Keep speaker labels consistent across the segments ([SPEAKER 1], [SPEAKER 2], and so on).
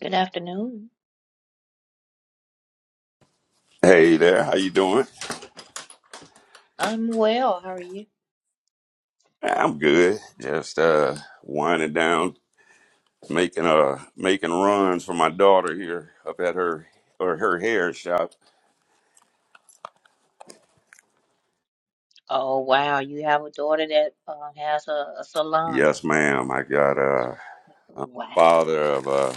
[SPEAKER 1] Good afternoon.
[SPEAKER 2] Hey there, how you doing?
[SPEAKER 1] I'm well. How are you?
[SPEAKER 2] I'm good. Just uh winding down, making uh making runs for my daughter here up at her or her hair shop.
[SPEAKER 1] Oh, wow. You have a daughter that uh, has a, a salon.
[SPEAKER 2] Yes, ma'am. I got uh I'm
[SPEAKER 1] Wow.
[SPEAKER 2] father of uh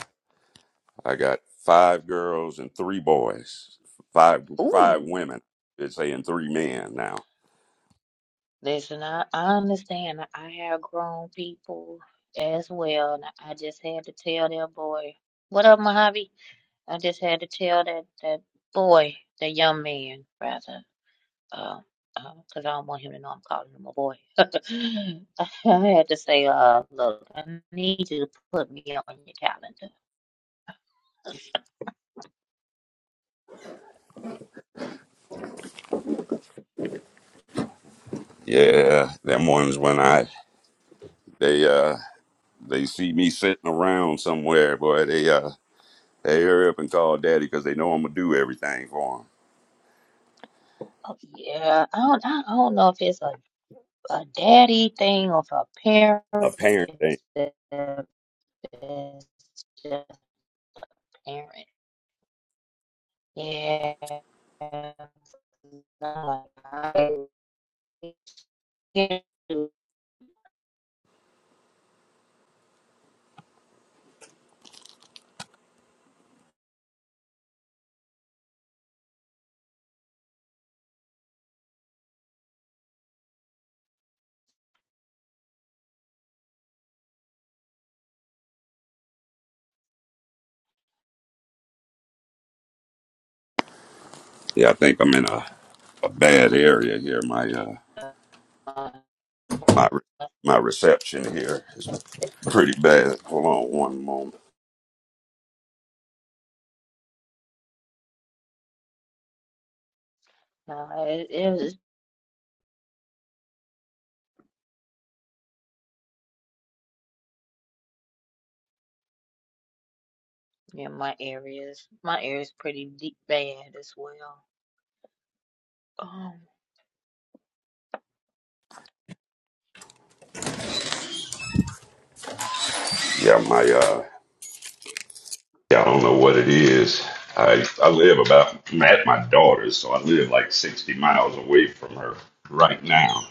[SPEAKER 2] I got five girls and three boys. Five five
[SPEAKER 1] Ooh.
[SPEAKER 2] women. They're saying three men now.
[SPEAKER 1] Listen, I, I understand. I have grown people as well. And I just had to tell that boy. What up, Mojave? I just had to tell that, that boy, that young man, rather, because uh, uh 'cause I don't want him to know I'm calling him a boy. I had to say, uh, look, I need you to put me on your calendar
[SPEAKER 2] Yeah, them ones when I they uh they see me sitting around somewhere, boy, they uh they hurry up and call daddy because they know I'm gonna do everything for 'em.
[SPEAKER 1] Oh, yeah, I don't, I don't know if it's a, a daddy thing or if a
[SPEAKER 2] a
[SPEAKER 1] parent
[SPEAKER 2] parent thing.
[SPEAKER 1] is the is just parent. Yeah, No, I can't do
[SPEAKER 2] Yeah, I think I'm in a, a bad area here. My
[SPEAKER 1] it.
[SPEAKER 2] uh,
[SPEAKER 1] Uh,
[SPEAKER 2] my my reception here is pretty bad. Hold on one moment.
[SPEAKER 1] no, it, it was yeah. My areas, my area's pretty deep bad as well.
[SPEAKER 2] Yeah, my uh, yeah, I don't know what it is. I I live about I'm at my daughter's, so I live like 60 miles away from her right now.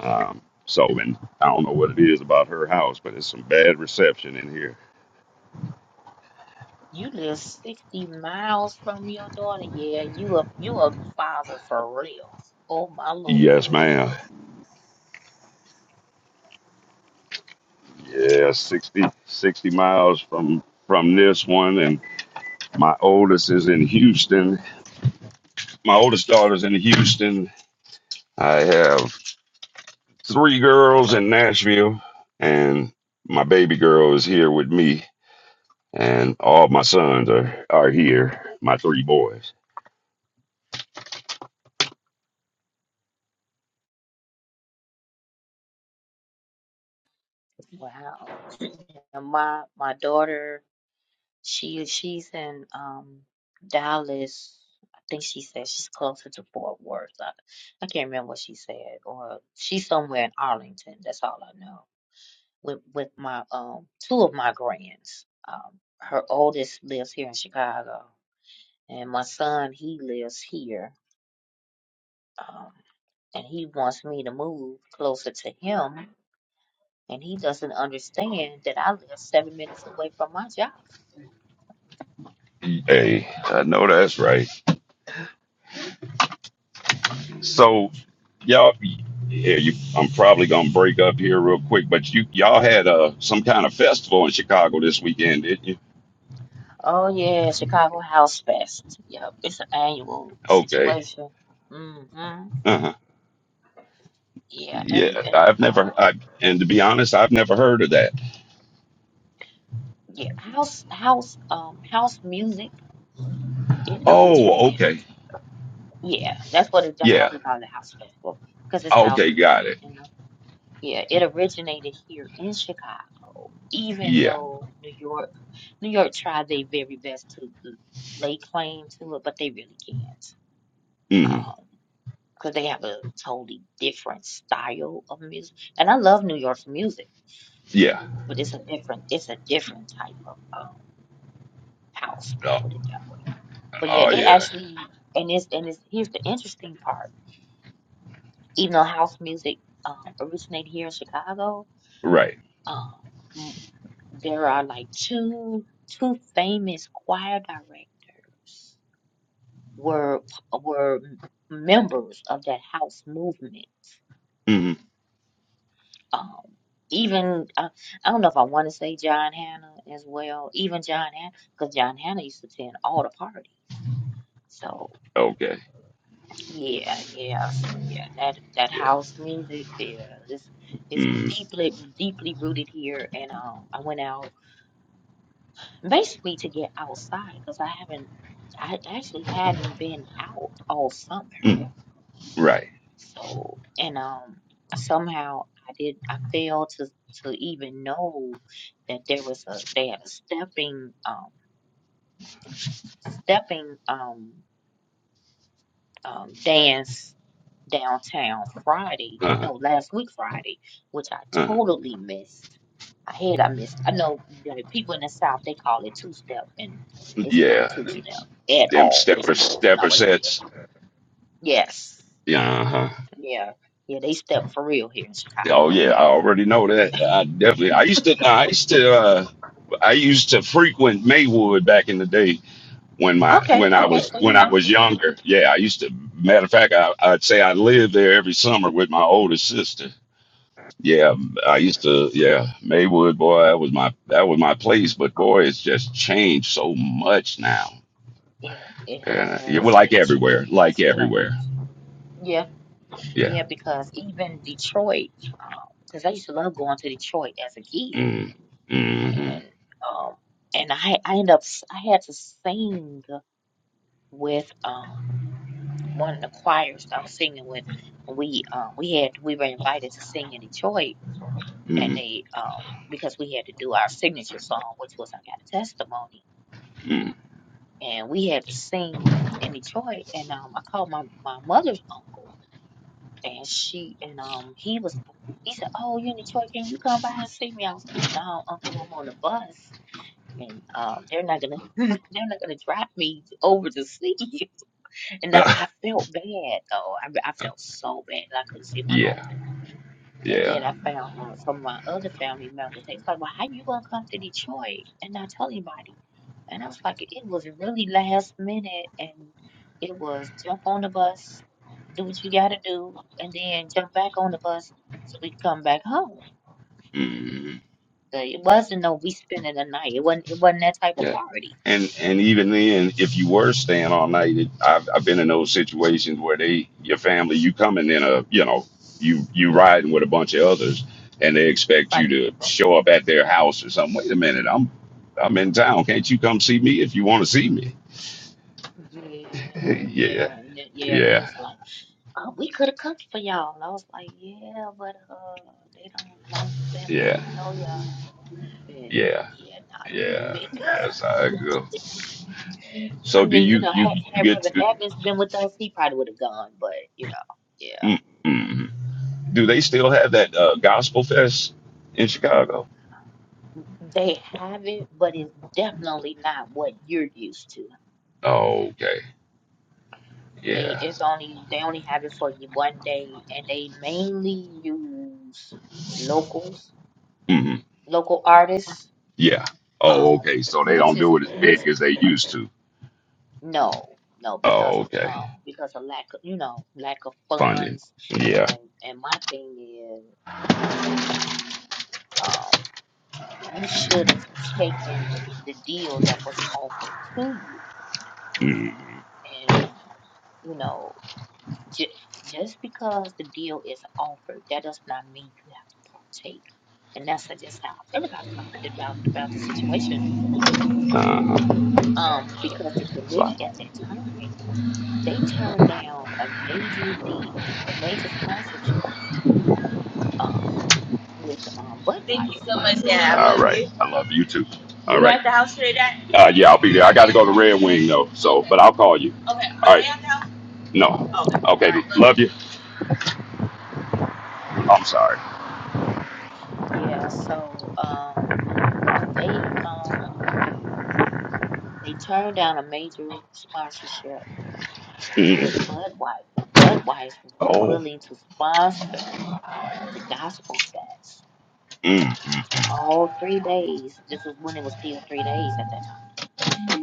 [SPEAKER 2] Um, so and I don't know what it is about her house, but it's some bad reception in here.
[SPEAKER 1] You live 60 miles from your daughter. Yeah, you a you a father for real. Oh my Lord.
[SPEAKER 2] Yes, ma'am. Yeah, 60 60 miles from from this one and. My oldest is in Houston. My oldest daughter's in Houston. I have three girls in Nashville, and my baby girl is here with me. And all my sons are, are here, my three boys.
[SPEAKER 1] Wow. And my my daughter, she she's in um Dallas. I think she said she's closer to Fort Worth. I, I can't remember what she said, or she's somewhere in Arlington. That's all I know. With with my um two of my grands. Um her oldest lives here in Chicago, and my son, he lives here Um, and he wants me to move closer to him. And he doesn't understand that I live seven minutes away from my job.
[SPEAKER 2] Hey, I know that's right. So y'all, yeah, you, I'm probably gonna break up here real quick, but you y'all had uh, some kind of festival in Chicago this weekend, didn't you?
[SPEAKER 1] Oh, yeah, Chicago House Fest. Yep, it's an annual
[SPEAKER 2] Okay.
[SPEAKER 1] situation. Mm-hmm.
[SPEAKER 2] Uh-huh.
[SPEAKER 1] Yeah,
[SPEAKER 2] Yeah,
[SPEAKER 1] and and
[SPEAKER 2] I've never.
[SPEAKER 1] uh,
[SPEAKER 2] I and to be honest, I've never heard of that.
[SPEAKER 1] yeah, house house um house music. It
[SPEAKER 2] Oh,
[SPEAKER 1] originated.
[SPEAKER 2] okay.
[SPEAKER 1] Yeah, that's what it. That's why
[SPEAKER 2] Yeah.
[SPEAKER 1] we call it a house festival because it's house
[SPEAKER 2] Okay, got
[SPEAKER 1] music.
[SPEAKER 2] it.
[SPEAKER 1] you know. Yeah, it originated here in Chicago, even
[SPEAKER 2] Yeah.
[SPEAKER 1] though New York, New York tried their very best to l- lay claim to it, but they really can't.
[SPEAKER 2] hmm
[SPEAKER 1] Um, because they have a totally different style of music. And I love New York's music,
[SPEAKER 2] Yeah.
[SPEAKER 1] but it's a different, it's a different type of um house. I'll
[SPEAKER 2] Oh,
[SPEAKER 1] put it that way. But yeah,
[SPEAKER 2] oh
[SPEAKER 1] it
[SPEAKER 2] yeah.
[SPEAKER 1] actually, and it's, and it's, here's the interesting part. Even though house music um originated here in Chicago,
[SPEAKER 2] Right.
[SPEAKER 1] um, there are like two two famous choir directors were were members of that house movement.
[SPEAKER 2] hmm
[SPEAKER 1] Um, even uh, I don't know if I want to say John Hannah as well. Even John Hannah, because John Hannah used to attend all the parties. So
[SPEAKER 2] Okay.
[SPEAKER 1] yeah, yeah, so yeah, that that
[SPEAKER 2] Yeah.
[SPEAKER 1] house music, yeah, this is
[SPEAKER 2] mm
[SPEAKER 1] deeply deeply rooted here. And um, I went out. basically to get outside because I haven't, I actually hadn't been out all summer.
[SPEAKER 2] mm Right.
[SPEAKER 1] So, and um, somehow I did, I failed to to even know that there was a they had a stepping um stepping um um dance downtown Friday.
[SPEAKER 2] Uh-huh.
[SPEAKER 1] No, last week Friday, which I
[SPEAKER 2] Uh-huh.
[SPEAKER 1] totally missed. I had I missed. I know the people in the South they call it two step, and it's not
[SPEAKER 2] Yeah.
[SPEAKER 1] two
[SPEAKER 2] Them,
[SPEAKER 1] step at
[SPEAKER 2] them
[SPEAKER 1] all. It's
[SPEAKER 2] stepper
[SPEAKER 1] not. It's not
[SPEAKER 2] stepper
[SPEAKER 1] what it is.
[SPEAKER 2] sets.
[SPEAKER 1] Yes.
[SPEAKER 2] Yeah. Uh-huh.
[SPEAKER 1] Yeah. Yeah. They step for real here in
[SPEAKER 2] Oh
[SPEAKER 1] Chicago.
[SPEAKER 2] yeah, I already know that. I definitely. I used to. nah, I used to. Uh, I used to frequent Maywood back in the day when my
[SPEAKER 1] Okay.
[SPEAKER 2] when I
[SPEAKER 1] Okay.
[SPEAKER 2] was
[SPEAKER 1] So
[SPEAKER 2] when
[SPEAKER 1] you
[SPEAKER 2] I
[SPEAKER 1] know
[SPEAKER 2] was younger. Yeah, I used to. Matter of fact, I, I'd say I lived there every summer with my older sister. Yeah, I used to. Yeah, Maywood, boy, that was my that was my place. But boy, it's just changed so much now,
[SPEAKER 1] it, it
[SPEAKER 2] and uh, yeah,
[SPEAKER 1] has
[SPEAKER 2] well, like
[SPEAKER 1] it ch- it
[SPEAKER 2] everywhere, like
[SPEAKER 1] has
[SPEAKER 2] everywhere.
[SPEAKER 1] changed. Yeah.
[SPEAKER 2] Yeah.
[SPEAKER 1] Yeah. Because even Detroit, because I used to love going to Detroit as a kid
[SPEAKER 2] Mm, mm-hmm,
[SPEAKER 1] and um and I I end up s- I had to sing with um one of the choirs I was singing with. We um we had we were invited to sing in Detroit, and
[SPEAKER 2] mm,
[SPEAKER 1] they um because we had to do our signature song, which was I Got a Testimony, and we had to sing in Detroit. And um I called my my mother's uncle, and she and um he was. He said, "Oh, you in Detroit? Can you come by and see me?" I was like, "No, Uncle, I'm on the bus." and um, they're not gonna they're not gonna drop me over to see you. And I, I
[SPEAKER 2] mm.
[SPEAKER 1] felt bad though. I, I felt so bad that I couldn't see my uncle.
[SPEAKER 2] yeah,
[SPEAKER 1] And then
[SPEAKER 2] yeah.
[SPEAKER 1] I found out some of my other family members. They was like, "Well, how you gonna come to Detroit and not tell anybody?" And I was like, "It was really last minute, and it was jump on the bus, do what you gotta do, and then jump back on the bus so we could come back home."
[SPEAKER 2] Mm.
[SPEAKER 1] So It wasn't no we spending the night. It wasn't. It wasn't that type of
[SPEAKER 2] Yeah.
[SPEAKER 1] party.
[SPEAKER 2] And and even then, if you were staying all night, it, I've I've been in those situations where they your family you coming in a you know you you riding with a bunch of others, and they expect you
[SPEAKER 1] right?
[SPEAKER 2] to show up at their house or something. Wait a minute, I'm I'm in town. Can't you come see me if you want to see me?
[SPEAKER 1] Yeah,
[SPEAKER 2] yeah,
[SPEAKER 1] yeah, and then, yeah, and they
[SPEAKER 2] yeah,
[SPEAKER 1] was like, uh, we could have cooked for y'all. And I was like, yeah, but uh, they don't, my family
[SPEAKER 2] yeah,
[SPEAKER 1] don't know y'all, and
[SPEAKER 2] yeah,
[SPEAKER 1] yeah, nah, that wouldn't
[SPEAKER 2] yeah.
[SPEAKER 1] be.
[SPEAKER 2] That's how I go. So
[SPEAKER 1] I
[SPEAKER 2] do
[SPEAKER 1] mean, you
[SPEAKER 2] you
[SPEAKER 1] know,
[SPEAKER 2] you
[SPEAKER 1] had
[SPEAKER 2] you
[SPEAKER 1] had
[SPEAKER 2] get
[SPEAKER 1] Reverend
[SPEAKER 2] to,
[SPEAKER 1] Evans been with us, he probably would have gone, but you know, yeah,
[SPEAKER 2] mm, do they still have that uh, gospel fest in Chicago?
[SPEAKER 1] they have it, but it's definitely not what you're used to.
[SPEAKER 2] Oh, okay,
[SPEAKER 1] They
[SPEAKER 2] yeah.
[SPEAKER 1] it's only they only have it for you one day, and they mainly use locals,
[SPEAKER 2] hmm
[SPEAKER 1] local artists
[SPEAKER 2] Yeah. Oh,
[SPEAKER 1] Um,
[SPEAKER 2] okay. So they
[SPEAKER 1] which
[SPEAKER 2] don't
[SPEAKER 1] is
[SPEAKER 2] do it as
[SPEAKER 1] which
[SPEAKER 2] big as they used to.
[SPEAKER 1] no, no, because
[SPEAKER 2] Oh, okay.
[SPEAKER 1] um because of lack of you know, lack of
[SPEAKER 2] Funding.
[SPEAKER 1] funds
[SPEAKER 2] Yeah.
[SPEAKER 1] and and my thing is um you should have taken the deal that was offered to you and um you know j- just because the deal is offered that does not mean you have to partake and that's just how I feel about com- about about the situation
[SPEAKER 2] Uh-huh.
[SPEAKER 1] um because the
[SPEAKER 2] It's
[SPEAKER 1] committee
[SPEAKER 2] like-
[SPEAKER 1] at that time they turned down a major deal, a major sponsorship um, with um, Budweiser.
[SPEAKER 2] Thank you so much, Dad. I All love right. you. I love you too. All You right. at the house today, Dad? Uh, yeah, I'll be there. I
[SPEAKER 1] Oh.
[SPEAKER 2] got to go to Red Wing though. So, but I'll call you. Okay. All right. Are they right. at the house? No. Oh, Okay. Okay. right. Love you. Love you. I'm sorry.
[SPEAKER 1] Yeah, so um, they um, they turned down a major sponsorship with
[SPEAKER 2] Mm.
[SPEAKER 1] Budweiser. Budweiser was
[SPEAKER 2] Oh.
[SPEAKER 1] willing to sponsor the Gospel Fest
[SPEAKER 2] Mm.
[SPEAKER 1] for all three days. This was when it was still three days at that time,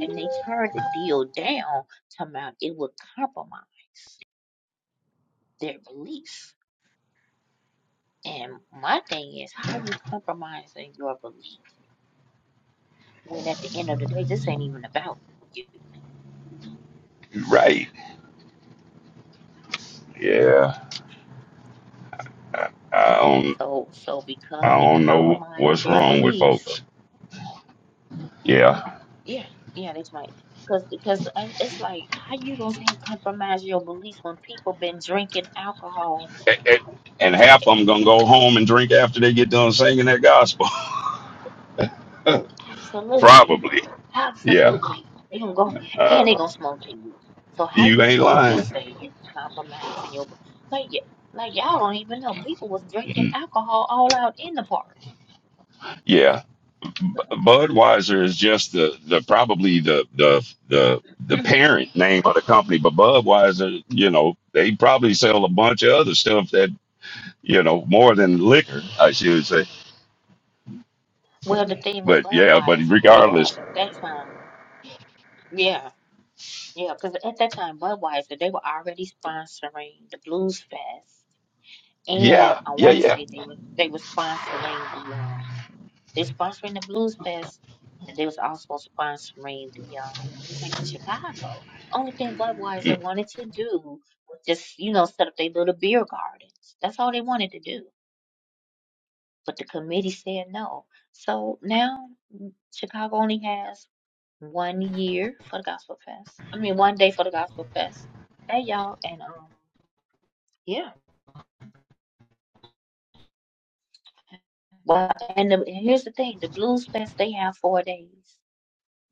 [SPEAKER 1] and they turned the deal down, talking about it would compromise their beliefs. And my thing is, how are you compromising your belief when at the end of the day, this ain't even about you?
[SPEAKER 2] You Right. Yeah. I don't.
[SPEAKER 1] So, so because
[SPEAKER 2] I
[SPEAKER 1] it
[SPEAKER 2] don't know
[SPEAKER 1] compromised
[SPEAKER 2] what's
[SPEAKER 1] their
[SPEAKER 2] wrong with
[SPEAKER 1] beliefs,
[SPEAKER 2] folks. Yeah.
[SPEAKER 1] yeah, yeah, that's right. Because, because it's like, how you gonna say compromise your beliefs when people been drinking alcohol
[SPEAKER 2] and, and and half of them gonna go home and drink after they get done singing that gospel.
[SPEAKER 1] Absolutely.
[SPEAKER 2] Probably. Yeah.
[SPEAKER 1] Absolutely. They gonna go and they
[SPEAKER 2] Uh,
[SPEAKER 1] gonna smoke their weed. So how
[SPEAKER 2] you
[SPEAKER 1] you
[SPEAKER 2] ain't
[SPEAKER 1] gonna
[SPEAKER 2] lying.
[SPEAKER 1] just say it's compromising your like y- like y'all don't even know people was drinking alcohol all out in the park.
[SPEAKER 2] Yeah. B- Budweiser is just the, the probably the the the the parent name of the company, but Budweiser, you know, they probably sell a bunch of other stuff that you know more than liquor, I should say.
[SPEAKER 1] Well, the thing with
[SPEAKER 2] But yeah, but
[SPEAKER 1] Budweiser because
[SPEAKER 2] regardless,
[SPEAKER 1] at that time, yeah, yeah, because at that time Budweiser they were already sponsoring the Blues Fest, and
[SPEAKER 2] yeah,
[SPEAKER 1] I
[SPEAKER 2] yeah,
[SPEAKER 1] want to
[SPEAKER 2] yeah.
[SPEAKER 1] say they were they were sponsoring the um They sponsoring the Blues Fest, and they was also sponsoring the um Taste of Chicago. Only thing Budweiser wanted to do was just you know set up their little beer gardens. That's all they wanted to do, but the committee said no. So now mm, Chicago only has one year for the Gospel Fest. I mean, one day for the Gospel Fest. Hey y'all, and um yeah. Well, and, the, and here's the thing: the Blues Fest they have four days.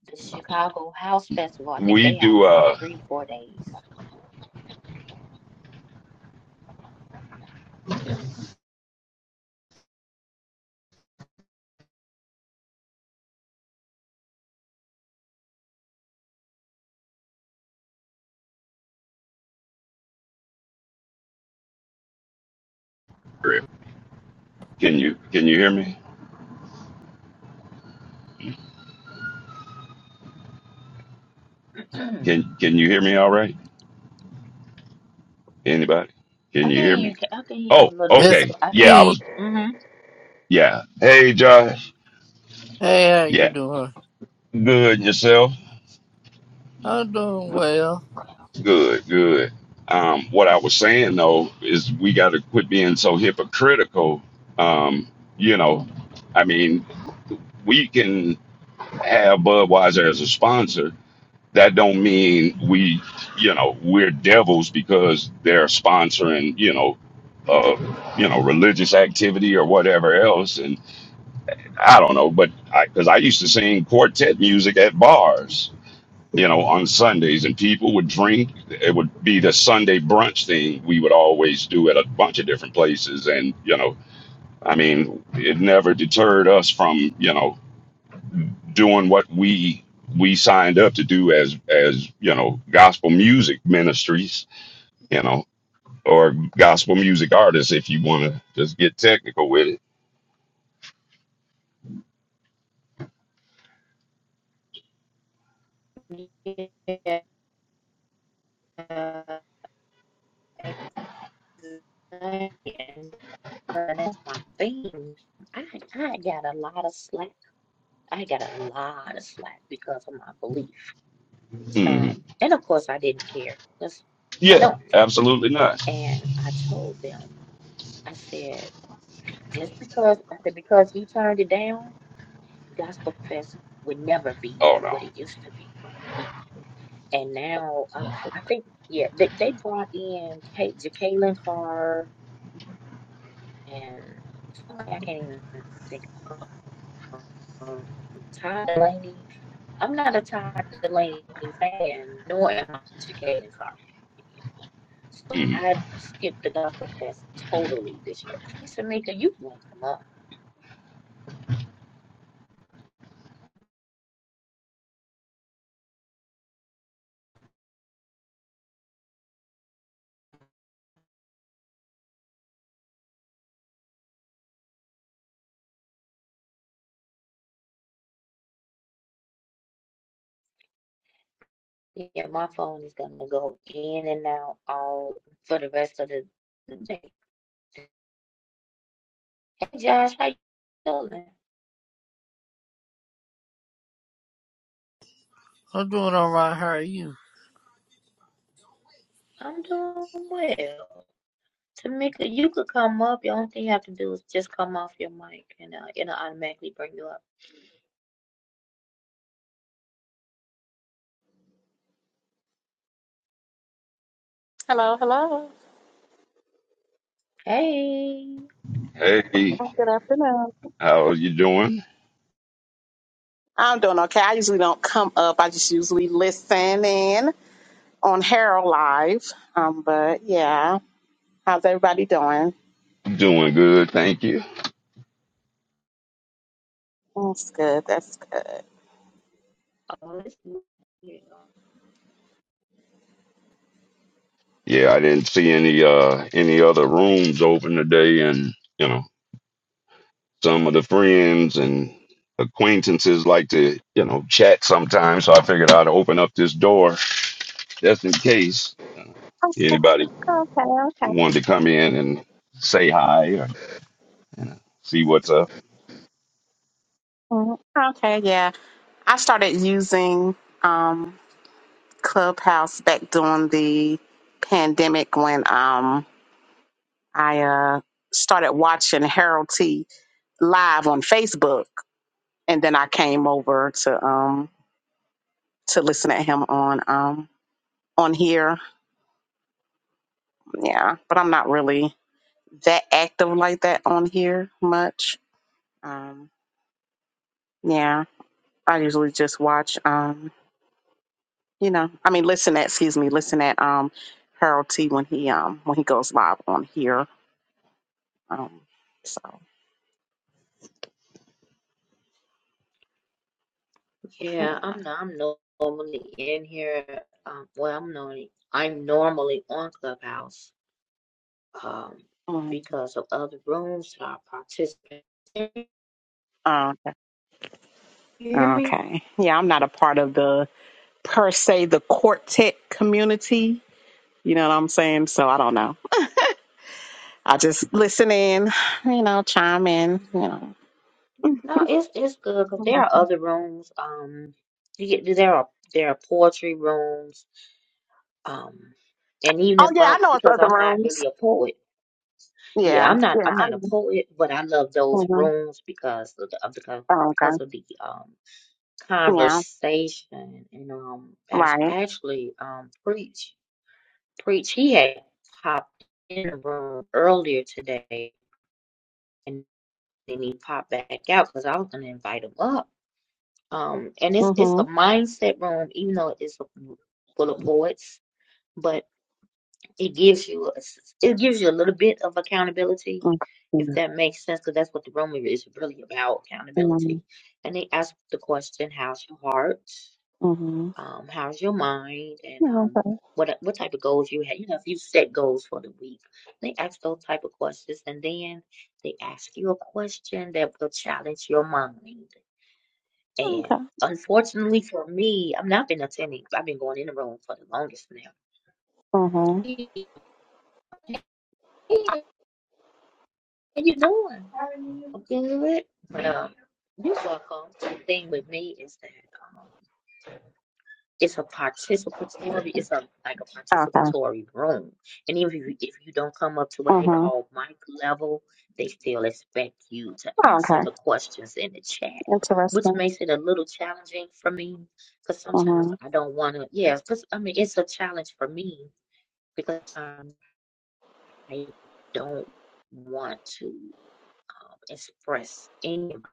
[SPEAKER 1] the Chicago House Festival. I think
[SPEAKER 2] We
[SPEAKER 1] they have
[SPEAKER 2] do.
[SPEAKER 1] like
[SPEAKER 2] uh
[SPEAKER 1] three or four days.
[SPEAKER 2] Can you can you hear me?
[SPEAKER 1] I
[SPEAKER 2] Can can you hear me all right? Anybody? Can
[SPEAKER 1] can
[SPEAKER 2] you
[SPEAKER 1] hear
[SPEAKER 2] hear
[SPEAKER 1] you.
[SPEAKER 2] me?
[SPEAKER 1] Ca- I can hear you a
[SPEAKER 2] Oh,
[SPEAKER 1] little bit.
[SPEAKER 3] Yes, I
[SPEAKER 2] okay.
[SPEAKER 1] I can
[SPEAKER 2] Yeah, I
[SPEAKER 1] hear
[SPEAKER 3] can.
[SPEAKER 1] you.
[SPEAKER 2] was.
[SPEAKER 1] Mm-hmm.
[SPEAKER 2] Yeah. Hey, Josh.
[SPEAKER 3] Hey, how you
[SPEAKER 2] Yeah.
[SPEAKER 3] doing?
[SPEAKER 2] Good. Yourself?
[SPEAKER 3] I'm doing well.
[SPEAKER 2] Good. Good. Um, what I was saying though is we got to quit being so hypocritical. Um, you know, I mean, we can have Budweiser as a sponsor. That don't mean we, you know, we're devils because they're sponsoring, you know, uh, you know, religious activity or whatever else. and. I don't know, but I because I used to sing quartet music at bars, you know, on Sundays, and people would drink. It would be the Sunday brunch thing we would always do at a bunch of different places, and you know, I mean, it never deterred us from you know doing what we we signed up to do as as you know gospel music ministries, you know, or gospel music artists, if you want to just get technical with it.
[SPEAKER 1] Yeah, exactly. And so that's my thing. I I got a lot of slack. I got a lot of slack because of my belief.
[SPEAKER 2] Mhm.
[SPEAKER 1] Um, and of course I didn't care. That's I
[SPEAKER 2] Yeah,
[SPEAKER 1] don't.
[SPEAKER 2] absolutely not.
[SPEAKER 1] And I told them. I said just because I said because you turned it down. Gospel Fest would never be
[SPEAKER 2] Oh no.
[SPEAKER 1] what it used to be. And now, um, I think, yeah, they, they brought in Kate, Jacqueline Carr and somebody I can't even think of. Todd Delaney. I'm not a Todd Delaney fan, nor am I a Jacqueline Carr. So
[SPEAKER 2] Hmm.
[SPEAKER 1] I skipped the Gospel Fest totally this year. Samika, you want to come up? Yeah, my phone is gonna go in and out all for the rest of the day. Josh, how you feeling?
[SPEAKER 3] I'm doing all right. How are you?
[SPEAKER 1] I'm doing well. Tamika, you could come up. The only thing you have to do is just come off your mic, and uh, it'll automatically bring you up.
[SPEAKER 4] Hello, hello.
[SPEAKER 1] Hey,
[SPEAKER 2] Hey,
[SPEAKER 4] Good afternoon.
[SPEAKER 2] how are you doing?
[SPEAKER 4] I'm doing okay. I usually don't come up. I just usually listen in on Harold Live. Um, but yeah, how's everybody doing?
[SPEAKER 2] I'm Doing good, thank you.
[SPEAKER 4] That's good. That's good.
[SPEAKER 1] oh, it's you.
[SPEAKER 2] Yeah, I didn't see any uh any other rooms open today and you know, some of the friends and acquaintances like to, you know, chat sometimes, so I figured I'd open up this door just in case anybody
[SPEAKER 4] Okay,
[SPEAKER 2] wanted to come in and say hi or see what's up.
[SPEAKER 4] okay. Okay, yeah. I started using um Clubhouse back during the pandemic when um I uh started watching Harold T live on Facebook and then I came over to um to listen at him on um on here. Yeah, but I'm not really that active like that on here much. Um, yeah, I usually just watch. Um, you know, I mean, listen at excuse me, listen at um Harold T when he um when he goes live on here. Um, so
[SPEAKER 1] yeah.
[SPEAKER 4] yeah.
[SPEAKER 1] I'm not, I'm normally in here. Um, well, I'm normally I'm normally on Clubhouse. Um,
[SPEAKER 4] Um,
[SPEAKER 1] because of other rooms that I participate. Can
[SPEAKER 4] uh,
[SPEAKER 1] you hear me?
[SPEAKER 4] okay. Yeah, I'm not a part of the per se the quartet community. You know what I'm saying? So I don't know. I just listen in, you know, chime in, you know.
[SPEAKER 1] No, it's it's good because there
[SPEAKER 4] Mhm.
[SPEAKER 1] are other rooms. Um, you get there are there are poetry rooms. Um, and even
[SPEAKER 4] Oh
[SPEAKER 1] if
[SPEAKER 4] yeah,
[SPEAKER 1] I'm
[SPEAKER 4] I know it's
[SPEAKER 1] because
[SPEAKER 4] other
[SPEAKER 1] I'm not
[SPEAKER 4] rooms.
[SPEAKER 1] really a poet. Yeah,
[SPEAKER 4] Yeah,
[SPEAKER 1] I'm not
[SPEAKER 4] yeah.
[SPEAKER 1] I'm
[SPEAKER 4] I,
[SPEAKER 1] not a poet, but I love those
[SPEAKER 4] mhm.
[SPEAKER 1] rooms because of the of the co-
[SPEAKER 4] oh, okay.
[SPEAKER 1] because of the um
[SPEAKER 4] Yeah,
[SPEAKER 1] conversation and um act-
[SPEAKER 4] right.
[SPEAKER 1] actually um preach preach he had popped in the room earlier today and then he popped back out because I was gonna invite him up Um, and it's it's a
[SPEAKER 4] Mhm.
[SPEAKER 1] mindset room, even though it's full of poets, but it gives you a it gives you a little bit of accountability, if
[SPEAKER 4] Mhm.
[SPEAKER 1] that makes sense, because that's what the room is really about,
[SPEAKER 4] Mhm.
[SPEAKER 1] accountability. And they ask the question, "How's your heart?
[SPEAKER 4] Mhm.
[SPEAKER 1] Um, how's your mind? And
[SPEAKER 4] Yeah,
[SPEAKER 1] um,
[SPEAKER 4] okay.
[SPEAKER 1] what what type of goals you have? You know, if you set goals for the week, they ask those type of questions, and then they ask you a question that will challenge your mind." And
[SPEAKER 4] Okay.
[SPEAKER 1] unfortunately for me, I've not been attending. 'cause I've been going in the room for the longest now.
[SPEAKER 4] Mhm.
[SPEAKER 1] Hey, how you doing? I'm good. But um, you're welcome. The thing with me is that. um, It's a participatory, it's a like a
[SPEAKER 4] Okay.
[SPEAKER 1] participatory room. And even if you, if you don't come up to what they
[SPEAKER 4] Mhm.
[SPEAKER 1] call mic level, they still expect you to
[SPEAKER 4] Oh,
[SPEAKER 1] answer
[SPEAKER 4] okay.
[SPEAKER 1] the questions in the chat, which
[SPEAKER 4] Interesting.
[SPEAKER 1] makes it a little challenging for me because sometimes
[SPEAKER 4] Mhm.
[SPEAKER 1] I don't want to, yeah, because I mean, it's a challenge for me because um, I don't want to um, express any of my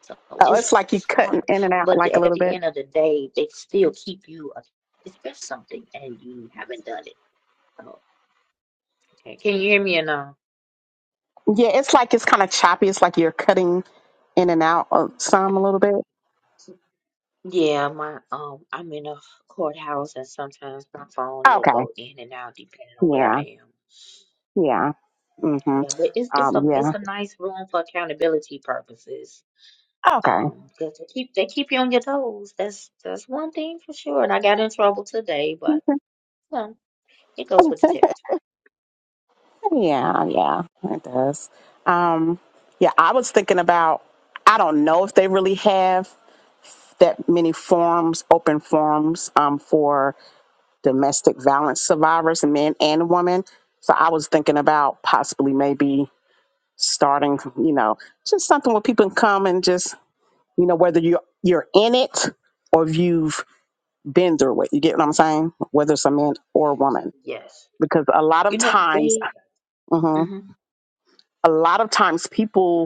[SPEAKER 1] So
[SPEAKER 4] Oh,
[SPEAKER 1] it's,
[SPEAKER 4] it's like you
[SPEAKER 1] it's hard,
[SPEAKER 4] cutting in and out
[SPEAKER 1] but
[SPEAKER 4] like a
[SPEAKER 1] at
[SPEAKER 4] little
[SPEAKER 1] the
[SPEAKER 4] bit.
[SPEAKER 1] end of the day, they still keep you, It's been something and you haven't done it. So, Okay, can you hear me or no?
[SPEAKER 4] Yeah, it's like it's kind of choppy. It's like you're cutting in and out of some a little bit.
[SPEAKER 1] yeah, my, um, I'm in a courthouse and sometimes my phone, it'll
[SPEAKER 4] Okay.
[SPEAKER 1] go in and out depending on where
[SPEAKER 4] Yeah.
[SPEAKER 1] I am.
[SPEAKER 4] Yeah. Mhm.
[SPEAKER 1] Yeah, but it's, it's
[SPEAKER 4] Um.
[SPEAKER 1] a, it's
[SPEAKER 4] Yeah.
[SPEAKER 1] a nice room for accountability purposes.
[SPEAKER 4] Okay.
[SPEAKER 1] Um, 'cause they keep, they keep you on your toes. That's, that's one thing for sure. And I got in trouble today, but, well, it goes with the territory.
[SPEAKER 4] Yeah, yeah, it does. Um, yeah, I was thinking about. I don't know if they really have that many forums, open forums, um, for domestic violence survivors, men and women. So I was thinking about possibly maybe starting, you know, just something where people can come and just, you know, whether you're you're in it or if you've been through it. You get what I'm saying? Whether it's a man or a woman,
[SPEAKER 1] Yes.
[SPEAKER 4] because a lot
[SPEAKER 1] You
[SPEAKER 4] of
[SPEAKER 1] know,
[SPEAKER 4] times,
[SPEAKER 1] they,
[SPEAKER 4] mhm,
[SPEAKER 1] mhm.
[SPEAKER 4] a lot of times people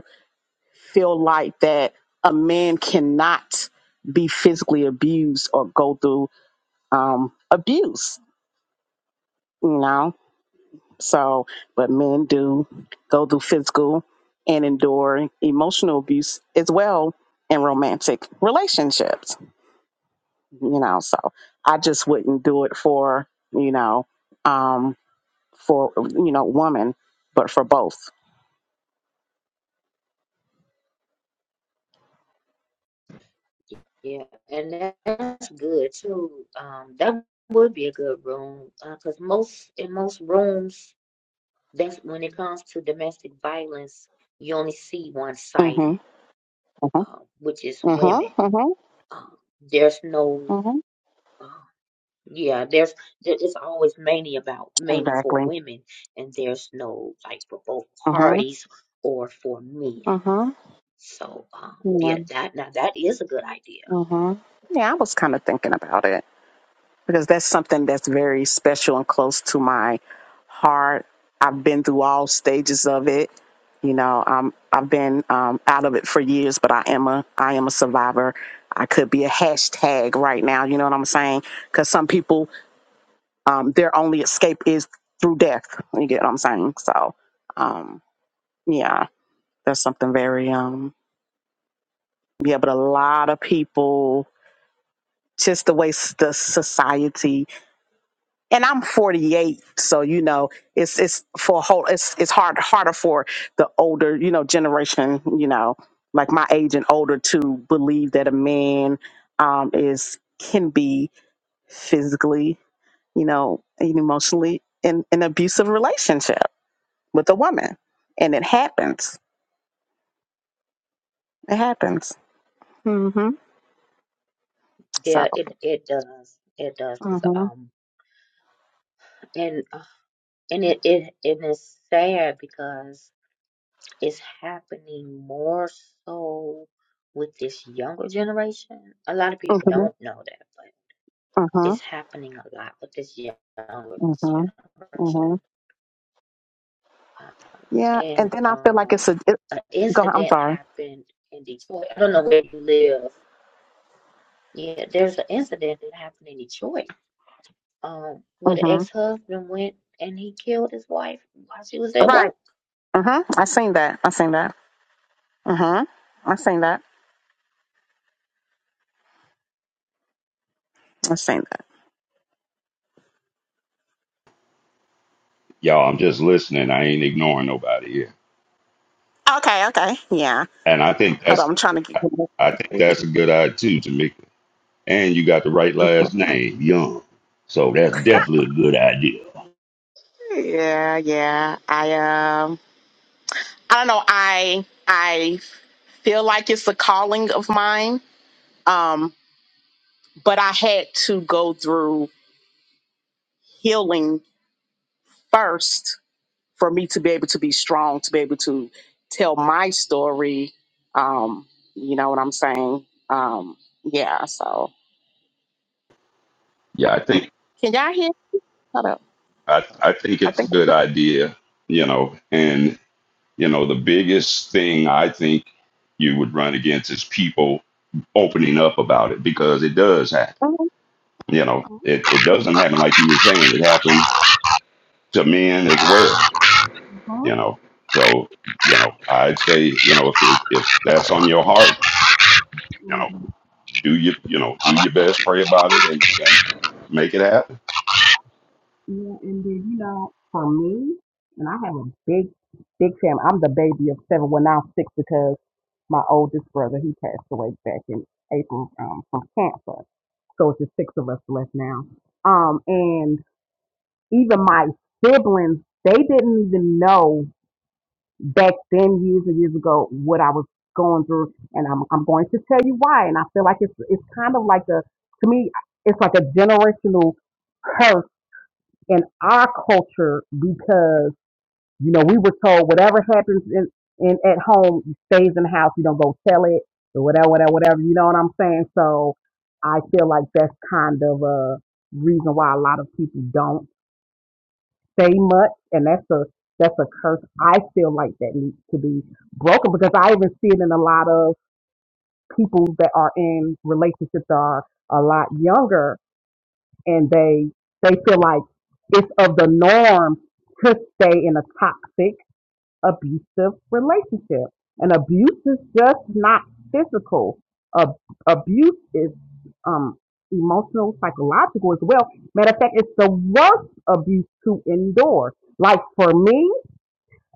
[SPEAKER 4] feel like that a man cannot be physically abused or go through um, abuse, you know? So, but men do go through physical and endure emotional abuse as well in romantic relationships, you know? So I just wouldn't do it for, you know, um, for, you know, woman, but for both.
[SPEAKER 1] Yeah, and that- that's good too. Um, that would be a good room because most in most rooms, that's when it comes to domestic violence, you only see
[SPEAKER 4] Mm-hmm.
[SPEAKER 1] one-sided,
[SPEAKER 4] Mm-hmm.
[SPEAKER 1] uh, which is women.
[SPEAKER 4] Mm-hmm.
[SPEAKER 1] Um, there's no,
[SPEAKER 4] Mm-hmm.
[SPEAKER 1] uh, yeah, there's there, it's always mainly about mainly for
[SPEAKER 4] Exactly.
[SPEAKER 1] women, and there's no like for both
[SPEAKER 4] Mm-hmm.
[SPEAKER 1] parties or for men.
[SPEAKER 4] Mm-hmm.
[SPEAKER 1] So, um, yeah, that now that is a good idea.
[SPEAKER 4] hmm Yeah, I was kind of thinking about it because that's something that's very special and close to my heart. I've been through all stages of it. You know, um, I've been um, out of it for years, but I am a I am a survivor. I could be a hashtag right now. You know what I'm saying? Because some people, um, their only escape is through death. You get what I'm saying? So, um, yeah, that's something very um, yeah. But a lot of people, just the way s- the society and I'm 48, so you know it's it's for a whole it's it's hard harder for the older you know generation you know like my age and older to believe that a man um, is can be physically you know and emotionally in an abusive relationship with a woman, and it happens. It happens. hmm So.
[SPEAKER 1] Yeah, it it does. It does
[SPEAKER 4] hmm
[SPEAKER 1] because
[SPEAKER 4] hmm
[SPEAKER 1] um and uh, and it it and it's sad because it's happening more so with this younger generation. A lot of people don't know that,
[SPEAKER 4] hmm
[SPEAKER 1] is happening a lot with this younger
[SPEAKER 4] hmm hmm
[SPEAKER 1] generation. Um,
[SPEAKER 4] Yeah,
[SPEAKER 1] and
[SPEAKER 4] and then I feel like
[SPEAKER 1] um,
[SPEAKER 4] it's a. It,
[SPEAKER 1] an
[SPEAKER 4] go. I'm
[SPEAKER 1] incident
[SPEAKER 4] sorry.
[SPEAKER 1] happened in Detroit. I don't know where you live. Yeah, there's an incident that happened in Detroit um, where the
[SPEAKER 4] hmm
[SPEAKER 1] ex-husband went and he killed his wife while she was at
[SPEAKER 4] Right.
[SPEAKER 1] work.
[SPEAKER 4] Mm-hmm. I seen that. I seen that. Mm-hmm. I seen that. I seen that.
[SPEAKER 2] Y'all, I'm just listening. I ain't ignoring nobody here.
[SPEAKER 4] Okay, okay. Yeah.
[SPEAKER 2] And I think
[SPEAKER 4] Hold
[SPEAKER 2] that's
[SPEAKER 4] on, I'm trying to get
[SPEAKER 2] I I think that's a good idea too, Tamika. and you got the right last name, Young. So that's definitely a good idea.
[SPEAKER 4] Yeah, yeah. I um I don't know, I I feel like it's a calling of mine. Um, but I had to go through healing first for me to be able to be strong, to be able to tell my story. Um, you know what I'm saying? Um, yeah, so
[SPEAKER 2] Yeah, I think
[SPEAKER 4] can y'all hear? Hold up.
[SPEAKER 2] I, I think
[SPEAKER 4] I think
[SPEAKER 2] it's a good idea, you know. And you know, the biggest thing I think you would run against is people opening up about it because it does happen.
[SPEAKER 4] Uh-huh.
[SPEAKER 2] You know, it, it doesn't happen like you were saying. It happened to men as well,
[SPEAKER 4] Uh-huh.
[SPEAKER 2] you know. So, you know, I'd say, you know, if it, if that's on your heart, you know,
[SPEAKER 4] And,
[SPEAKER 2] do your you know, do your best, pray about it and, and make it happen.
[SPEAKER 4] Yeah, and then you know, for me, and I have a big, big family. I'm the baby of seven. Well, now I'm six because my oldest brother he passed away back in April um, from cancer. So it's just six of us left now. Um, and even my siblings, they didn't even know back then, years and years ago, what I was going through. And I'm, I'm going to tell you why. And I feel like it's, it's kind of like a, to me, it's like a generational curse in our culture because you know we were told whatever happens in, in at home stays in the house. You don't go tell it or whatever, whatever, whatever. You know what I'm saying? So I feel like that's kind of a reason why a lot of people don't say much, and that's a that's a curse. I feel like that needs to be broken because I even see it in a lot of people that are in relationships that are a lot younger and they they feel like it's of the norm to stay in a toxic abusive relationship and abuse is just not physical Ab- abuse is um emotional psychological as well matter of fact it's the worst abuse to endure like for me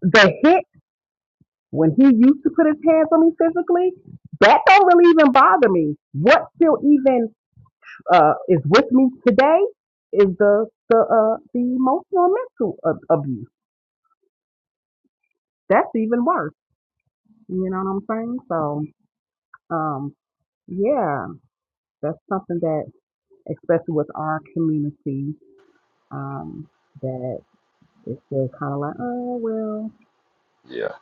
[SPEAKER 4] the hit when he used to put his hands on me physically that don't really even bother me what still even uh, is with me today is the the uh, the emotional and mental ab- abuse. That's even worse. You know what I'm saying? So, um, yeah, that's something that, especially with our community, um, that is still kind of like, oh well,
[SPEAKER 2] Yeah,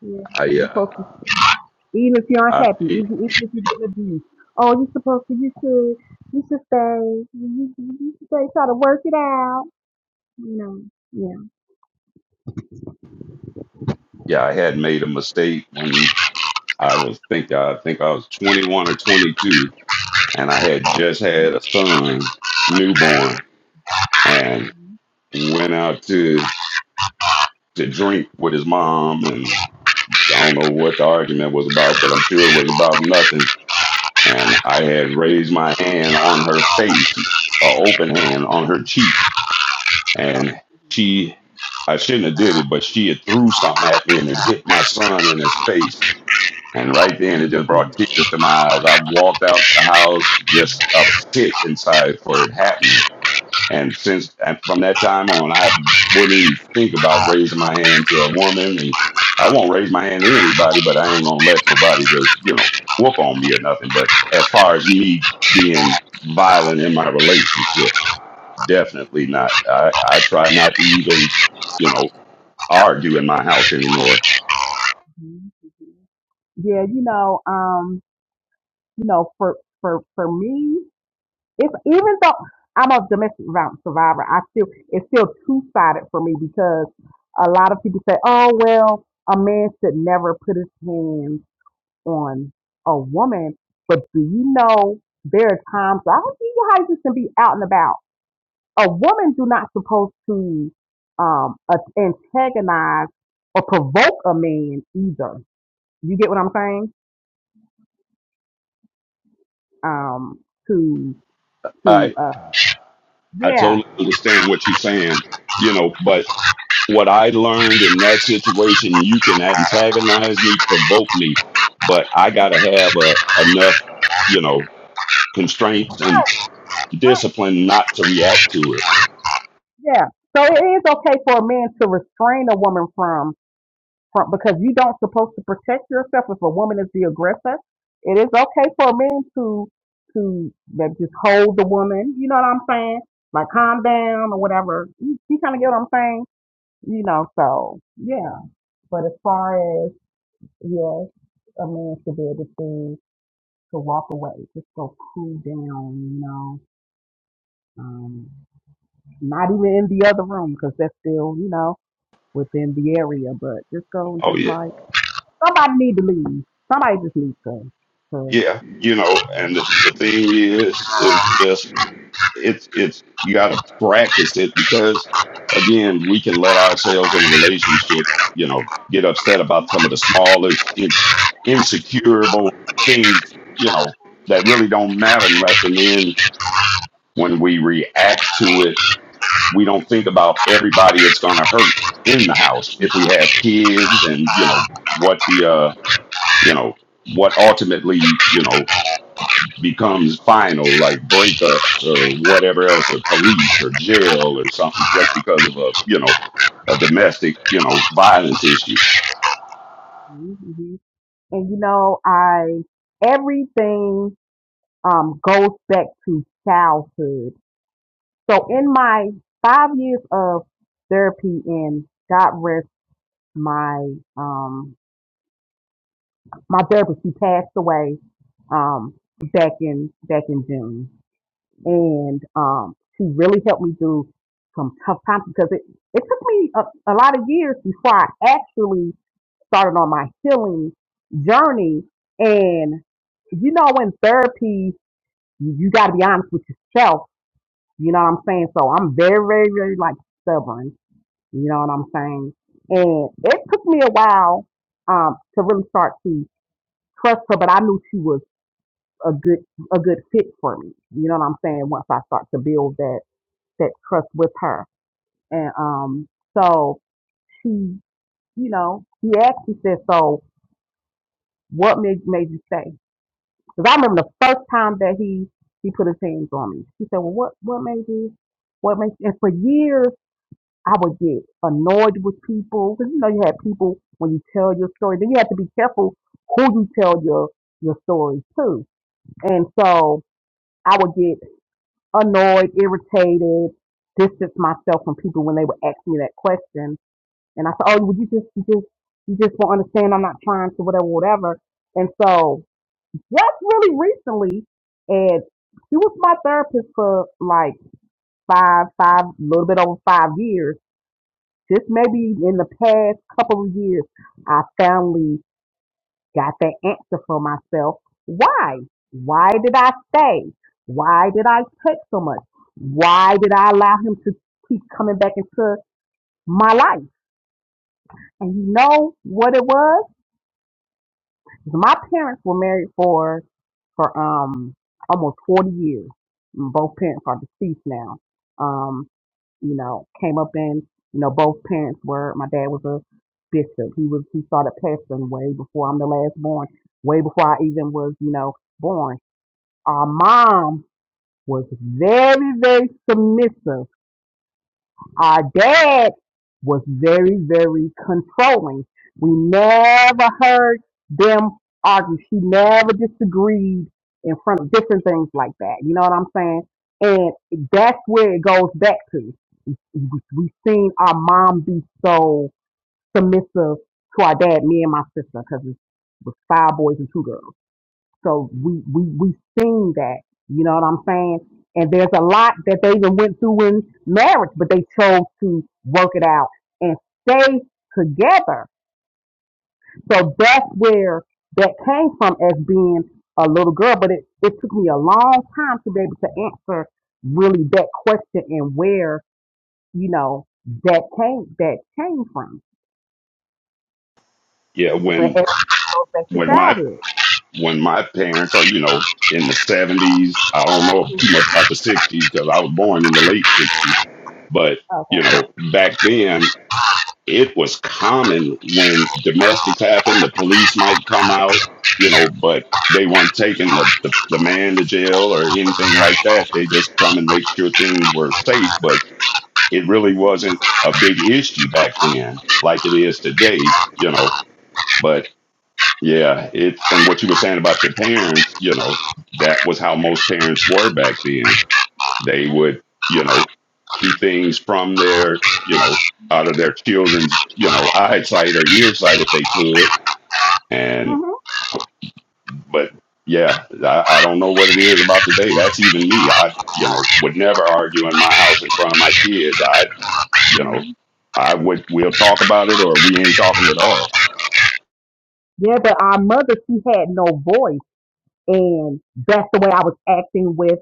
[SPEAKER 4] yeah,
[SPEAKER 2] I
[SPEAKER 4] you're
[SPEAKER 2] uh,
[SPEAKER 4] supposed to. Even if you're
[SPEAKER 2] I
[SPEAKER 4] unhappy,
[SPEAKER 2] it-
[SPEAKER 4] even even if you've been abused, oh, you're supposed to. You should. You should stay. You, you, you should stay. Try to work it out. You know. Yeah.
[SPEAKER 2] yeah, I had made a mistake when I was think I think I was 21 or 22, and I had just had a son, newborn, and went out to to drink with his mom, and I don't know what the argument was about, but I'm sure it was about nothing. And I had raised my hand on her face, a open hand on her cheek, and she. I shouldn't have did it, but she had threw something at me and it hit my son in his face And right then, it just
[SPEAKER 4] Mhm.
[SPEAKER 2] brought tears to my eyes. I walked out the house, just I was sick inside for it happening. And since and from that time on, I wouldn't even think about raising my hand to a woman, and I won't raise my hand to anybody. But I ain't gonna let nobody just you know whoop on me or nothing. But as far as me being violent in my relationship, definitely not. I I try not to even you know argue in my house anymore.
[SPEAKER 4] Mhm. yeah, you know, um, you know, for for for me, it's even though I'm a domestic violence survivor, I still it's still two sided for me because a lot of people say, "Oh well, a man should never put his hands on a woman," but do you know there are times I don't see how you can be out and about. A woman do not supposed to um a- antagonize or provoke a man either. You get what I'm saying? um, to to uh,
[SPEAKER 2] I
[SPEAKER 4] yeah,
[SPEAKER 2] totally understand what you're saying, you know, but what I learned in that situation, you can antagonize me, provoke me, but I got to have a, enough, you know, constraints and
[SPEAKER 4] right,
[SPEAKER 2] discipline not to react to it.
[SPEAKER 4] yeah. So it is okay for a man to restrain a woman from from because you don't supposed to protect yourself if a woman is the aggressor. It is okay for a man to to like, just hold the woman. You know what I'm saying? Like calm down or whatever. You, you kind of get what I'm saying? You know, so yeah. But as far as yes, a man should be able to to walk away, just go cool down. You know. Um, Not even in the other room, because that's still, you know, within the area. But just go and
[SPEAKER 2] Oh,
[SPEAKER 4] just
[SPEAKER 2] yeah.
[SPEAKER 4] like somebody need to leave. Somebody just needs to. to
[SPEAKER 2] Yeah. You know, and the, the thing is, is just it's it's you got to practice it because again we can let ourselves in a relationship you know get upset about some of the smallest in, insecureable things you know that really don't matter much and then when we react to it we don't think about everybody it's going to hurt in the house if we have kids and you know what the uh you know what ultimately you know becomes final, like breakups or whatever else, or police or jail or something, just because of a you know a domestic you know violence issue.
[SPEAKER 4] mhm. And you know, I everything um goes back to childhood. So in my five years of therapy, and God rest my um my therapist, she passed away um back in back in June. and um, she really helped me through some tough times because it, it took me a, a lot of years before I actually started on my healing journey. And you know, in therapy, you, you got to be honest with yourself. You know what I'm saying? So I'm very, very, very like stubborn. You know what I'm saying? And it took me a while um, to really start to trust her, but I knew she was a good a good fit for me. You know what I'm saying? Once I start to build that that trust with her. And um, so she, you know, he asked, he said, so what made, made you stay? Because I remember the first time that he, he put his hands on me. He said, well, what, what made you, what made you? And for years, I would get annoyed with people. Because, you know, you had people when you tell your story, then you have to be careful who you tell your, your story to. And so I would get annoyed, irritated, distance myself from people when they would ask me that question And I said, oh, would you just, you just, you just won't understand. I'm not trying to whatever, whatever. And so just really recently, and she was my therapist for like five, five, a little bit over five years. Just maybe in the past couple of years, I finally got that answer for myself. Why? Why did I stay? Why did I take so much? Why did I allow him to keep coming back into my life? And you know what it was? My parents were married for for um almost 40 years. And Both parents are deceased now. Um, you know, came up in, you know, both parents were, my dad was a bishop. He was, he started pastoring way before I'm the last born, way before I even was, you know, born. Our mom was very, very submissive our dad was very, very controlling. We never heard them argue. She never disagreed in front of different things like that. You know what I'm saying? And that's where it goes back to. We- We've seen our mom be so submissive to our dad, me and my sister, because it was five boys and two girls. So we we we seen that, you know what I'm saying? And there's a lot that they even went through in marriage, but they chose to work it out and stay together. So that's where that came from as being a little girl. But it, it took me a long time to be able to answer really that question and where, you know, that came that came from.
[SPEAKER 2] Yeah,
[SPEAKER 4] But
[SPEAKER 2] when
[SPEAKER 4] it goes back to
[SPEAKER 2] when my
[SPEAKER 4] childhood.
[SPEAKER 2] when my parents are you know in the seventies, I don't know too much about the sixties because I was born in the late sixties, but
[SPEAKER 4] Okay.
[SPEAKER 2] you know back then. it was common when domestics happened, the police might come out, you know, but they weren't taking the, the, the man to jail or anything like that. They just come and make sure things were safe, but it really wasn't a big issue back then like it is today, you know. But yeah, it and what you were saying about your parents, you know, that was how most parents were back then they would, you know, keep things from their, you know, out of their children's, you know, eyesight or earsight if they could. And,
[SPEAKER 4] hmm
[SPEAKER 2] but yeah, I, I don't know what it is about today. That's even me. I, you know, would never argue in my house in front of my kids. I, you know, I would, we'll talk about it or we ain't talking at all.
[SPEAKER 4] Yeah, but our mother, she had no voice And that's the way I was acting with,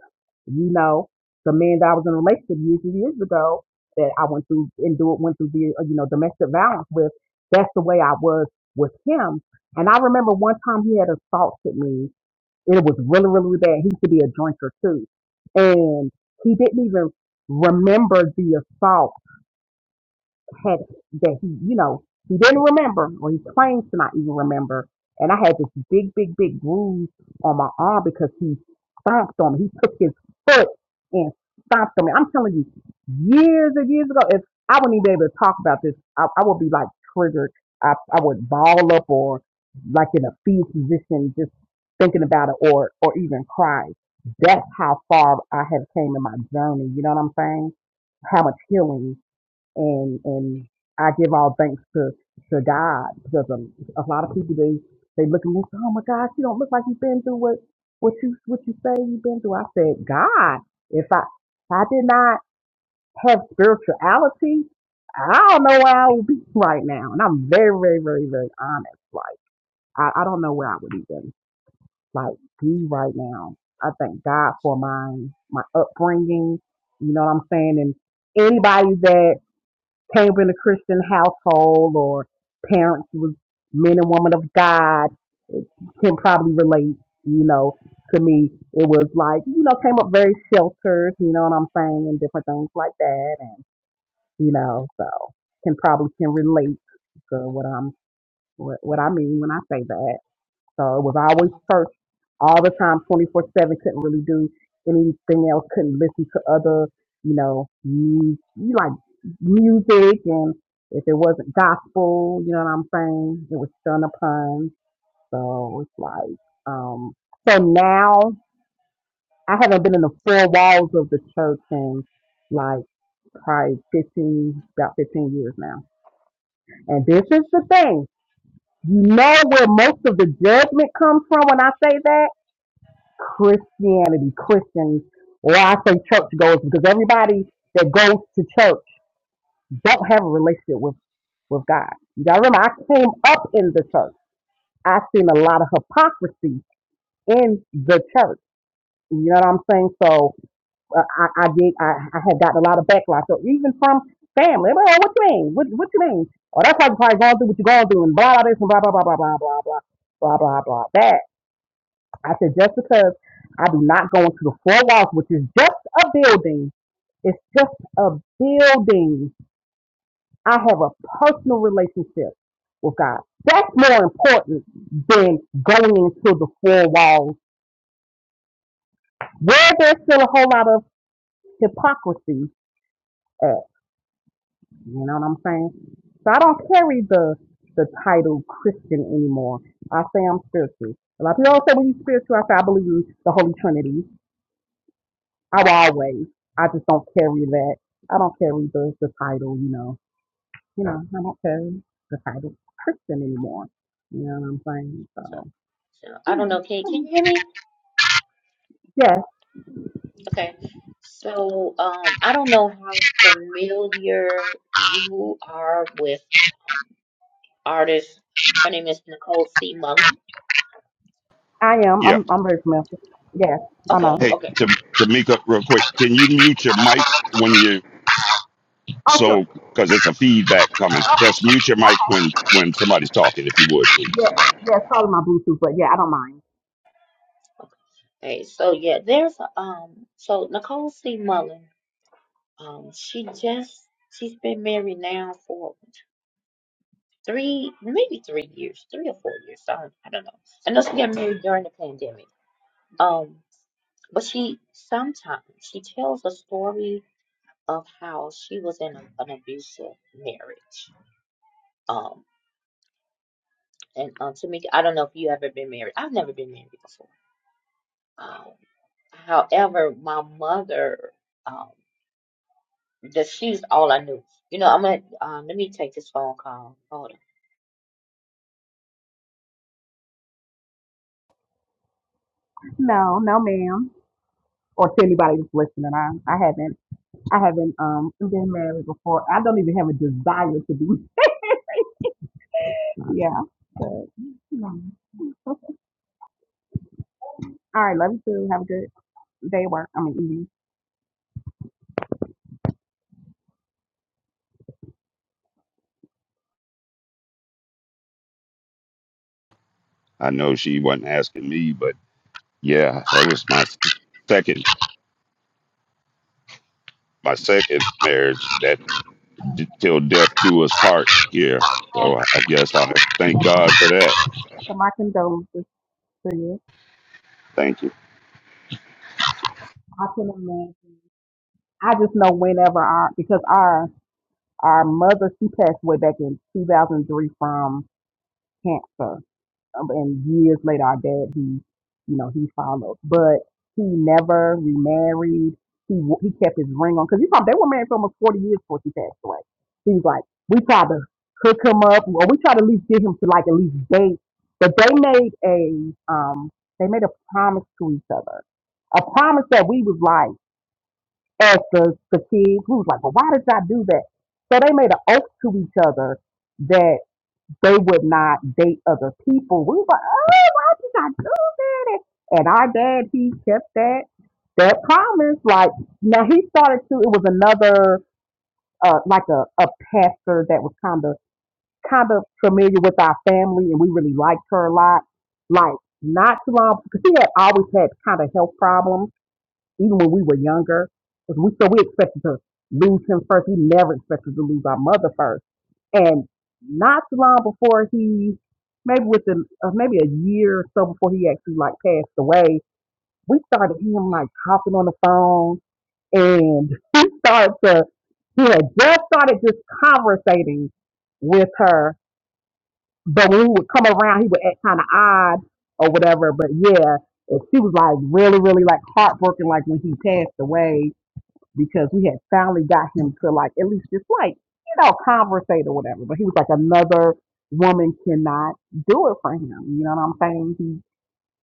[SPEAKER 4] you know, the man that I was in a relationship years and years ago that I went through and do went through the, uh, you know, domestic violence with. That's the way I was with him. And I remember one time he had assaulted me. It was really, really bad. He used to be a drinker too. And he didn't even remember the assault had that he, you know, he didn't remember or he claims to not even remember. And I had this big, big, big bruise on my arm because he stomped on me. He took his foot and stomped on me. I'm telling you, years and years ago, if I wouldn't even be able to talk about this, I, I would be like triggered. I, I would ball up or like in a fetal position, just thinking about it or, or even cry. That's how far I have came in my journey. You know what I'm saying? How much healing and and I give all thanks to to God because um, a lot of people they they look at me and say, oh my gosh, you don't look like you've been through what what you what you say you've been through. I said, God, if I if I did not have spirituality, I don't know where I would be right now. And I'm very very very very honest. Like I, I don't know where I would even like be right now. I thank God for my my upbringing. You know what I'm saying? And anybody that came up in a Christian household or parents was men and women of God can probably relate, you know, to me. It was like, you know, came up very sheltered, you know what I'm saying, and different things like that and you know, so can probably can relate to what I'm what, what I mean when I say that. So it was always church all the time, 24 7. Couldn't really do anything else. Couldn't listen to other, you know, mu- you like music. And if it wasn't gospel, you know what I'm saying? It was shunned upon. So it's like, um, so now I haven't been in the four walls of the church in like probably 15, about 15 years now. And this is the thing. You know where most of the judgment comes from when I say that? Christianity, Christians, or I say church goes because everybody that goes to church don't have a relationship with, with God. You gotta remember, I came up in the church. I've seen a lot of hypocrisy in the church. You know what I'm saying? So uh, I, I did, I, I had gotten a lot of backlash. So even from family, well, what you mean? What, what you mean? Oh, that's why you're probably going through what you're going through and blah, blah, this and blah, blah, blah, blah, blah, blah, blah, blah, blah, blah, blah that. I said, just because I do not go into the four walls, which is just a building, it's just a building. I have a personal relationship with God. That's more important than going into the four walls where there's still a whole lot of hypocrisy at. You know what I'm saying? So I don't carry the the title Christian anymore. I say I'm spiritual. A lot of people don't say, well, you spiritual. I say, I believe in the Holy Trinity. I will always. I just don't carry that. I don't carry the, the title, you know. You know, I don't carry the title Christian anymore. You know what I'm saying?
[SPEAKER 1] So,
[SPEAKER 4] So
[SPEAKER 1] so I don't
[SPEAKER 4] yeah.
[SPEAKER 1] know. Can can you hear me?
[SPEAKER 4] Yes,
[SPEAKER 1] Okay. So um, I don't know how familiar you are with um, artist. Her name is Nicole C. Mullen.
[SPEAKER 4] I am.
[SPEAKER 2] Yeah.
[SPEAKER 4] I'm I'm very familiar. Yes, I know.
[SPEAKER 1] Okay.
[SPEAKER 2] Hey,
[SPEAKER 1] Okay.
[SPEAKER 2] Tam- Tamika, real quick, can you mute your mic when you
[SPEAKER 4] Oh sure.
[SPEAKER 2] so because it's a feedback coming. Just mute your mic when when somebody's talking, if you would,
[SPEAKER 4] Yeah,
[SPEAKER 2] please.
[SPEAKER 4] yeah, it's probably my Bluetooth, but yeah, I don't mind.
[SPEAKER 1] Okay. Hey, so yeah, there's um, so Nicole C. Mullen, um, she just she's been married now for three, maybe three years, three or four years. I don't, I don't know. I know she got married during the pandemic. Um, But she sometimes she tells a story of how she was in a, an abusive marriage. Um, and uh, Tamika, I don't know if you ever been married. I've never been married before. Um, however, my mother, um, that she's all I knew. You know, I'm gonna um, let me take this phone call. Hold
[SPEAKER 4] No, no ma'am. Or to anybody that's listening. I, I haven't I haven't um been married before. I don't even have a desire to be Yeah. No. All right, love you too. Have a good day at work. I mean evening.
[SPEAKER 2] I know she wasn't asking me, but yeah, that was my s- second my second marriage that d- till death do us part. Yeah, so I I guess I thank God for that.
[SPEAKER 4] So my condolences to you.
[SPEAKER 2] Thank you.
[SPEAKER 4] I can imagine. I just know whenever our because our our mother she passed away back in 2003 from cancer, Um, and years later our dad he you know he followed, but he never remarried. He w- he kept his ring on because you know they were married for almost 40 years before she passed away. He was like, we tried to hook him up, or we tried to at least get him to like at least date, but they made a um they made a promise to each other, a promise that we was like. as the, the kid who was like, well, why did y'all do that? So they made an oath to each other that they would not date other people. We were like, oh, why did y'all do that? And our dad, he kept that that promise. Like now he started to it was another uh like a, a pastor that was kind of kind of familiar with our family and we really liked her a lot. Like not too long because she had always had kind of health problems even when we were younger, 'cause we so we expected to lose him first. We never expected to lose our mother first. And not too long before he, maybe within uh, maybe a year or so before he actually like passed away, we started him like hopping on the phone, and he started to he had just started just conversating with her. But when we would come around, he would act kind of odd or whatever. But yeah, and she was like really, really like heartbroken, like when he passed away because we had finally got him to like at least just like you know conversate or whatever. But he was like, another woman cannot do it for him. You know what I'm saying? He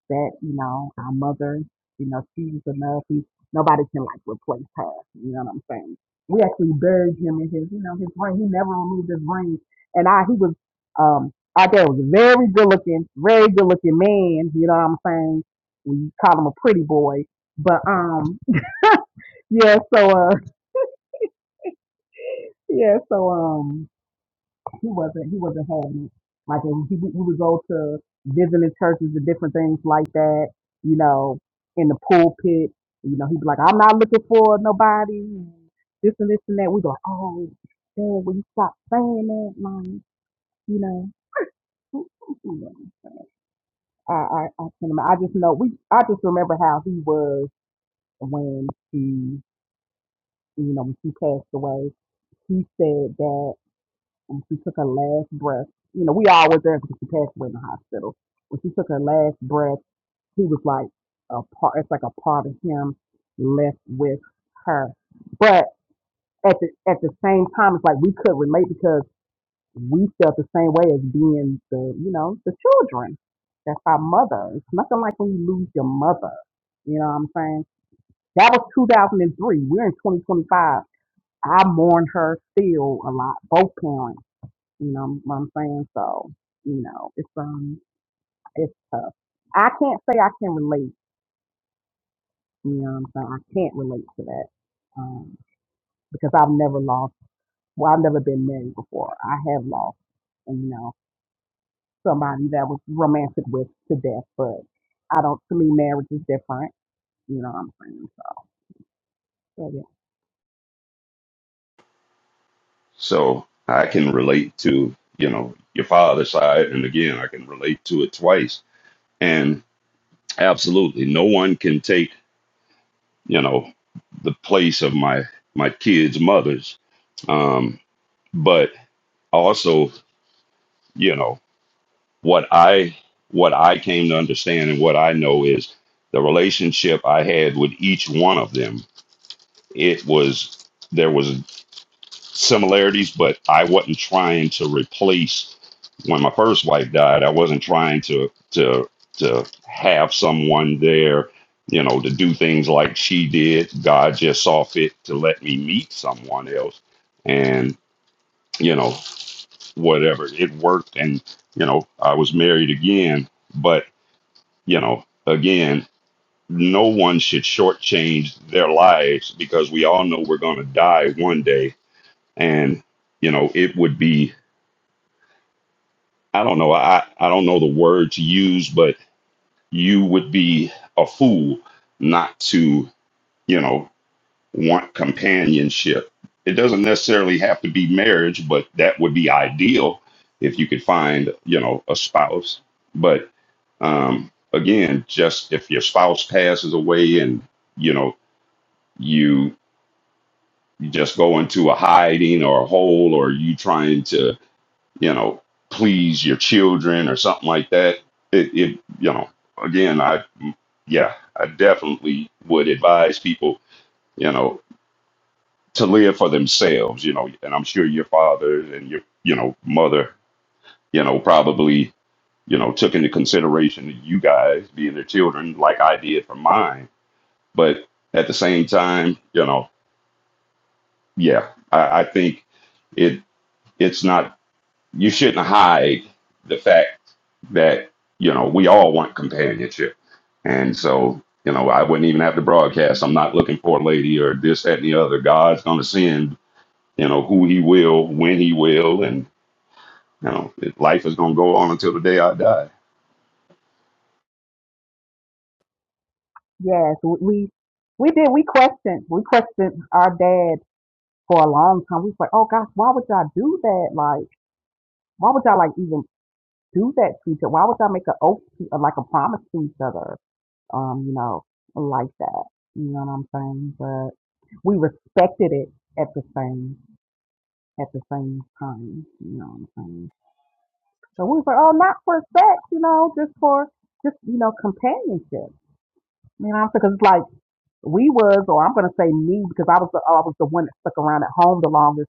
[SPEAKER 4] said, you know, our mother, you know, she's enough. He, nobody can like replace her. You know what I'm saying? We actually buried him in his, you know, his ring. He never removed his ring, and I he was um out there was a very good looking, very good looking man. You know what I'm saying? We call him a pretty boy, but um yeah. So uh Yeah, so um, he wasn't he wasn't having it. Like and he, we would go to visiting churches and different things like that. You know, in the pulpit, you know, he'd be like, "I'm not looking for nobody," and this and this and that. We'd be like, "Oh, man, will you stop saying that?" Like, you know, I I I can imma- I just know we I just remember how he was when he you know when he passed away. He said that. when she took her last breath, you know, we all were there because she passed away in the hospital. When she took her last breath, he was like a part. It's like a part of him left with her. But at the at the same time, it's like we could relate because we felt the same way as being the you know the children. That's our mother. It's nothing like when you lose your mother. You know what I'm saying? That was 2003. We're in 2025. I mourn her still a lot. Both parents. You know what I'm saying? So, you know, it's um it's tough. I can't say I can relate, you know what I'm saying? I can't relate to that. Um, because I've never lost well, I've never been married before. I have lost, you know, somebody that was romantic with to death, but I don't to me marriage is different, you know what I'm saying? So yeah. yeah.
[SPEAKER 2] So I can relate to you know your father's side, and again I can relate to it twice. And absolutely, no one can take you know the place of my my kids' mothers. Um, but also, you know. what I what I came to understand and what I know is the relationship I had with each one of them. It was there was similarities, but I wasn't trying to replace when my first wife died. I wasn't trying to to to have someone there, you know, to do things like she did. God just saw fit to let me meet someone else, and you know, whatever it worked, and you know, I was married again, but you know, again, no one should shortchange their lives because we all know we're going to die one day. And, you know, it would be, I don't know, I, I don't know the word to use, but you would be a fool not to, you know, want companionship. It doesn't necessarily have to be marriage, but that would be ideal if you could find, you know, a spouse. But um, again, just if your spouse passes away and, you know, you just go into a hiding or a hole or you trying to you know please your children or something like that it, it you know again i yeah i definitely would advise people you know to live for themselves you know and i'm sure your father and your you know mother you know probably you know took into consideration that you guys being their children like i did for mine but at the same time you know yeah i, I think it it's not you shouldn't hide the fact that you know we all want companionship and so you know i wouldn't even have to broadcast i'm not looking for a lady or this that and the other god's going to send you know who he will when he will and you know it- life is going to go on until the day i die
[SPEAKER 4] Yes, we we we did we questioned we questioned our dad for a long time. We was like, Oh gosh, why would y'all do that? Like why would y'all like even do that to each other. Why would y'all make an oath to, uh, like a promise to each other? Um, you know, like that. You know what I'm saying? But we respected it at the same at the same time. You know what I'm saying? So we was like, oh, not for sex, you know, just for just you know companionship. You know what I'm saying? Because like we was, or I'm gonna say me, because I was the I was the one that stuck around at home the longest,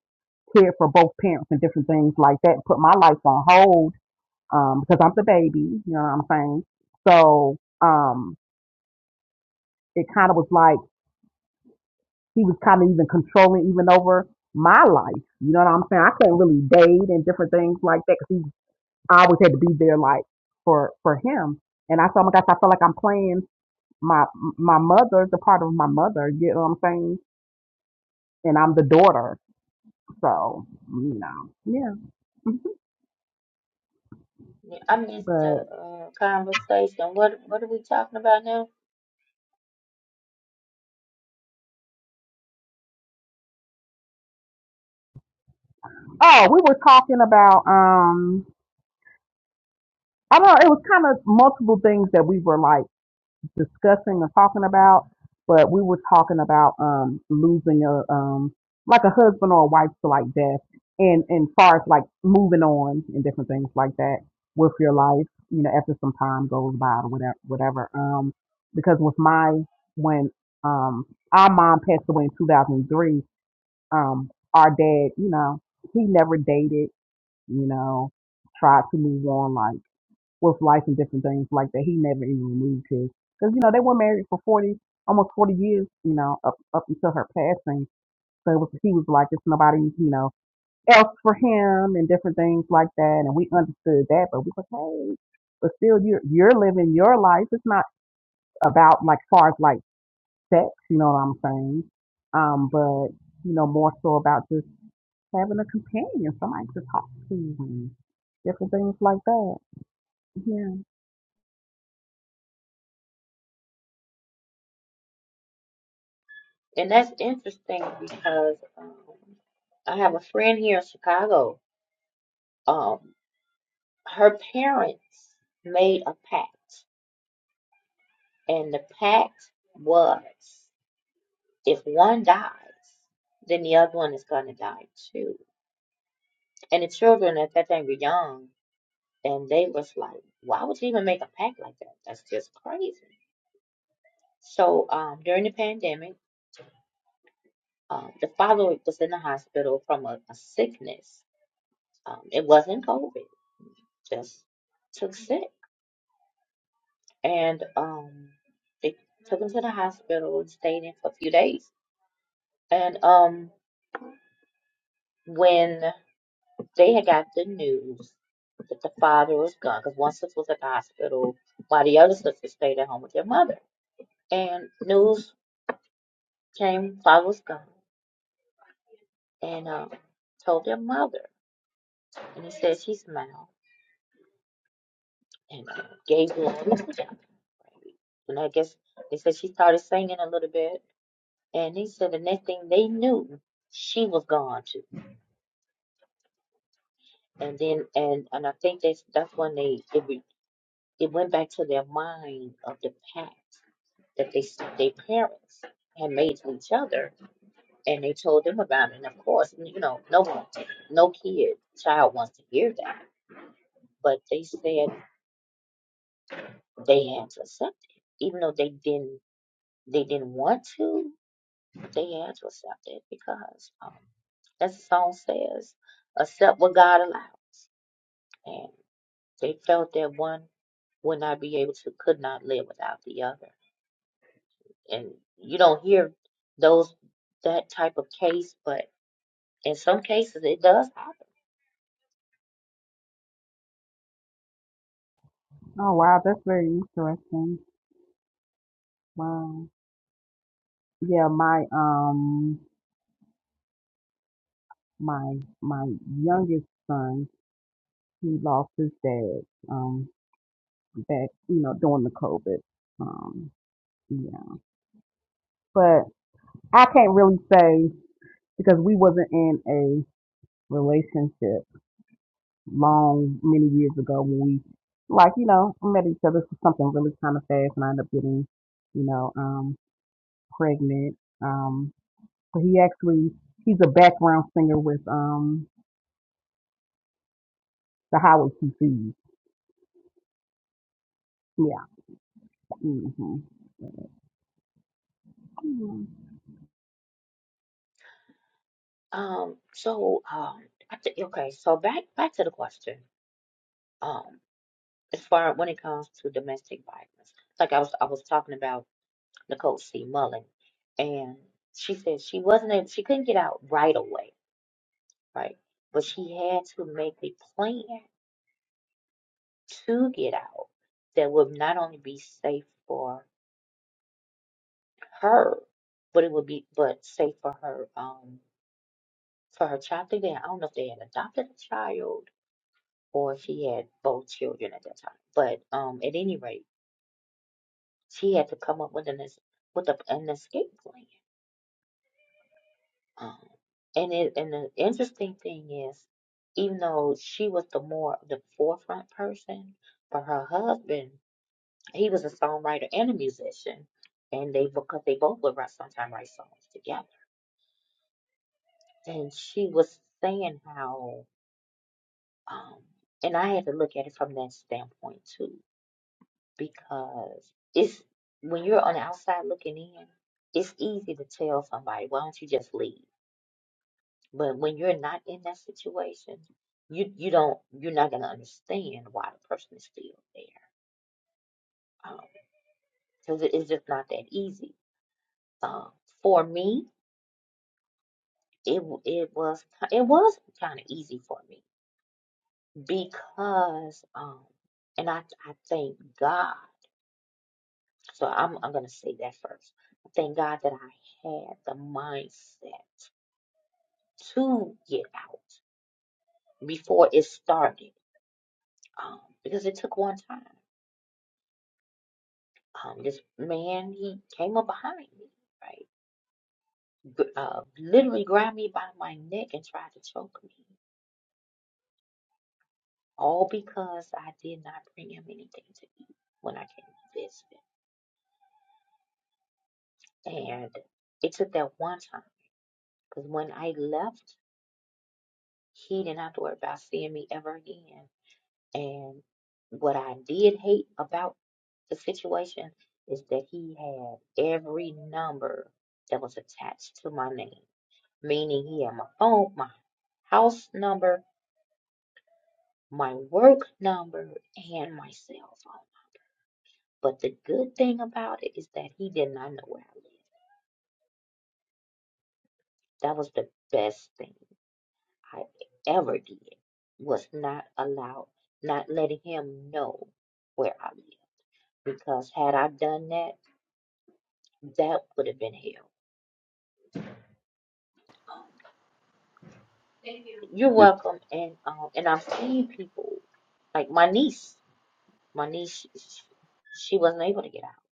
[SPEAKER 4] cared for both parents and different things like that, and put my life on hold um, because I'm the baby, you know what I'm saying? So um, it kind of was like he was kind of even controlling even over my life, you know what I'm saying? I couldn't really date and different things like that because he I always had to be there like for for him. And I said, oh my gosh, I feel like I'm playing my my mother, the part of my mother, you know what I'm saying? And I'm the daughter, so you know, yeah.
[SPEAKER 1] on. I missed
[SPEAKER 4] But
[SPEAKER 1] the uh, conversation. What what are we talking about now?
[SPEAKER 4] oh, we were talking about um, I don't know, it was kind of multiple things that we were like discussing or talking about, but we were talking about um losing a um like a husband or a wife to like death and and far as like moving on and different things like that with your life, you know, after some time goes by or whatever whatever. Um because with my when um our mom passed away in two thousand and three, um our dad, you know, he never dated, you know, tried to move on like with life and different things like that. He never even removed his because you know they were married for forty, almost forty years, you know, up up until her passing. So it was, he was like, it's nobody, you know, else for him and different things like that. And we understood that, but we were hey, but still, you're you're living your life. It's not about like far as like sex, you know what I'm saying? Um, but you know, more so about just having a companion, somebody to talk to, and different things like that. Yeah.
[SPEAKER 1] And that's interesting because um, I have a friend here in Chicago. Um, Her parents made a pact, and the pact was if one dies, then the other one is going to die too. And the children at that time were young, and they was like, why would you even make a pact like that? That's just crazy. So um, during the pandemic, um, the father was in the hospital from a, a sickness. Um, it wasn't COVID, just took sick. And um, they took him to the hospital and stayed in for a few days And um, when they had got the news that the father was gone, because one sister was at the hospital while the other sister stayed at home with their mother. And news came, father was gone, and um, told their mother. And he said she smiled and uh, gave glory to God. And I guess they said she started singing a little bit. And he said the next thing they knew, she was gone too. And then, and and I think that's that's when they it It went back to their mind of the pact that they their parents had made to each other, and they told them about it. And of course, you know, no one, no kid, child wants to hear that. But they said they had to accept it, even though they didn't. They didn't want to. They had to accept it because um, as the song says, accept what God allows. And they felt that one would not be able to, could not live without the other. and you don't hear those that type of case, but in some cases it does happen.
[SPEAKER 4] Oh wow, that's very interesting. Wow. Yeah, my um my my youngest son, he lost his dad um back, you know, during the COVID. Um yeah. But I can't really say because we wasn't in a relationship long many years ago when we like, you know, met each other for something really kind of fast and I ended up getting, you know, um pregnant. Um But he actually he's a background singer with um the Howard QCs. Yeah. hmm
[SPEAKER 1] Um, so um, I think okay. So back back to the question. Um, as far when it comes to domestic violence, like I was I was talking about Nicole C. Mullen, and she said she wasn't able, she couldn't get out right away, right? But she had to make a plan to get out that would not only be safe for her, but it would be but say for her um for her child. I think they I don't know if they had adopted a child or if she had both children at that time. But um at any rate, she had to come up with an es- with a, an escape plan. Um, and it and the interesting thing is, even though she was the more the forefront person, for her husband, he was a songwriter and a musician, and they because they both would write sometime write songs together. And she was saying how. Um, and I had to look at it from that standpoint too, because it's when you're on the outside looking in, it's easy to tell somebody, why don't you just leave? But when you're not in that situation, you you don't you're not gonna understand why the person is still there, um, because it's just not that easy. Um, for me, it w- it was ki- it was kind of easy for me because um, and I I thank God So I'm I'm gonna say that first. Thank God that I had the mindset to get out before it started, um, because it took one time. Um, this man he came up behind me, right, gr- uh, literally grabbed me by my neck and tried to choke me, all because I did not bring him anything to eat when I came to visit. And it took that one time, because when I left, he did not have to worry about seeing me ever again And what I did hate about the situation is that he had every number that was attached to my name, meaning he had my phone, my house number, my work number, and my cell phone. But the good thing about it is that he did not know where I lived. That was the best thing I ever did, was not allow, not letting him know where I lived. Because had I done that, that would have been hell. Thank you. You're
[SPEAKER 2] it,
[SPEAKER 1] welcome. And um, and I've seen people like my niece. My niece, she, she wasn't able to get out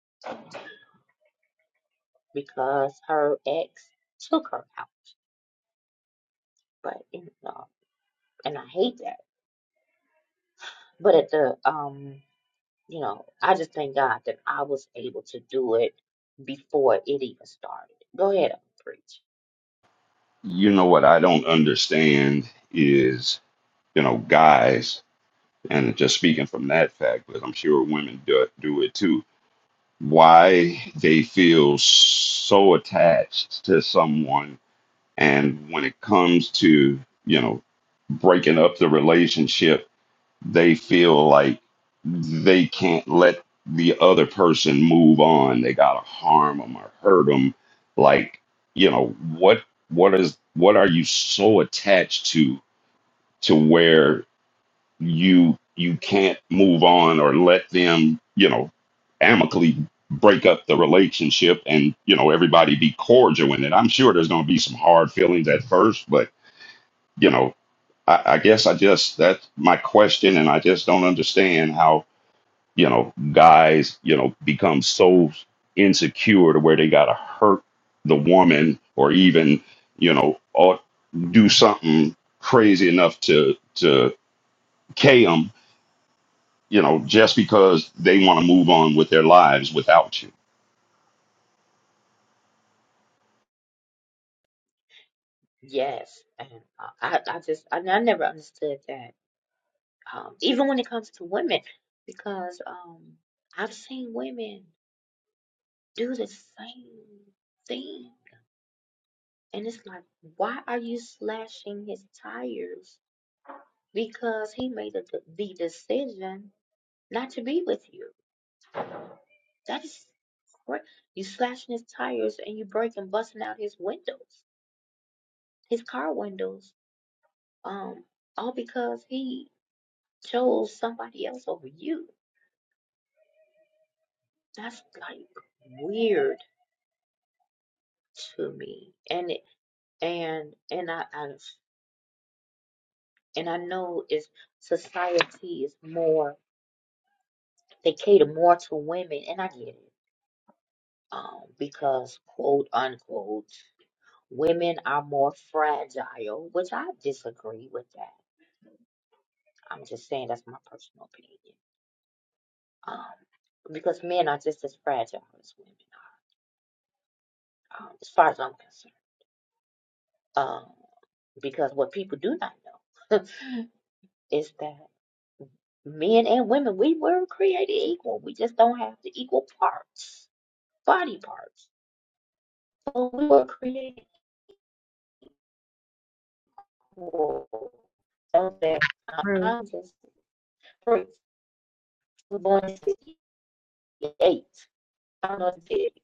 [SPEAKER 1] because her ex took her out. But you know, and I hate that. But at the um, you know, I just thank God that I was able to do it before it even started. Go ahead, preach.
[SPEAKER 2] you know what i don't understand is you know guys and just speaking from that fact but i'm sure women do, do it too why they feel so attached to someone and when it comes to you know breaking up the relationship they feel like they can't let the other person move on they gotta harm them or hurt them like you know what what is what are you so attached to to where you you can't move on or let them you know amicably break up the relationship and you know everybody be cordial in it i'm sure there's going to be some hard feelings at first but you know I, I guess i just that's my question and i just don't understand how you know guys you know become so insecure to where they gotta hurt the woman or even you know or do something crazy enough to to K 'em you know, just because they want to move on with their lives without you.
[SPEAKER 1] Yes, and I, I I just I, I never understood that. um, even when it comes to women, because um, I've seen women do the same thing, and it's like, why are you slashing his tires? Because he made the, the decision not to be with you. That is correct. You slashing his tires and you breaking, busting out his windows, his car windows, um, all because he chose somebody else over you. That's like weird to me, and it and and I, I and I know is society is more they cater more to women, and I get it, um, because quote unquote women are more fragile, which I disagree with that. I'm just saying that's my personal opinion, um, because men are just as fragile as women are, um, as far as I'm concerned, um, because what people do not know is that. Men and women, we were created equal. We just don't have the equal parts, body parts. So we were created equal. So that I-
[SPEAKER 4] True.
[SPEAKER 1] I'm just free. We were born in 68. I don't know if it,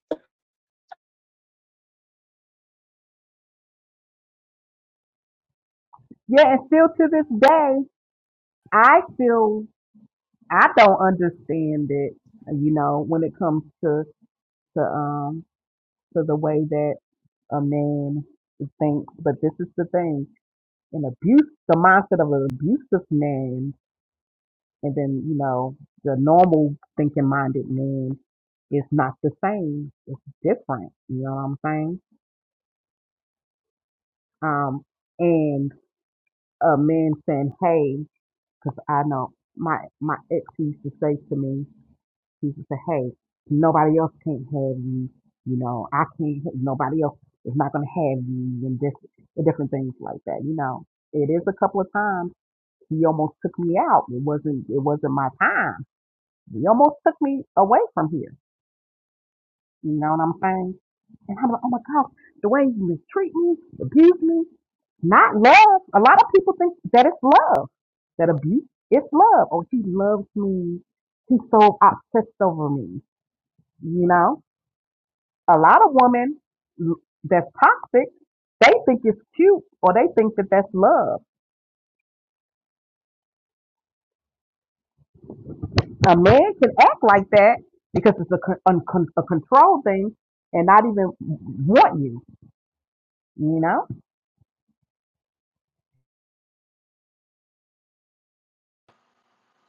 [SPEAKER 4] Yeah, and still to this day, I still I don't understand it. You know, when it comes to to um to the way that a man thinks. But this is the thing: an abuse, the mindset of an abusive man And then, you know, the normal thinking minded man is not the same. It's different. You know what I'm saying? Um, and a man saying, hey, because I know my, my ex used to say to me, he used to say, hey, nobody else can't have you. You know, I can't, nobody else is not going to have you and this, and different things like that. You know, it is a couple of times he almost took me out. It wasn't, it wasn't my time. He almost took me away from here You know what I'm saying? And I'm like, oh my God, the way you mistreat me, abuse me, not love. A lot of people think that it's love, that abuse is love. Oh, he loves me. He's so obsessed over me. You know, a lot of women l- that's toxic, they think it's cute or they think that that's love. A man can act like that because it's a, con- un- con- a control thing and not even want you. You know,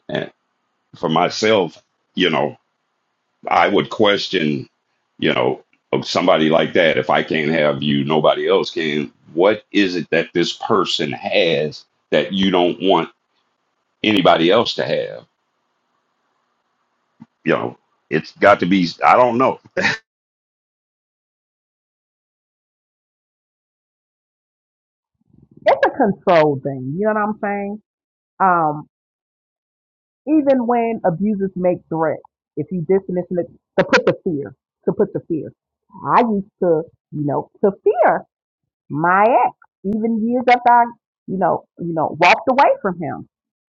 [SPEAKER 2] And for myself, you know, I would question, you know, of somebody like that. If I can't have you, nobody else can. What is it that this person has that you don't want anybody else to have? You know, it's got to be, I don't know.
[SPEAKER 4] it's a control thing. You know what I'm saying? Um, even when abusers make threats, if you dismiss it to put the fear, to put the fear. I used to, you know, to fear my ex, even years after I, you know, you know, walked away from him.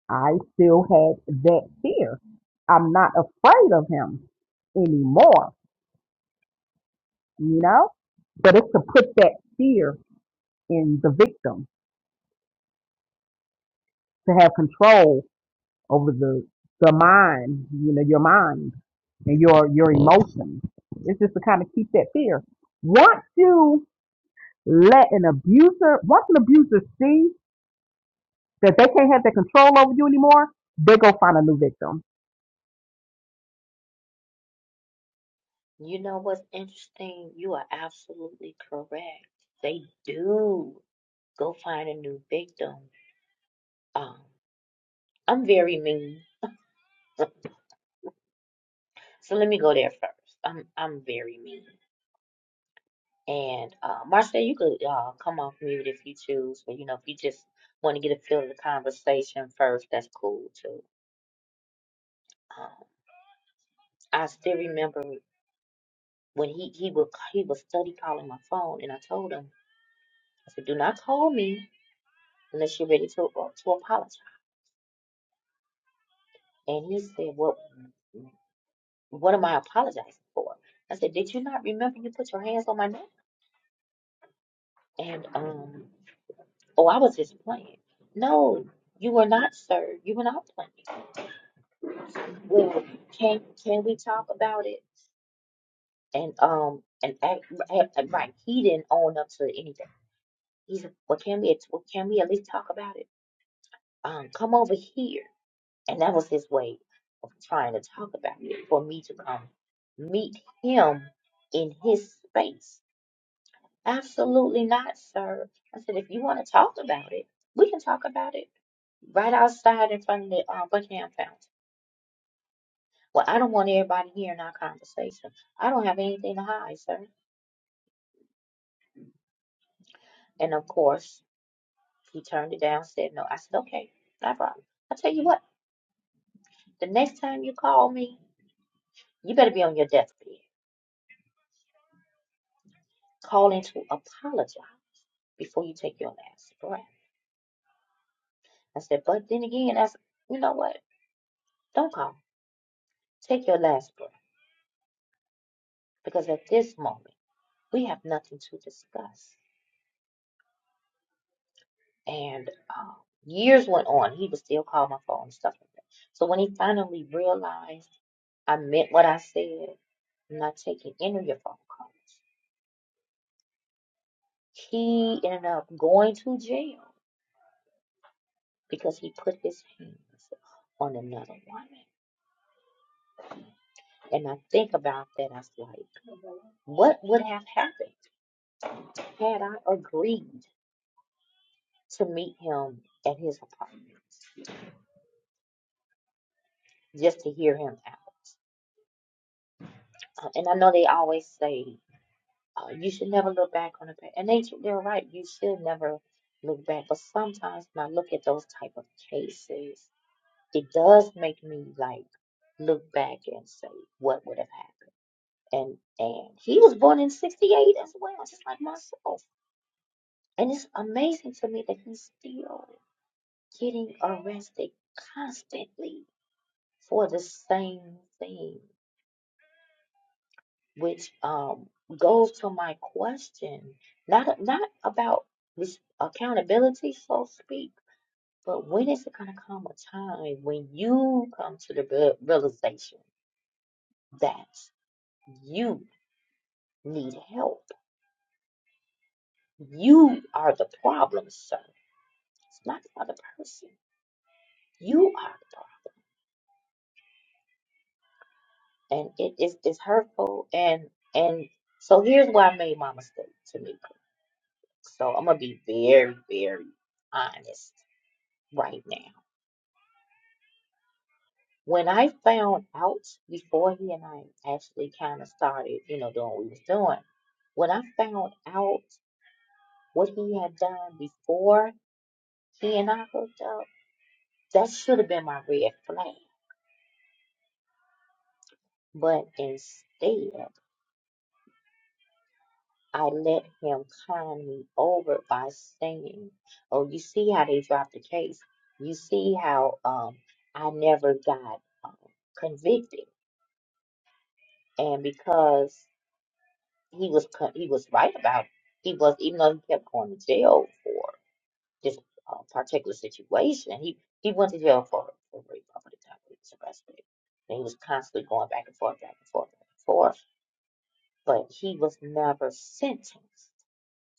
[SPEAKER 4] I still had that fear. I'm not afraid of him anymore, you know? But it's to put that fear in the victim to have control over the the mind, you know, your mind and your your emotions. It's just to kind of keep that fear. Once you let an abuser, once an abuser see that they can't have that control over you anymore, they go find a new victim.
[SPEAKER 1] you know what's interesting? You are absolutely correct. They do go find a new victim. Um, I'm very mean. So let me go there first. I'm I'm very mean. And uh, Marcia, you could uh, come off mute if you choose, but you know, if you just want to get a feel of the conversation first, that's cool too. Um, I still remember when he he would he was study calling my phone, and I told him I said, "Do not call me unless you're ready to uh, to apologize." And he said, "What what am I apologizing for?" I said, "Did you not remember you put your hands on my neck?" And um, oh, I was just playing. No, you were not, sir. You were not playing. Well, can can we talk about it? And um and act, act, act right, he didn't own up to anything. He said, "Well, can we at- well, can we at least talk about it? Um, come over here." And that was his way of trying to talk about it for me to come meet him in his space. Absolutely not, sir. I said, if you want to talk about it, we can talk about it right outside in front of the uh, Buckingham Fountain. Well, I don't want everybody hearing our conversation. I don't have anything to hide, sir. And of course, he turned it down, said no. I said, okay, no problem. I tell you what, the next time you call me, you better be on your deathbed. Call in to apologize before you take your last breath. I said, but then again, that's, you know what? Don't call. Take your last breath. Because at this moment, we have nothing to discuss. And uh, years went on. He was still calling my phone and stuff like that. So when he finally realized, I meant what I said. I'm not taking any of your phone calls. He ended up going to jail because he put his hands on another woman. And I think about that, I was like, what would have happened had I agreed to meet him at his apartment just to hear him out? Uh, and I know they always say, uh, you should never look back on the past. And they, they're right, you should never look back. But sometimes when I look at those type of cases, it does make me like look back and say what would have happened and and he was born in 68 as well just like myself and it's amazing to me that he's still getting arrested constantly for the same thing which um goes to my question not not about res- accountability so to speak but when is it going to come a time when you come to the real- realization that You need help. You are the problem, sir. It's not the other person. You are the problem. And it is it's hurtful and and so here's where I made my mistake, Tamika. So I'm gonna be very, very honest right now. When I found out before he and I actually kind of started, you know, doing what we was doing, when I found out what he had done before he and I hooked up, that should have been my red flag. But instead, I let him con me over by saying, Oh, you see how they dropped the case? You see how um, I never got um, convicted. And because he was con- he was right about it, he was, even though he kept going to jail for this uh, particular situation, he, he went to jail for, for rape up at the time he was arrested. And he was constantly going back and forth, back and forth, back and forth. But he was never sentenced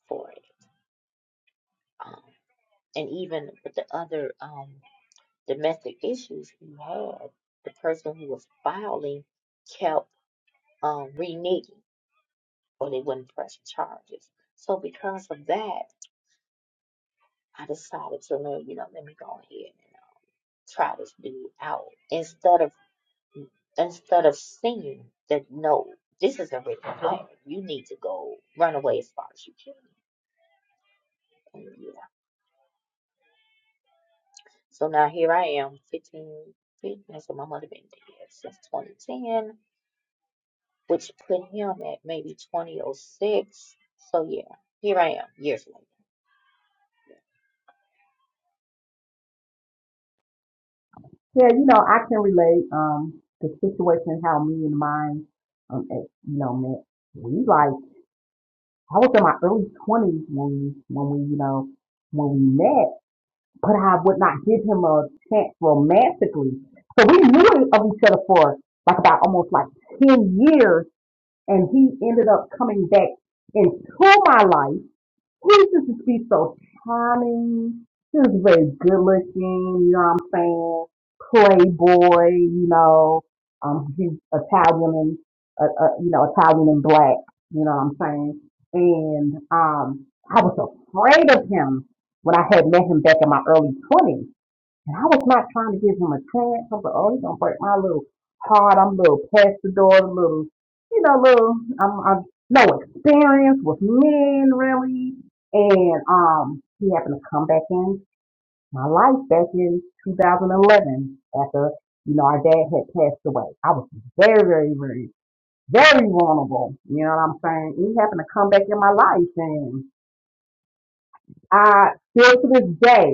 [SPEAKER 1] for it. Um, and even with the other um, domestic issues he had, the person who was filing kept um, reneging or they wouldn't press charges. So because of that, I decided to, let- you know, let me go ahead and uh, try this dude out instead of instead of seeing that no, this is a red flag. You need to go run away as far as you can. So now here I am, 15, 15. so my mother been dead since 2010, which put him at maybe 2006. So yeah, here I am, years later.
[SPEAKER 4] Yeah, you know, I can relate um the situation how me and mine um at, you know met. We like I was in my early twenties when we when we you know when we met but I would not give him a chance romantically. So we knew of each other for like about almost like 10 years and he ended up coming back into my life he used to be so charming. He was very good looking, you know what I'm saying? Playboy, you know. Um, he's Italian and, uh, uh, you know, Italian and black, you know what I'm saying? And um, I was afraid of him when I had met him back in my early 20s. And I was not trying to give him a chance. I was like, oh, he's gonna break my little heart. I'm a little pastor a little, you know, little. I'm, I'm no experience with men really. And um, he happened to come back in my life back in 2011 after you know our dad had passed away. I was very, very, very, very vulnerable. You know what I'm saying? He happened to come back in my life, and I still to this day.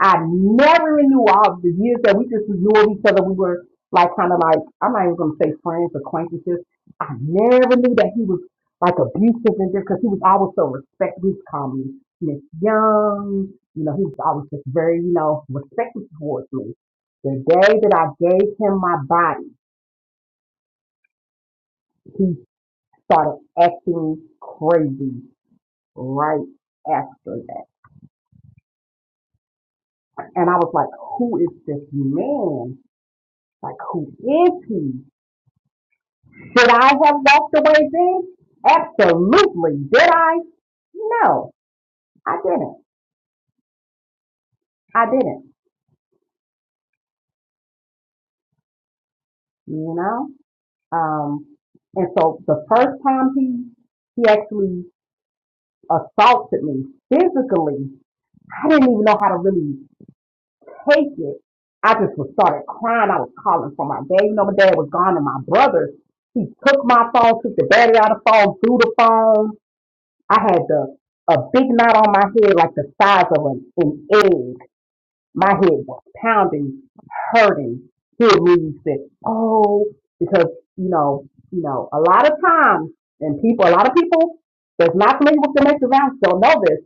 [SPEAKER 4] I never even knew all the years that we just knew of each other. We were like kind of like I'm not even gonna say friends, acquaintances. I never knew that he was like abusive and just because he was always so respectful, He was calling me Miss Young. You know, he was always just very you know respectful towards me. The day that I gave him my body, he started acting crazy right after that, and I was like, "Who is this man? Like, who is he?" Should I have walked away then? Absolutely. Did I? No, I didn't. I didn't. You know. Um, and so the first time he he actually assaulted me physically, I didn't even know how to really take it. I just was started crying. I was calling for my dad. You know, my dad was gone, and my brother he took my phone, took the battery out of the phone, threw the phone. I had the a big knot on my head like the size of an, an egg My head was pounding, hurting. He Hearing me said, "Oh," because you know, you know, a lot of times, and people, a lot of people that's not familiar with domestic violence don't know this.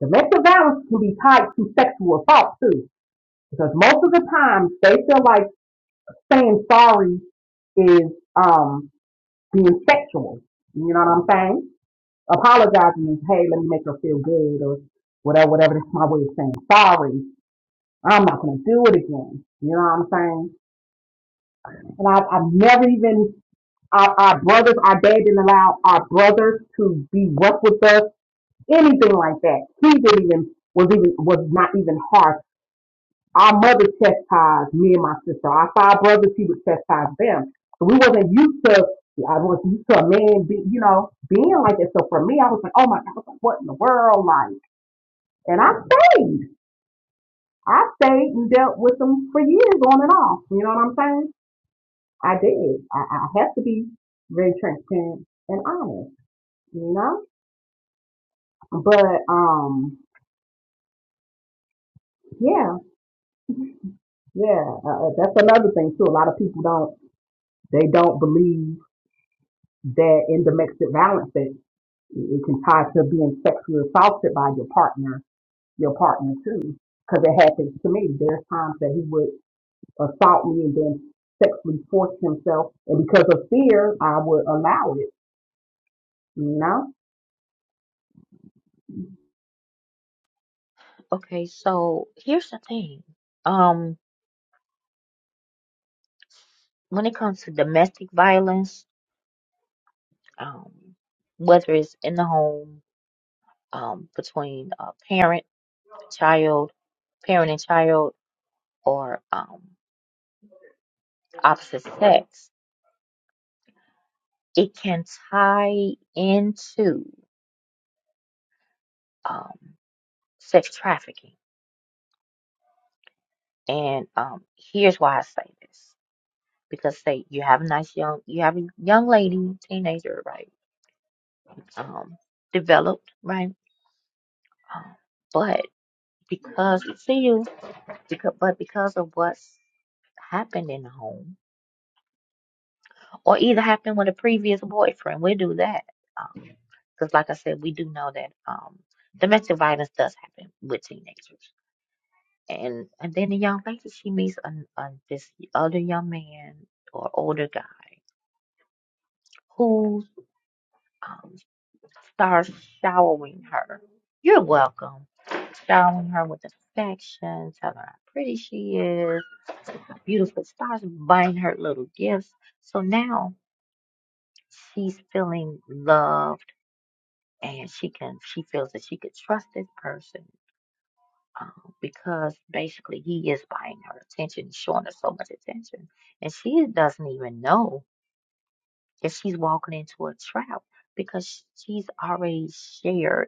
[SPEAKER 4] Domestic violence can be tied to sexual assault too, because most of the time they feel like saying sorry is um being sexual. You know what I'm saying? Apologizing is, hey, let me make her feel good or whatever, whatever. That's my way of saying sorry. I'm not gonna do it again. You know what I'm saying? And I've, I've never even our, our brothers, our dad didn't allow our brothers to be rough with us, anything like that. He didn't even was even was not even harsh. Our mother chastised me and my sister. Our five brothers, he would chastise them. So we wasn't used to I wasn't used to a man be you know being like that. So for me, I was like, oh my god, I was like, what in the world, like? And I stayed. I stayed and dealt with them for years on and off. You know what I'm saying? I did. I, I have to be very transparent and honest, you know? But, um, yeah, yeah, uh, uh, that's another thing too. A lot of people don't, they don't believe that in domestic violence that it it can tie to being sexually assaulted by your partner, your partner too. Cause it happens to me. There's times that he would assault me and then sexually force himself. And because of fear, I would allow it, you know?
[SPEAKER 1] Okay, so here's the thing. Um, when it comes to domestic violence, um, whether it's in the home, um, between a parent, child, parent and child, or um, opposite sex, it can tie into um, sex trafficking. And um, here's why I say this. Because say you have a nice young you have a young lady, teenager, right? Um, developed, right? Um, but because see you because but because of what's happened in the home or either happened with a previous boyfriend, we do that. Um, because like I said, we do know that um domestic violence does happen with teenagers. And and then the young lady she meets an, an this other young man or older guy who's starts showering her. You're welcome. Showering her with affection, telling her how pretty she is, beautiful, starts buying her little gifts. So now she's feeling loved and she can she feels that she could trust this person um, because basically he is buying her attention, showing her so much attention. And she doesn't even know that she's walking into a trap because she's already shared.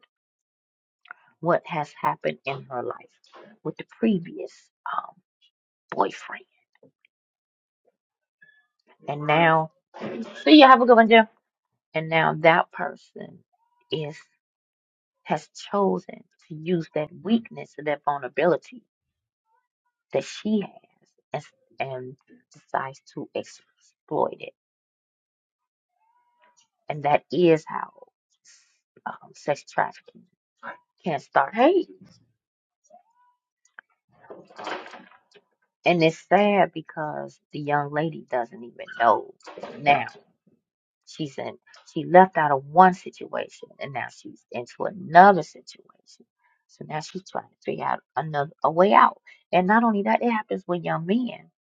[SPEAKER 1] what has happened in her life with the previous um, boyfriend. And now, so you have a good one, Jim. And now that person is has chosen to use that weakness and that vulnerability that she has and, and decides to exploit it. And that is how um, sex trafficking can start. Hey, and it's sad because the young lady doesn't even know now. She's in, she left out of one situation and now she's into another situation. So now she's trying to figure out another a way out. And not only that, it happens with young men.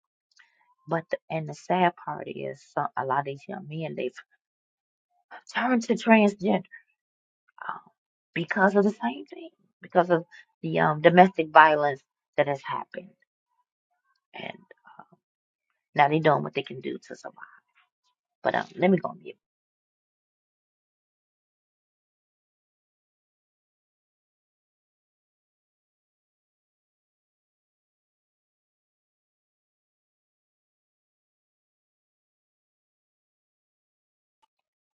[SPEAKER 1] But the, and the sad part is, some, a lot of these young men they've turned to transgender um, because of the same thing, because of the um, domestic violence that has happened. And now they're doing what they can do to survive. But um, let me go on mute.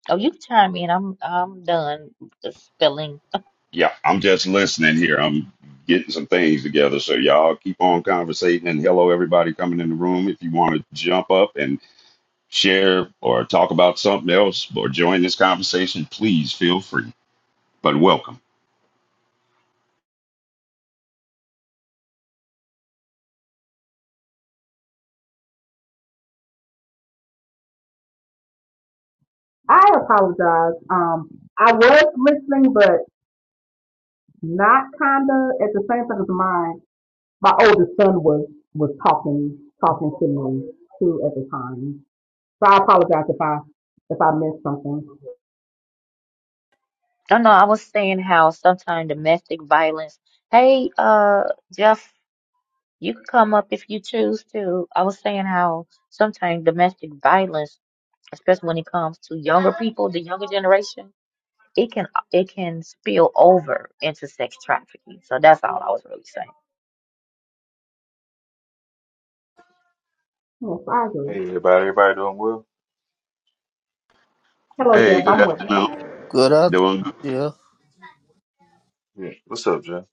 [SPEAKER 1] Oh, you can chime in. I'm I'm done spilling
[SPEAKER 2] Yeah, I'm just listening here. I'm getting some things together. So y'all keep on conversating. And hello, everybody coming in the room. If you want to jump up and share, or talk about something else, or join this conversation, please feel free. But welcome.
[SPEAKER 4] I apologize. Um, I was listening, but not kinda at the same time as mine. My oldest son was was talking talking to me too at the time. So I apologize if I if I missed something.
[SPEAKER 1] No, no, I was saying how sometimes domestic violence. Hey, uh, Jeff, you can come up if you choose to. I was saying how sometimes domestic violence, especially when it comes to younger people, the younger generation, it can it can spill over into sex trafficking. So that's all I was really saying.
[SPEAKER 4] Yes, I agree.
[SPEAKER 5] Hey everybody, everybody doing well?
[SPEAKER 4] Hello,
[SPEAKER 2] Hey,
[SPEAKER 4] Jeff.
[SPEAKER 2] good
[SPEAKER 4] I'm with.
[SPEAKER 2] afternoon.
[SPEAKER 1] Yeah.
[SPEAKER 3] Good. I th-
[SPEAKER 2] Doing good.
[SPEAKER 3] yeah.
[SPEAKER 5] Yeah. What's up, Jim?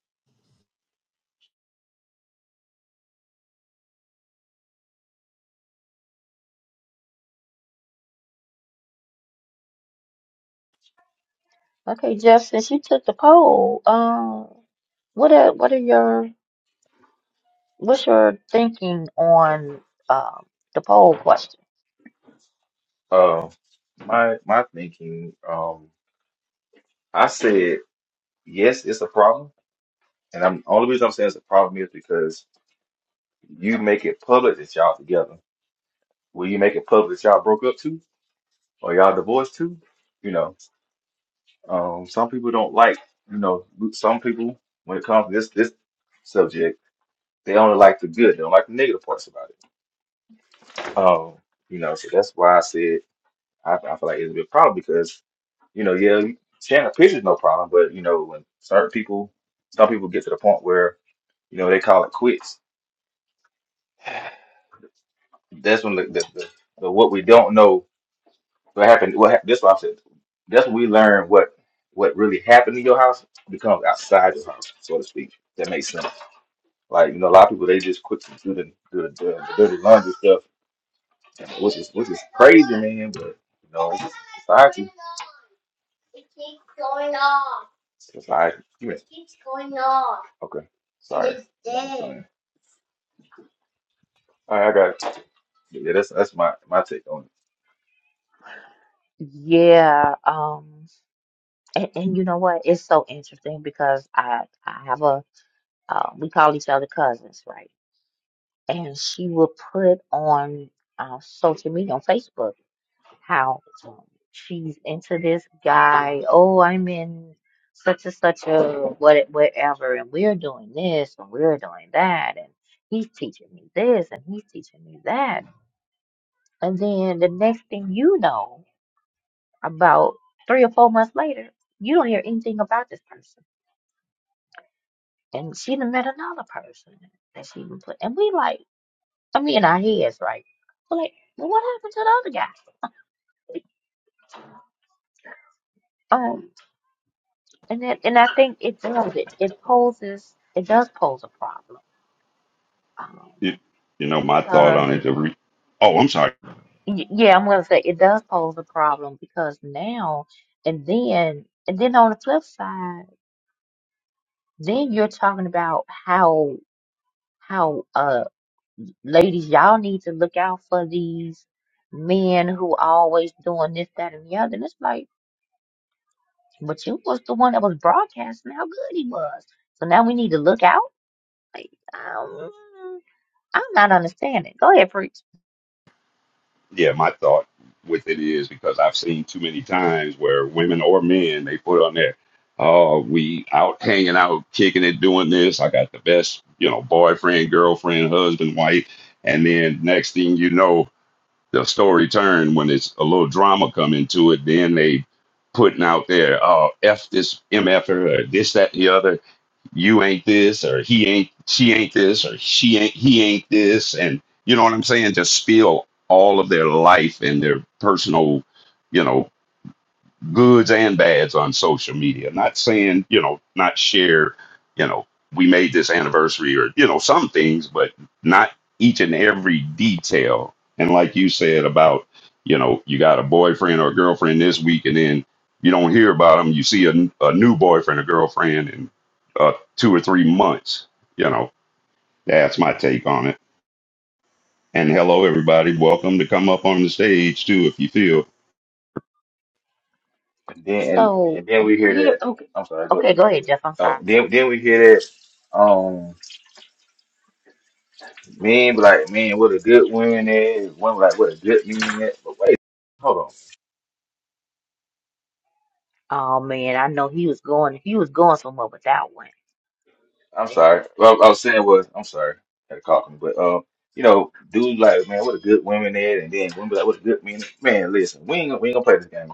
[SPEAKER 1] Okay, Jeff, since you took the poll, um, what are what are your what's your thinking on um the poll question?
[SPEAKER 5] Uh, my my thinking, um, I said yes, it's a problem, and I'm only reason I'm saying it's a problem is because you make it public that y'all together. Will you make it public that y'all broke up too, or y'all divorced too? You know, um, some people don't like, you know, some people when it comes to this this subject, they only like the good, they don't like the negative parts about it. Um, you know, so that's why I said I, I feel like it's a big problem because You know, yeah, sharing a picture's no problem, but you know, when certain people, some people get to the point where you know they call it quits. That's when the the, the, the what we don't know what happened. What hap- that's why I said that's when we learn what what really happened in your house becomes outside your house, so to speak. That makes sense. Like you know, a lot of people they just quit to do the do the, do the dirty laundry stuff, which is which is crazy, man. But you know, it's society, society. yeah, Okay, sorry. All right, I got it. Yeah, that's that's my my take on it.
[SPEAKER 1] Yeah, um. And, and you know what? It's so interesting because I I have a uh, we call each other cousins, right? And she will put on uh, social media on Facebook how um, she's into this guy. Oh, I'm in such and such a what whatever, and we're doing this and we're doing that, and he's teaching me this and he's teaching me that. And then the next thing you know, about three or four months later, you don't hear anything about this person and she done met another person that she even put. And we like, I mean, in our heads, right? We're like, well, what happened to the other guy? Um, and then, and I think it does it. It poses, it does pose a problem. Um,
[SPEAKER 2] You you know, my thought
[SPEAKER 1] because
[SPEAKER 2] on it.
[SPEAKER 1] you,
[SPEAKER 2] The re- oh, I'm sorry.
[SPEAKER 1] y- yeah, I'm gonna say it does pose a problem because now and then, and then on the flip side, then you're talking about how how uh, Ladies, y'all need to look out for these men who always doing this, that, and the other. And it's like, but you was the one that was broadcasting how good he was. So now we need to look out. Like, um, I'm not understanding. Go ahead, preach.
[SPEAKER 2] Yeah, my thought with it is because I've seen too many times where women or men they put on there, "Oh, we out hanging out, kicking it, doing this. I got the best, you know, boyfriend, girlfriend, husband, wife." And then next thing you know. the story turn when it's a little drama come into it. Then they putting out there, oh, f this mf'er or this that and the other. You ain't this or he ain't she ain't this or she ain't he ain't this, and you know what I'm saying. Just spill all of their life and their personal, you know, goods and bads on social media. Not saying, you know, not share, you know, we made this anniversary or, you know, some things, but not each and every detail. And like you said about, you know, you got a boyfriend or a girlfriend this week and then you don't hear about them. You see a, a new boyfriend or girlfriend in uh, two or three months. You know, that's my take on it. And hello, everybody. Welcome to come up on the stage, too, if you feel.
[SPEAKER 5] And then and,
[SPEAKER 1] So
[SPEAKER 5] and then we hear
[SPEAKER 1] here,
[SPEAKER 5] that.
[SPEAKER 1] okay,
[SPEAKER 5] I'm sorry. Go ahead.
[SPEAKER 1] okay, go ahead, Jeff. I'm sorry.
[SPEAKER 5] Oh, then then we hear that. Um, men be like, man, what a good woman is. Women like, what a good man is. But wait, hold on.
[SPEAKER 1] Oh man, I know he was going, he was going somewhere with that one,
[SPEAKER 5] I'm
[SPEAKER 1] and
[SPEAKER 5] sorry. Well, I was saying was, I'm sorry. Had to call me. but um, you know, dudes like, man, what a good woman is, and then women be like, what a good man. Is. Man, listen, we ain't gonna- we ain't gonna play this game.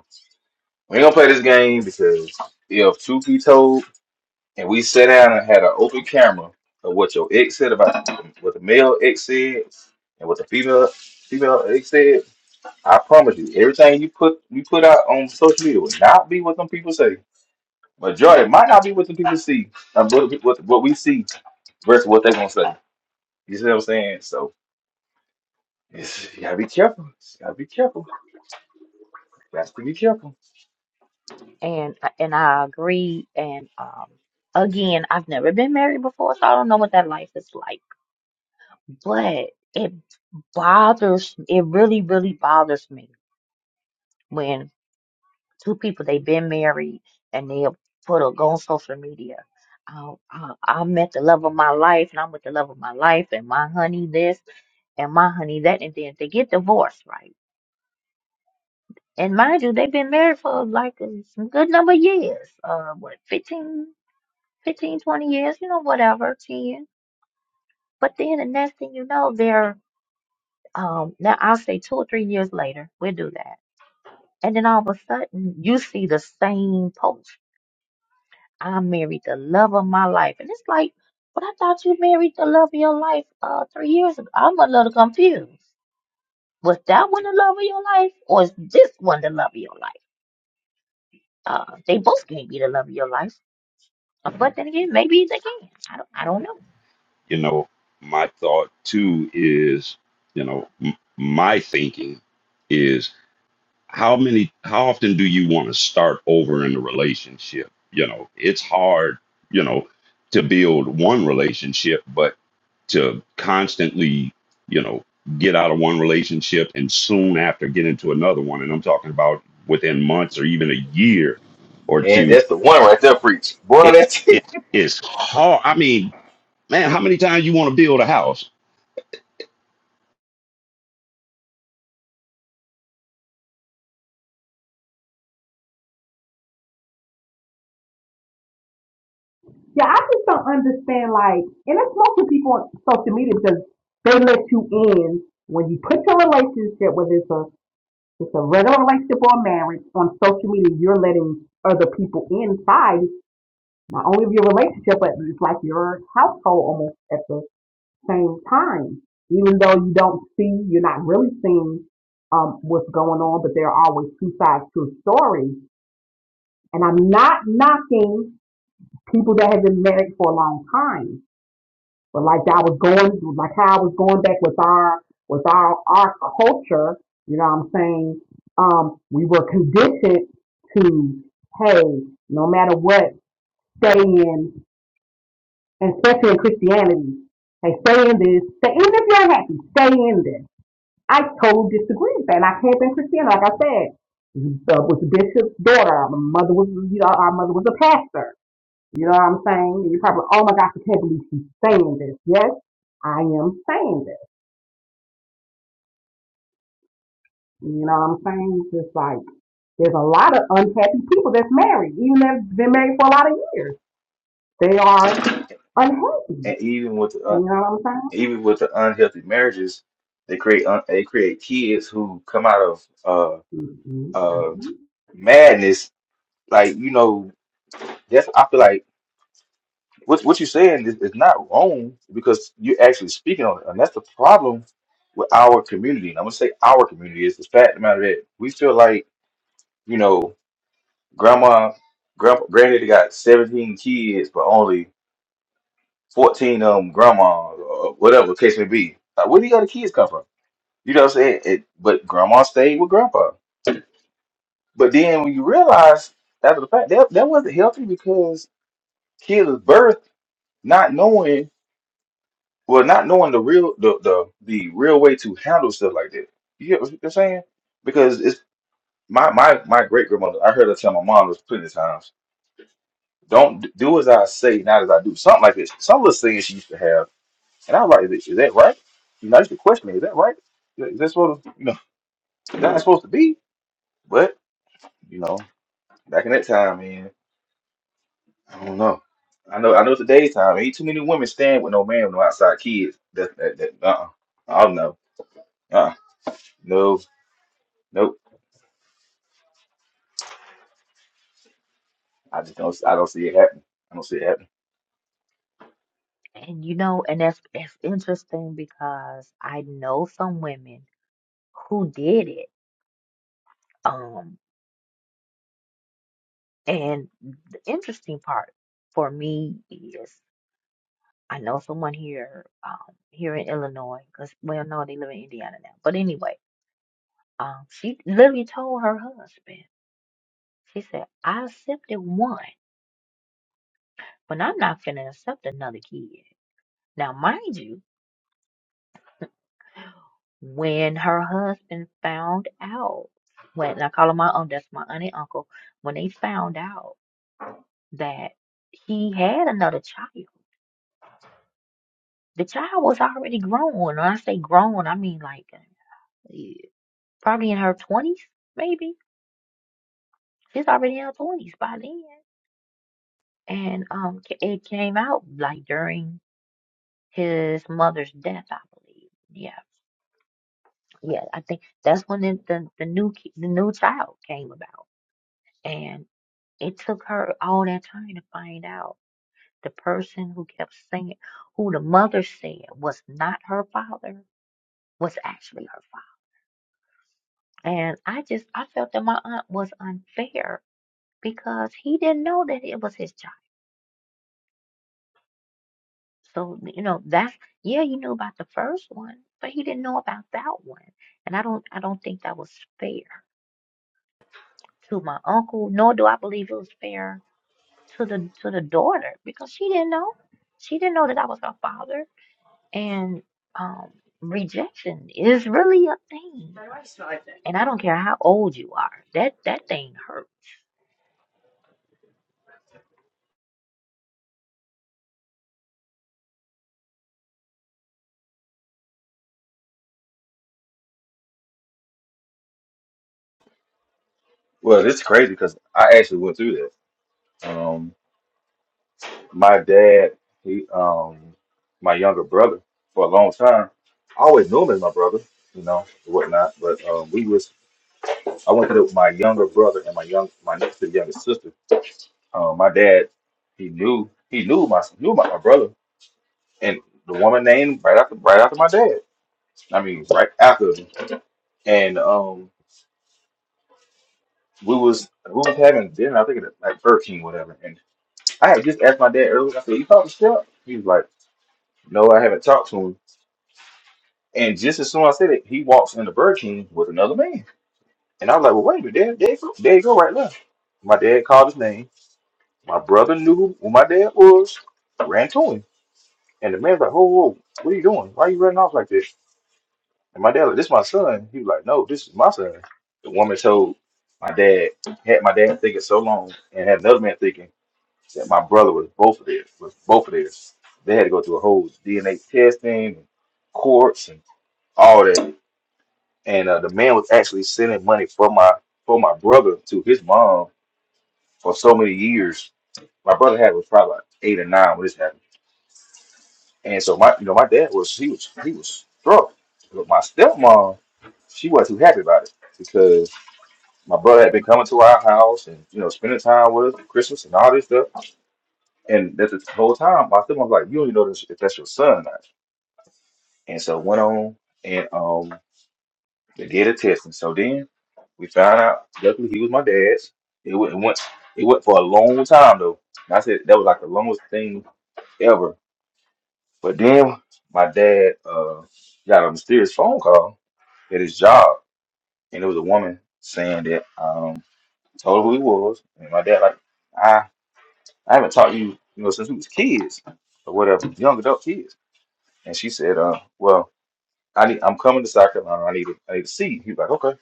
[SPEAKER 5] We ain't gonna play this game because if truth be told. and we sat down and had an open camera of what your ex said about what the male ex said and what the female female ex said. I promise you, everything you put you put out on social media will not be what some people say. Majority might not be what some people see, uh, what, what what we see versus what they're gonna say. You see what I'm saying? So it's, you gotta be careful. You gotta be careful. You have to be careful.
[SPEAKER 1] and, and I agree. And um, again, I've never been married before, so I don't know what that life is like But it bothers, it really, really bothers me when two people, they've been married and they'll put a go on social media. I, I, I'm at the love of my life and I'm with the love of my life and my honey this and my honey that. And then they get divorced, right? And mind you, they've been married for like a some good number of years, uh, what, 15, 15, 20 years, you know, whatever, 10. But then the next thing you know, they're, um, now I'll say two or three years later, we'll do that And then all of a sudden, you see the same post. I married the love of my life. And it's like, but I thought you married the love of your life uh, three years ago. I'm a little confused. Was that one the love of your life? Or is this one the love of your life? Uh, they both can't be the love of your life. Uh, But then again, maybe they can. I don't, I don't know.
[SPEAKER 2] you know, my thought too is, you know, m- my thinking is how many, how often do you want to start over in a relationship? You know, it's hard, you know, to build one relationship, but to constantly, you know, get out of one relationship and soon after get into another one. And I'm talking about within months or even a year or
[SPEAKER 5] Man,
[SPEAKER 2] two.
[SPEAKER 5] that's the one right there, preach. Boy,
[SPEAKER 2] It
[SPEAKER 5] that's
[SPEAKER 2] it is hard. I mean, man, how many times you want to build a house?
[SPEAKER 4] Yeah, I just don't understand. Like, and it's mostly people on social media because they let you in when you put your relationship, whether it's a it's a regular relationship or a marriage, on social media. You're letting other people inside not only of your relationship, but it's like your household almost at the same time. Even though you don't see, you're not really seeing um, what's going on, but there are always two sides to a story. And I'm not knocking people that have been married for a long time, but like I was going, like how I was going back with our with our our culture. You know what I'm saying? Um, we were conditioned to, hey, no matter what, stay in and especially in Christianity, they stay in this. Stay, even if you're happy, stay in this. I totally disagree with that. And I came up in Christianity, like I said, uh, was the bishop's daughter. My mother was, you know, our mother was a pastor. You know what I'm saying? And you're probably, oh my gosh, I can't believe she's saying this. Yes, I am saying this. You know what I'm saying? It's just like there's a lot of unhappy people that's married, even they've been married for a lot of years. They are unhappy.
[SPEAKER 5] and even with uh,
[SPEAKER 4] You know what I'm
[SPEAKER 5] even with the unhealthy marriages, they create un they create kids who come out of uh
[SPEAKER 4] saying? Mm-hmm.
[SPEAKER 5] uh
[SPEAKER 4] Mm-hmm.
[SPEAKER 5] madness. Like you know, that's I feel like what what you're saying is, is not wrong because you're actually speaking on it, and that's the problem with our community. And I'm gonna say our community is the fact of the matter that we feel like you know grandma, grandpa, granddaddy got 17 kids, but only 14 of them grandma or whatever the case may be. Like, where do you got the kids come from? You know what I'm saying? It, but grandma stayed with grandpa. But then when you realize after the fact that that wasn't healthy because kids was birth not knowing well not knowing the real the the, the real way to handle stuff like that. You get what I'm saying? Because it's my my my great grandmother. I heard her tell my mom this plenty of times. Don't d- do as I say, not as I do. Something like this. Some little saying she used to have, and I was like, is, is that right? You know, I used to question, it, is that right? Is that is that supposed to, you know, that's supposed to be? But you know. Back in that time, man, I don't know. I know, I know today's time. Ain't too many women staying with no man with no outside kids. That, that, that, uh-uh. I don't know. uh No, nope. I just don't. I don't see it happening. I don't see it happening.
[SPEAKER 1] And you know, and that's, that's interesting because I know some women who did it. Um, and the interesting part for me is I know someone here, um, here in Illinois, because well, no, they live in Indiana now. But anyway, um, she literally told her husband, she said, "I accepted one, but I'm not finna accept another kid." Now, mind you, when her husband found out, when and I call him my uncle, that's my aunt and uncle, when they found out that he had another child, the child was already grown. When I say grown, I mean like eh, probably in her twenties, maybe He's already in her twenties by then, and um, ca- it came out like during his mother's death, I believe. Yeah, yeah, I think that's when the the, the new ki- the new child came about, and it took her all that time to find out the person who kept saying who the mother said was not her father was actually her father, and I just I felt that my aunt was unfair because he didn't know that it was his child. So, you know, that's yeah, you knew about the first one, but he didn't know about that one. And I don't I don't think that was fair to my uncle, nor do I believe it was fair to the to the daughter because she didn't know. She didn't know that I was her father. And um rejection is really a thing. And I don't care how old you are. That that thing hurts.
[SPEAKER 5] Well, it's crazy because I actually went through that. Um, my dad, he, um, my younger brother, for a long time, I always knew him as my brother, you know, and whatnot. But um, we was, I went through it with my younger brother and my young, my next to the youngest sister Um, my dad, he knew he knew my knew my, my brother and the woman named right after right after my dad. I mean, right after him. And um, we was we was having dinner. I think it was like Burger King, whatever. And I had just asked my dad earlier. I said, "You talked to Steph?" He was like, "No, I haven't talked to him." And just as soon as I said it, he walks into Burger King with another man. And I was like, "Well, wait a minute, dad, there you go, there you go, right there." My dad called his name. My brother knew who my dad was. Ran to him. And the man's like, whoa, whoa, what are you doing? Why are you running off like this? And my dad like, this is my son. He was like, no, this is my son. The woman told my dad, had my dad thinking so long and had another man thinking that my brother was both of theirs, was both of theirs. They had to go through a whole DNA testing and courts and all that. And uh, the man was actually sending money for my for my brother to his mom for so many years. My brother had was probably like eight or nine when this happened And so my, you know, my dad was he was he was struck, but my stepmom, she wasn't too happy about it because my brother had been coming to our house and you know spending time with us, Christmas and all this stuff. And that's the whole time my stepmom was like, you don't even know this, if that's your son or not. And so went on and um they did a test, and so then we found out. Luckily, he was my dad's. It went it went it went for a long time though. And I said that was like the longest thing ever. But then my dad uh got a mysterious phone call at his job, and it was a woman saying that um told her who he was, and my dad like I I haven't taught you you know since we was kids or whatever young adult kids, and she said uh well I need I'm coming to South Carolina I need to, I need to see you. he was like okay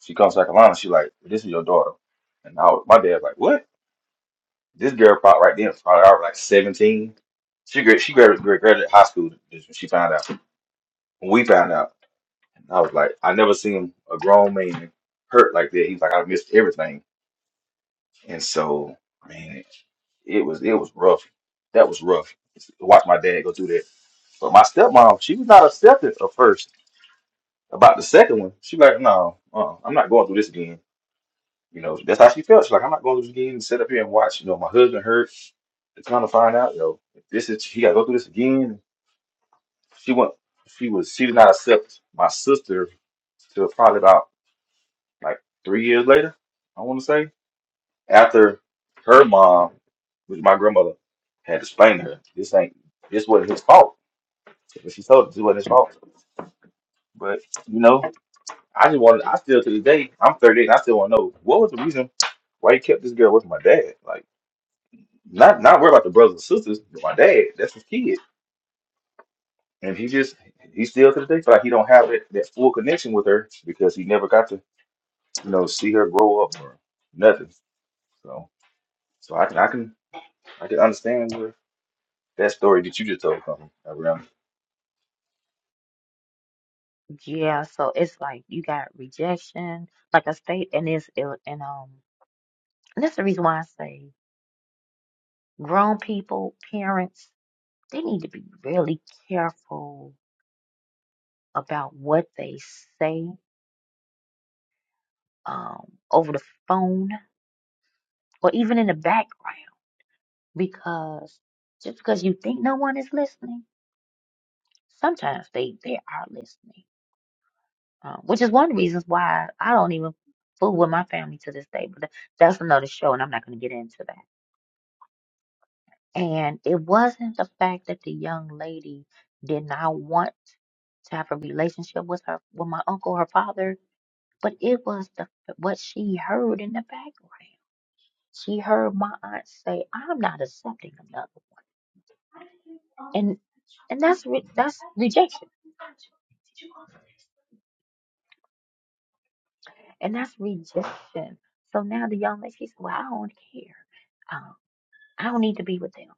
[SPEAKER 5] she comes to South Carolina she like "Well, this is your daughter and I was, my dad like what this girl probably right then was probably already like seventeen she gra- she graduated, graduated high school is when she found out when we found out and I was like I never seen a grown man hurt like that he's like I missed everything And so, I mean, it it was it was rough. That was rough. to Watch my dad go through that. But my stepmom, she was not accepted at first about the second one. She like, no, uh, I'm not going through this again. You know, that's how she felt. She's like, I'm not going through this again. Sit up here and watch. You know, my husband hurt. To kind of find out, you know, if this is he got to go through this again. She went. She was. She did not accept my sister till probably about like three years later. I want to say. after her mom, which my grandmother had explained to her, this ain't this wasn't his fault. But she told us this wasn't his fault. But you know, I just wanted I still to this day, I'm 38 and I still wanna know what was the reason why you kept this girl with my dad? Like not not worry about the brothers and sisters, but my dad, that's his kid. And he just he still to this day feel like he don't have that, that full connection with her because he never got to, you know, see her grow up or nothing. So so I can I can I can understand That story that you just told something around.
[SPEAKER 1] Yeah, so it's like you got rejection, like I state, and it's it, and um and that's the reason why I say grown people, parents, they need to be really careful about what they say um, over the phone or even in the background because just because you think no one is listening, sometimes they, they are listening, uh, which is one of the reasons why I don't even fool with my family to this day. But tha- that's another show, and I'm not going to get into that. And it wasn't the fact that the young lady did not want to have a relationship with her with my uncle, her father, but it was the what she heard in the background. She heard my aunt say, "I'm not accepting another one," and and that's re- that's rejection, and that's rejection. So now the young lady, she said, "Well, I don't care. Um, I don't need to be with them,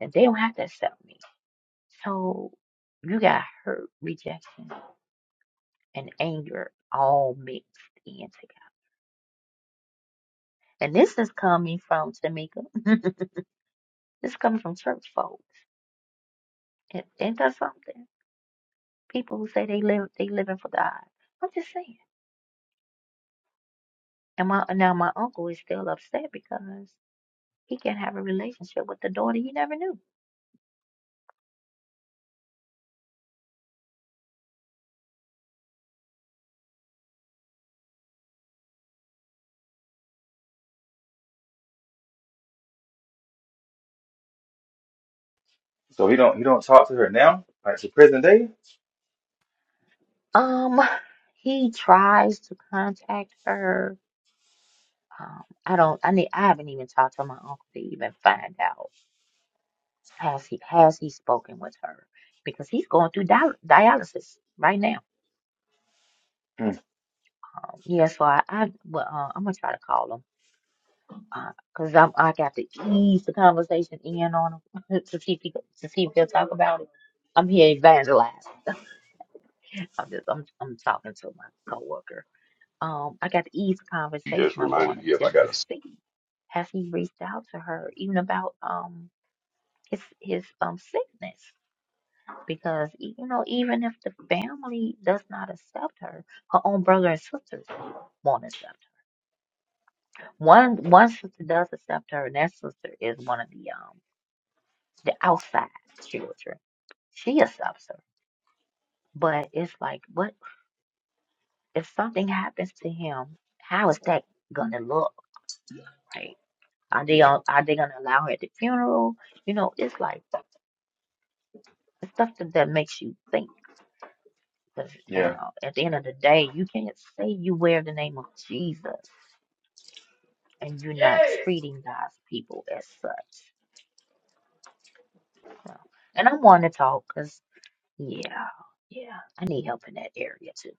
[SPEAKER 1] and they don't have to accept me." So you got hurt, rejection, and anger all mixed in together. And this is coming from Tamika. this comes from church folks. And ain't that something? People who say they live they living for God. I'm just saying. And my now my uncle is still upset because he can't have a relationship with the daughter he never knew.
[SPEAKER 5] So he don't he don't talk to her now, like to present day.
[SPEAKER 1] Um he tries to contact her. Um, I don't I need I haven't even talked to my uncle to even find out Has he has he spoken with her? Because he's going through dial dialysis right now.
[SPEAKER 5] Mm,
[SPEAKER 1] Um, yeah, so I, I well, uh, I'm gonna try to call him because I'm I got to ease the conversation in on him to see if he, to see if they'll talk about it. I'm here evangelizing. I'm just I'm I'm talking to my coworker. Um, I got to ease the
[SPEAKER 2] you just
[SPEAKER 1] conversation up on
[SPEAKER 2] reminded
[SPEAKER 1] him
[SPEAKER 2] me of. I
[SPEAKER 1] just to
[SPEAKER 2] got a
[SPEAKER 1] see has he reached out to her even about um his his um sickness. because e- you know even if the family does not accept her, her own brother and sisters won't accept her. One one sister does accept her, and that sister is one of the um the outside children. She accepts her, but it's like what if something happens to him? How is that gonna look, right? Are they
[SPEAKER 5] yeah,
[SPEAKER 1] on, are they gonna allow her at the funeral? You know, it's like it's stuff that, that makes you think. Because you
[SPEAKER 5] yeah,
[SPEAKER 1] know, at the end of the day, you can't say you wear the name of Jesus and you're not treating God's people as such. So, and I want to talk because, yeah, yeah, I need help in that area too.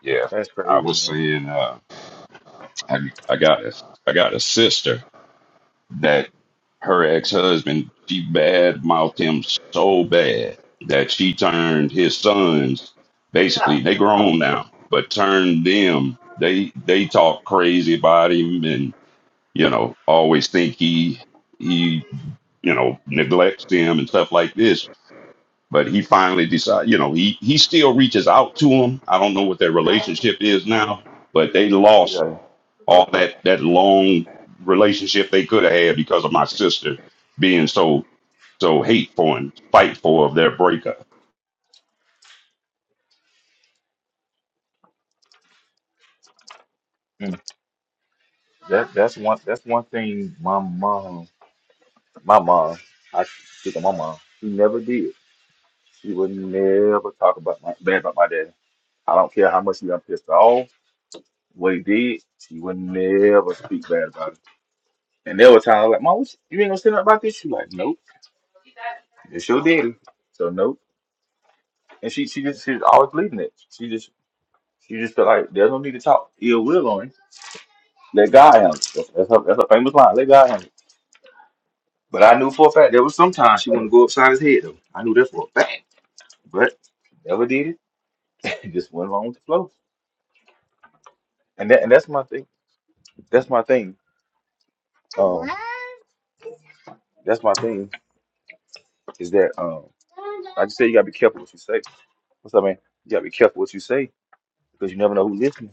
[SPEAKER 2] yeah.
[SPEAKER 5] that's
[SPEAKER 2] I
[SPEAKER 5] crazy,
[SPEAKER 2] was
[SPEAKER 5] man.
[SPEAKER 2] saying uh, I I got a I got a sister that her ex husband she bad mouthed him so bad that she turned his sons basically they grown now but turned them they they talk crazy about him and you know always think he he you know neglects them and stuff like this but he finally decided, you know, he he still reaches out to him. I don't know what their relationship is now, but they lost
[SPEAKER 5] Yeah,
[SPEAKER 2] all that that long relationship they could have had because of my sister being so so hateful and spiteful of their breakup.
[SPEAKER 5] mm. that that's one that's one thing. My mom, my mom, I speak of my mom. She never did. She would never talk about my bad about my dad. I don't care how much he got pissed off. What he did, she would never speak bad about it. And there were times I was like, Mom, what you you ain't gonna say nothing about this. She like, Nope, it's your daddy. So nope. And she she just she's always leaving it. She just felt like there's no need to talk ill will on him. Let God handle it. That's, that's, her, that's her famous line. Let God handle it. But I knew for a fact there was sometimes she wanted to go upside his head though. I knew that for a fact. But never did it. It just went along with the flow. And that and that's my thing. That's my thing. Um, that's my thing is that um, I just say you gotta be careful what you say. What's up, man? You gotta be careful what you say because you never know who's listening.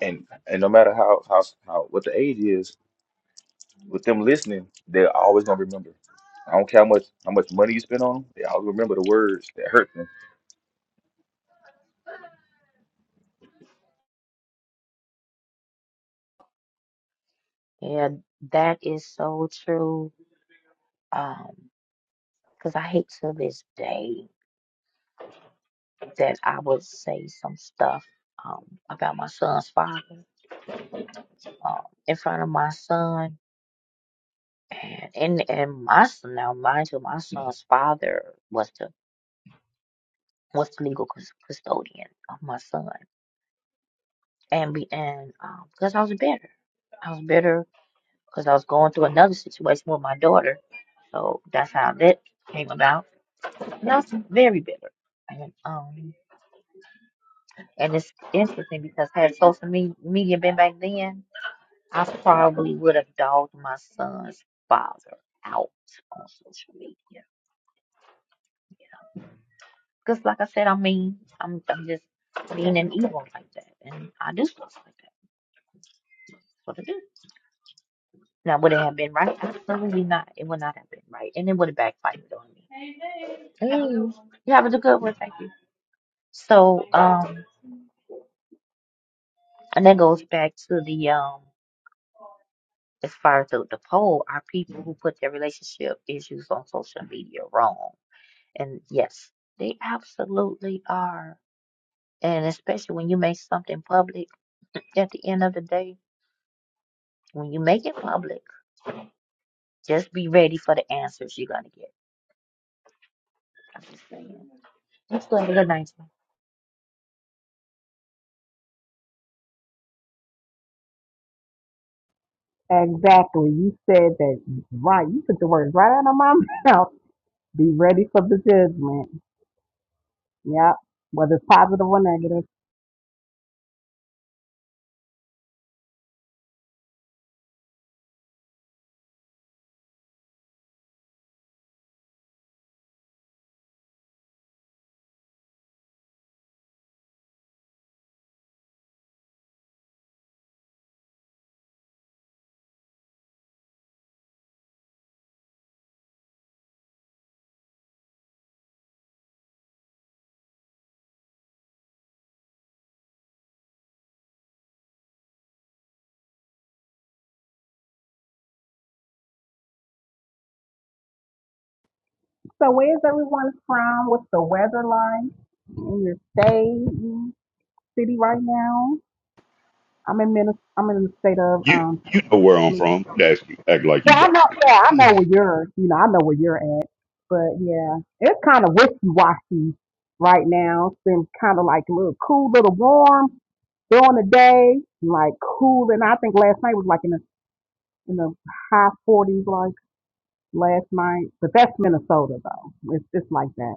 [SPEAKER 5] And and no matter how how how what the age is, with them listening, they're always gonna remember. I don't care how much how much money you spend on them, they always remember the words that hurt them.
[SPEAKER 1] Okay. Yeah, that is so true. Um, because I hate to this day that I would say some stuff um about my son's father um, in front of my son, and and and my son now, mind you, my son's father was the was the legal cus- custodian of my son, and be and um because I was better. I was bitter because I was going through another situation with my daughter. So that's how that came about. And I was very bitter. And um and it's interesting because had social me- media been back then, I probably would have dogged my son's father out on social media. Yeah. Because like I said, I mean I'm I'm just mean and evil like that. And I do stuff like that. That's what I do. Now would it have been right? Absolutely not. It would not have been right. And it would have backfired on me. Hey, you having a good one, thank you. So, um, and that goes back to the um, as far as the, the poll, are people who put their relationship issues on social media wrong? And yes, they absolutely are. And especially when you make something public, at the end of the day, when you make it public, just be ready for the answers you're gonna get. I'm just saying. Let's go have a good night.
[SPEAKER 4] Exactly. You said that right. You took the words right out of my mouth. Be ready for the judgment. Yep. Whether it's positive or negative. So where's everyone from? What's the weather like in your state, city right now? I'm in Minnesota. I'm in the state of
[SPEAKER 2] You
[SPEAKER 4] um.
[SPEAKER 2] you know where I'm
[SPEAKER 4] Min-
[SPEAKER 2] from. Act, act like you
[SPEAKER 4] Yeah, I
[SPEAKER 2] don't.
[SPEAKER 4] know. Yeah, I know where you're. You know, I know where you're at. But yeah, it's kind of wishy washy right now. It's been kind of like a little cool, little warm during the day, like cooling. I think last night was like in the in the high forties, like last night. But that's Minnesota though. It's just like that.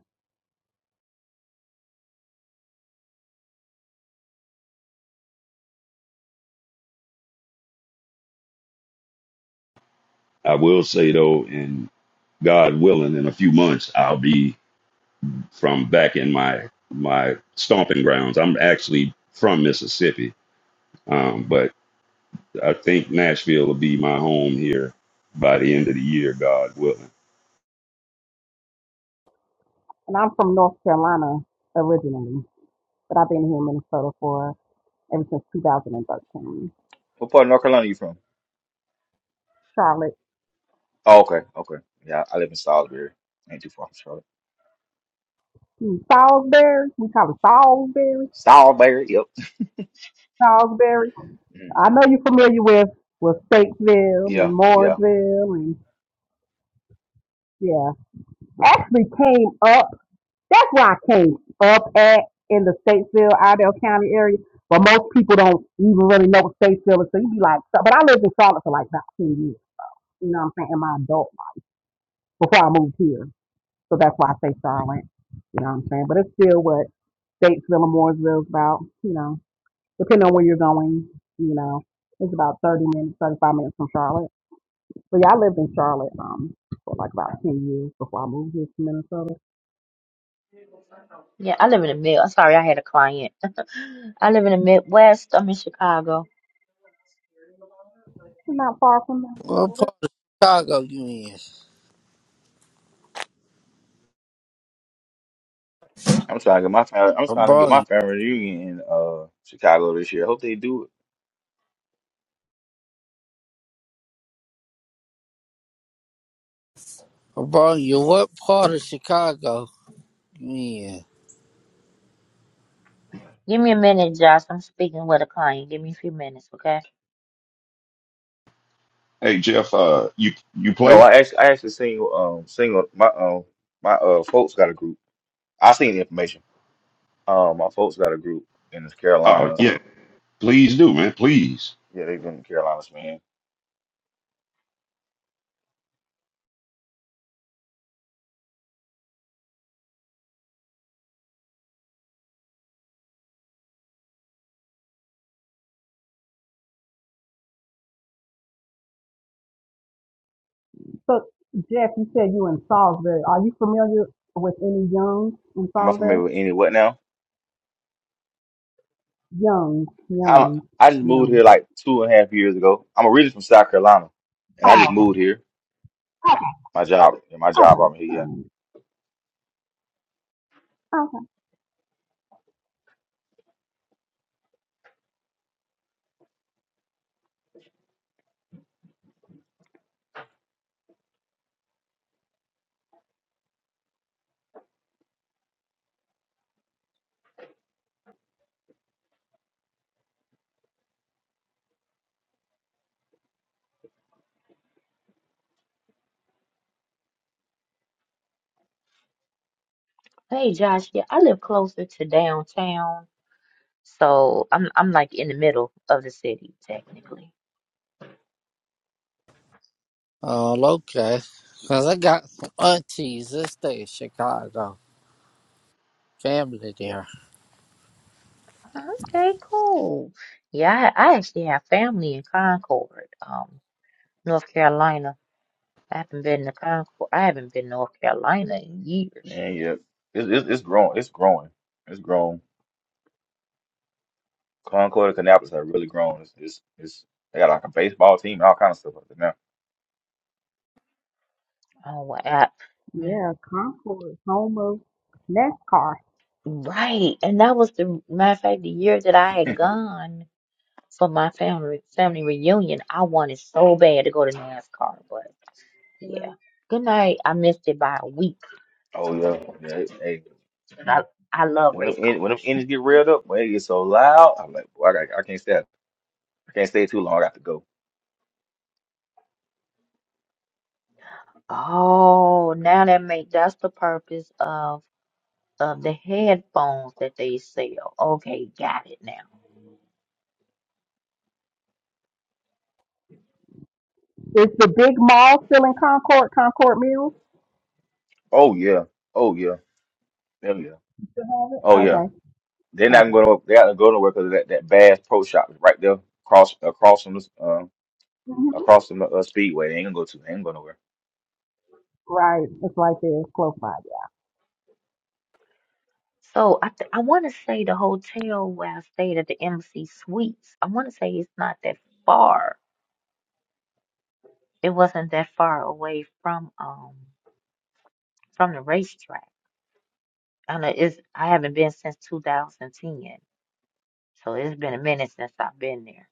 [SPEAKER 2] I will say though, and God willing, in a few months I'll be from back in my my stomping grounds. I'm actually from Mississippi. Um, but I think Nashville will be my home here by the end of the year, God willing.
[SPEAKER 4] And I'm from North Carolina originally, but I've been here in Minnesota for ever since 2013.
[SPEAKER 5] What part of North Carolina you from?
[SPEAKER 4] Charlotte,
[SPEAKER 5] Oh, okay, okay. Yeah, I live in Salisbury. Ain't too far from Charlotte.
[SPEAKER 4] hmm, Salisbury, we call it Salisbury,
[SPEAKER 5] Salisbury, yep.
[SPEAKER 4] Salisbury.
[SPEAKER 5] Mhm.
[SPEAKER 4] I know you're familiar with with Statesville and
[SPEAKER 5] Yeah, yeah.
[SPEAKER 4] Mooresville, and yeah, actually came up That's where I came up at in the Statesville, Idell County area. But most people don't even really know what Statesville is. So you be like, so, but I lived in Charlotte for like about 10 years. You know what I'm saying? In my adult life before I moved here. So that's why I say Charlotte. You know what I'm saying? But it's still what Statesville and Mooresville is about, you know, depending on where you're going, you know. It's about 30 minutes, 35 minutes from Charlotte. So yeah, I lived in Charlotte um, for like about 10 years before I moved here to Minnesota.
[SPEAKER 1] Yeah, I live in the mid. I'm sorry, I had a client. I live in the Midwest. I'm in Chicago.
[SPEAKER 4] It's Not far from
[SPEAKER 3] What
[SPEAKER 4] Minnesota.
[SPEAKER 3] part of Chicago you in?
[SPEAKER 5] I'm trying to get my family. I'm
[SPEAKER 3] I
[SPEAKER 5] trying to get
[SPEAKER 3] brought
[SPEAKER 5] my
[SPEAKER 3] you.
[SPEAKER 5] family reunion in uh Chicago this year. I hope they do it.
[SPEAKER 3] I brought you. What part of Chicago you in?
[SPEAKER 1] Give me a minute, Josh. I'm speaking with a client. Give me a few minutes, okay?
[SPEAKER 2] Hey Jeff, uh, you you
[SPEAKER 5] No,
[SPEAKER 2] play?
[SPEAKER 5] I actually I actually seen um single my um my uh folks got a group. I seen the information. Um, my folks got a group in the
[SPEAKER 2] Oh
[SPEAKER 5] Carolinas.
[SPEAKER 2] yeah, please do, man, please.
[SPEAKER 5] Yeah, they've been in the Carolinas, man.
[SPEAKER 4] So, Jeff, you said you in Salisbury. Are you familiar with any Youngs in
[SPEAKER 5] Am I
[SPEAKER 4] Salisbury?
[SPEAKER 5] familiar with any what now?
[SPEAKER 4] Youngs,
[SPEAKER 5] I
[SPEAKER 4] Youngs,
[SPEAKER 5] I just moved here
[SPEAKER 4] Youngs.
[SPEAKER 5] like two and a half years ago. I'm originally from South Carolina, and I
[SPEAKER 4] Oh,
[SPEAKER 5] just moved here.
[SPEAKER 4] okay,
[SPEAKER 5] My job, yeah, my job,
[SPEAKER 4] okay,
[SPEAKER 5] brought me here.
[SPEAKER 4] all right, okay.
[SPEAKER 1] Hey, Josh. Yeah, I live closer to downtown, so I'm I'm like in the middle of the city technically.
[SPEAKER 3] Oh, okay. Cause I got some aunties that stay in Chicago. Family there.
[SPEAKER 1] Okay, cool. Yeah, I, I actually have family in Concord, um, North Carolina. I haven't been to Concord. I haven't been to North Carolina in
[SPEAKER 5] Yeah,
[SPEAKER 1] years.
[SPEAKER 5] man. yeah, it's it's, it's growing. It's growing. It's grown. Concord and Canapolis have really grown. It's, it's it's they got like a baseball team and all kind of stuff like that now.
[SPEAKER 1] Oh, wow.
[SPEAKER 4] Yeah, Concord, home of NASCAR.
[SPEAKER 1] Right, and that was the matter of fact the year that I had gone. for my family family reunion. I wanted so bad to go to NASCAR, but yeah. Good night. I missed it by a week.
[SPEAKER 5] Oh yeah, yeah. it- Hey,
[SPEAKER 1] 'cause I I love
[SPEAKER 5] when them
[SPEAKER 1] race
[SPEAKER 5] en- when them
[SPEAKER 1] cars.
[SPEAKER 5] engines get revved up, when it gets so loud, I'm like, boy, I, got, I can't stay. I can't stay too long. I got to go.
[SPEAKER 1] Oh, now that make that's the purpose of of the headphones that they sell. Okay, got it now.
[SPEAKER 4] Is the big mall still in Concord? Concord Mills?
[SPEAKER 5] Oh yeah. Oh yeah. Hell yeah.
[SPEAKER 4] Still have
[SPEAKER 5] Oh
[SPEAKER 4] it?
[SPEAKER 5] yeah. They're not
[SPEAKER 4] Okay, okay.
[SPEAKER 5] going to. They're not go nowhere because that that Bass Pro Shop is right there, across across from the um
[SPEAKER 4] hmm
[SPEAKER 5] across from the uh, Speedway. They ain't gonna go to. They ain't going nowhere.
[SPEAKER 4] Right, it's right there. It's close by.
[SPEAKER 1] So I th- I want to say the hotel where I stayed at the MC Suites. I want to say it's not that far. It wasn't that far away from um from the racetrack. I know it's I haven't been since 2010, so it's been a minute since I've been there.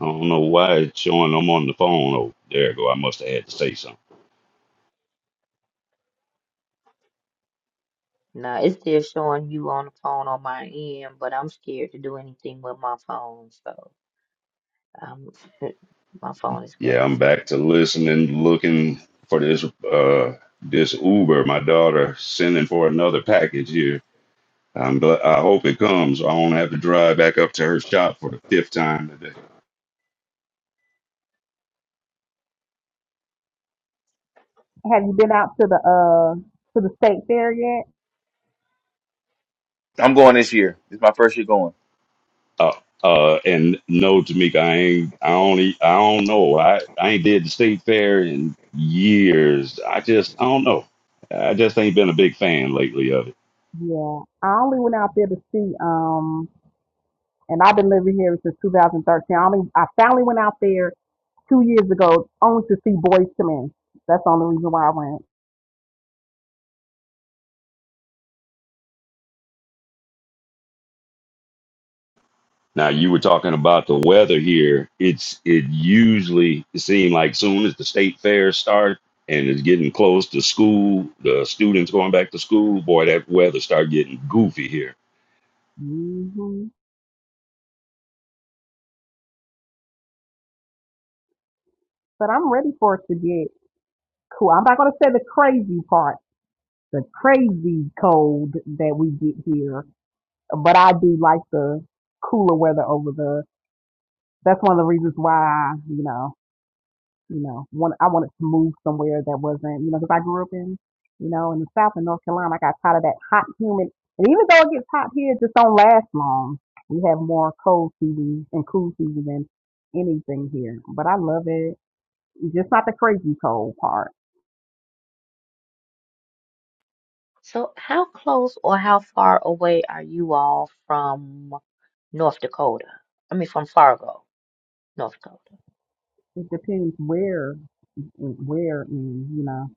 [SPEAKER 2] I don't know why it's showing I'm on the phone. Oh, there you go. I must have had to say something.
[SPEAKER 1] Now it's still showing you on the phone on my end, but I'm scared to do anything with my phone, so um, my phone is
[SPEAKER 2] Yeah, I'm
[SPEAKER 1] crazy
[SPEAKER 2] back to
[SPEAKER 1] today.
[SPEAKER 2] listening, looking for this uh this Uber. My daughter sending for another package here. I'm glad. I hope it comes. I won't have to drive back up to her shop for the fifth time today.
[SPEAKER 4] Yeah. Have you been out to the uh to the state fair yet?
[SPEAKER 5] I'm going this year. This is my first year going.
[SPEAKER 2] Uh, uh, and no, Tamika, I ain't. I only. I don't know. I I ain't did the state fair in years. I just. I don't know. I just ain't been a big fan lately of it.
[SPEAKER 4] Yeah, I only went out there to see um and I've been living here since 2013. I, only, I finally went out there two years ago only to see Boys to Men. That's the only reason why I went.
[SPEAKER 2] Now you were talking about the weather here. It's it usually it seemed like soon as the state fair start and it's getting close to school, the students going back to school. Boy, that weather start getting goofy here.
[SPEAKER 4] hmm But I'm ready for it to get cool. I'm not going to say the crazy part, the crazy cold that we get here, but I do like the cooler weather over the. That's one of the reasons why you know you know, want, I wanted to move somewhere that wasn't, you know, because I grew up in, you know, in the South and North Carolina. I got tired of that hot, humid, and even though it gets hot here, it just don't last long. We have more cold seasons and cool seasons than anything here, but I love it. It's Just not the crazy cold part.
[SPEAKER 1] So how close or how far away are you all from North Dakota? I mean from Fargo, North Dakota.
[SPEAKER 4] It depends where, where, in, you know,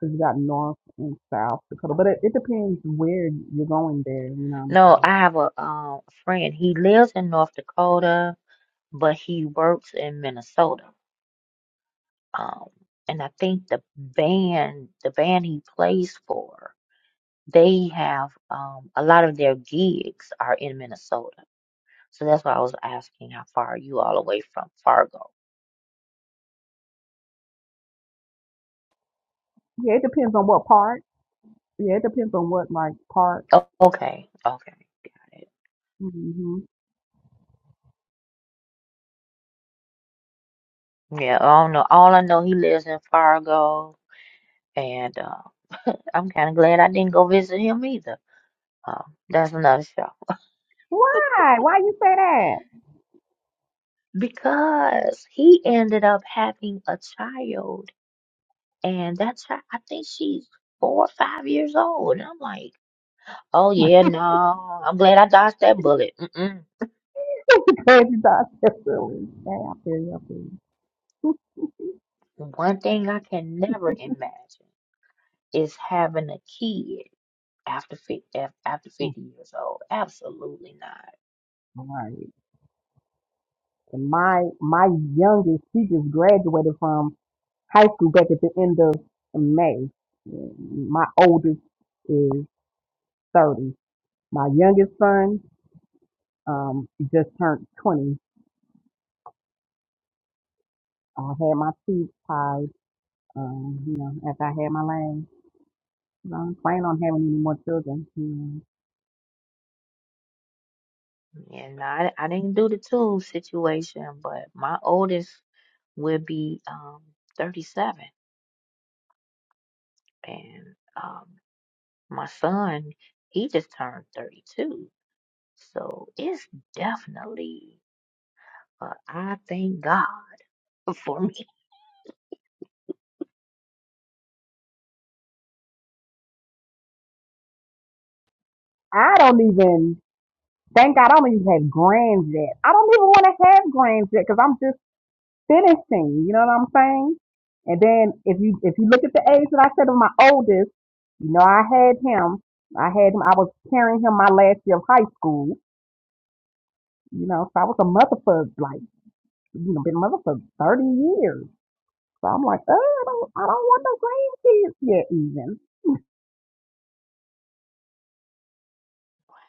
[SPEAKER 4] because you got North and South Dakota, but it, it depends where you're going there. You know what I'm
[SPEAKER 1] No,
[SPEAKER 4] saying?
[SPEAKER 1] I have a um friend. He lives in North Dakota, but he works in Minnesota. Um, and I think the band, the band he plays for, they have um, a lot of their gigs are in Minnesota. So that's why I was asking how far are you all away from Fargo?
[SPEAKER 4] Yeah, it depends on what part. Yeah, it depends on what like part.
[SPEAKER 1] Oh, okay, okay.
[SPEAKER 4] hmm
[SPEAKER 1] Yeah, I don't know. All I know, he lives in Fargo, and uh, I'm kind of glad I didn't go visit him either. Uh, that's another show
[SPEAKER 4] Why? Why you say that?
[SPEAKER 1] because he ended up having a child And that's her. I think she's four or five years old. And I'm like, oh yeah, no. I'm glad I dodged that bullet. Mm-mm.
[SPEAKER 4] because you thought that's really Dang, I feel you. I feel
[SPEAKER 1] One thing I can never imagine is having a kid after 50, after
[SPEAKER 4] you.
[SPEAKER 1] 50 years old. Absolutely not.
[SPEAKER 4] All right. And my my youngest, he just graduated from high school back at the end of May. And My oldest is thirty. My youngest son um just turned twenty. I had my teeth tied, um, you know, after I had my lane. I don't plan on having any more children. You know.
[SPEAKER 1] And I, I didn't do the two situation, but my oldest will be um 37 and um my son he just turned 32 so it's definitely But I thank God for me.
[SPEAKER 4] I don't even Thank God I don't even have grands yet. I don't even want to have grands yet because I'm just finishing. You know what I'm saying? And then if you if you look at the age that I said of my oldest, you know I had him. I had him. I was carrying him my last year of high school. You know, so I was a mother for like you know been a mother for thirty years. So I'm like, oh, I don't I don't want no grandkids yet even.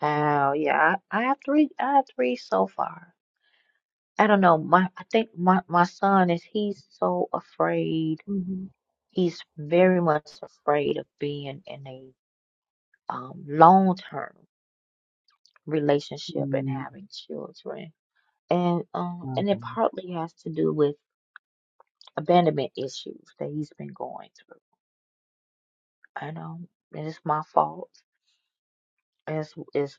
[SPEAKER 1] Wow, yeah, I, I have three. I have three so far. I don't know. My, I think my my son is. He's so afraid.
[SPEAKER 4] hmm
[SPEAKER 1] He's very much afraid of being in a um long term relationship and
[SPEAKER 4] Mm,
[SPEAKER 1] having children. And um, and it
[SPEAKER 4] okay.
[SPEAKER 1] partly has to do with abandonment issues that he's been going through. I know it's my fault. It's, it's,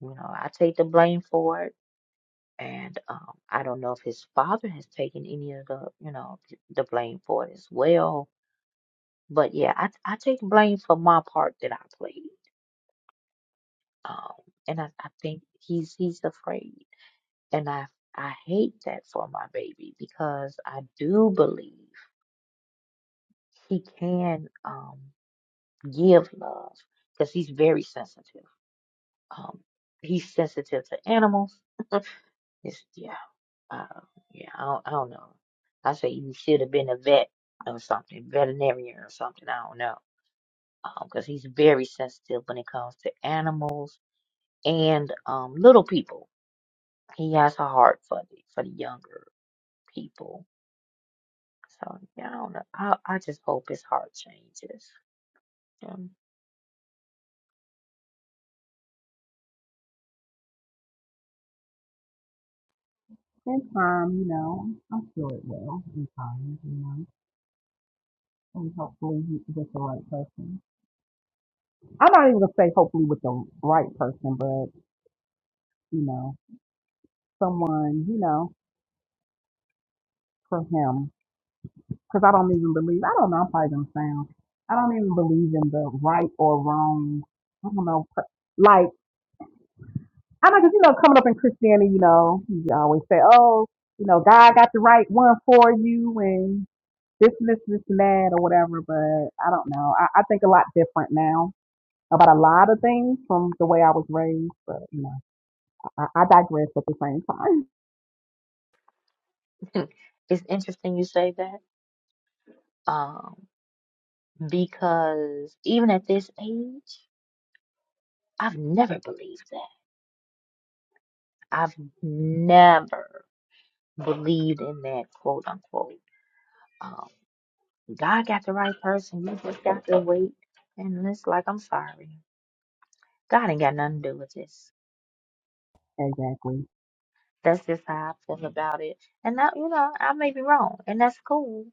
[SPEAKER 1] you know, I take the blame for it. And um, I don't know if his father has taken any of the, you know, th- the blame for it as well. But yeah, I, I take blame for my part that I played. Um, and I, I think he's he's afraid. And I I hate that for my baby because I do believe he can um give love because he's very sensitive. Um, he's sensitive to animals It's, yeah, uh, yeah. I don't, I don't know. I say he should have been a vet or something, veterinarian or something. I don't know, Um, 'cause he's very sensitive when it comes to animals and um little people. He has a heart for the for the younger people. So yeah, I don't know. I I just hope his heart changes. Um,
[SPEAKER 4] In time, you know, I'm sure it will. In time, you know. And hopefully you- with the right person. I'm not even gonna say hopefully with the right person, but you know, someone, you know, for him. Because I don't even believe, I don't know, I'm probably gonna sound, I don't even believe in the right or wrong, I don't know, per- like, I know, 'cause you know, coming up in Christianity, you know, you always say, oh, you know, God got the right one for you and this and this, this and that or whatever, but I don't know. I, I think a lot different now about a lot of things from the way I was raised, but you know. I, I digress at the same time.
[SPEAKER 1] it's interesting you say that, um, because even at this age, I've never believed that. I've never. believed in that quote unquote. Um, God got the right person. You just got to wait. And it's like, I'm sorry. God ain't got nothing to do with this.
[SPEAKER 4] Exactly.
[SPEAKER 1] That's just how I feel about it. And that, you know, I may be wrong, and that's cool.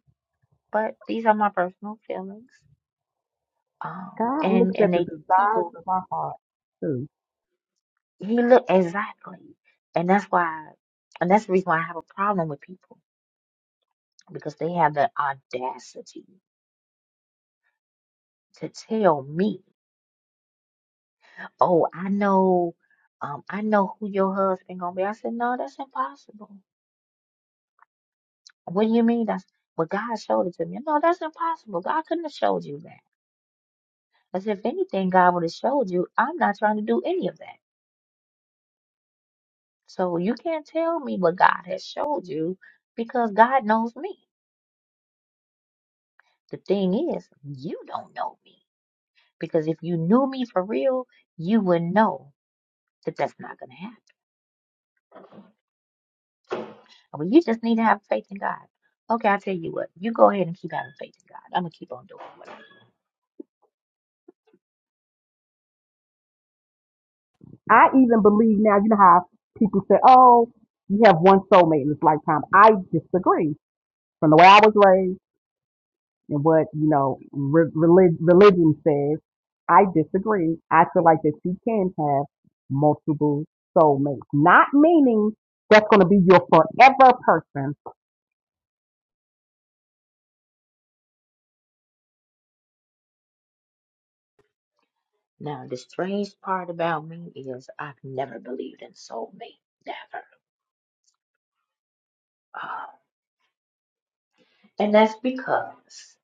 [SPEAKER 1] But these are my personal feelings. Um,
[SPEAKER 4] God
[SPEAKER 1] and
[SPEAKER 4] looks
[SPEAKER 1] and
[SPEAKER 4] at the
[SPEAKER 1] they
[SPEAKER 4] desires
[SPEAKER 1] people
[SPEAKER 4] of our heart too.
[SPEAKER 1] he look exactly, and that's why, and that's the reason why I have a problem with people because they have the audacity to tell me. oh, I know, um, I know who your husband gonna be. I said, no, that's impossible. What do you mean? That's but God showed it to me. No, that's impossible. God couldn't have showed you that. As if anything, God would have showed you. I'm not trying to do any of that. So you can't tell me what God has showed you because God knows me. The thing is, you don't know me because if you knew me for real, you would know that that's not gonna happen. Well, you just need to have faith in God. Okay, I'll tell you what. You go ahead and keep having faith in God. I'm going to keep on doing what I'm doing.
[SPEAKER 4] I even believe now, you know how people say, oh, you have one soulmate in this lifetime. I disagree. From the way I was raised and what, you know, re- relig- religion says, I disagree. I feel like that you can have multiple soulmates. Not meaning that's going to be your forever person,
[SPEAKER 1] Now, the strange part about me is I've never believed in soulmate. Never. Uh, and that's because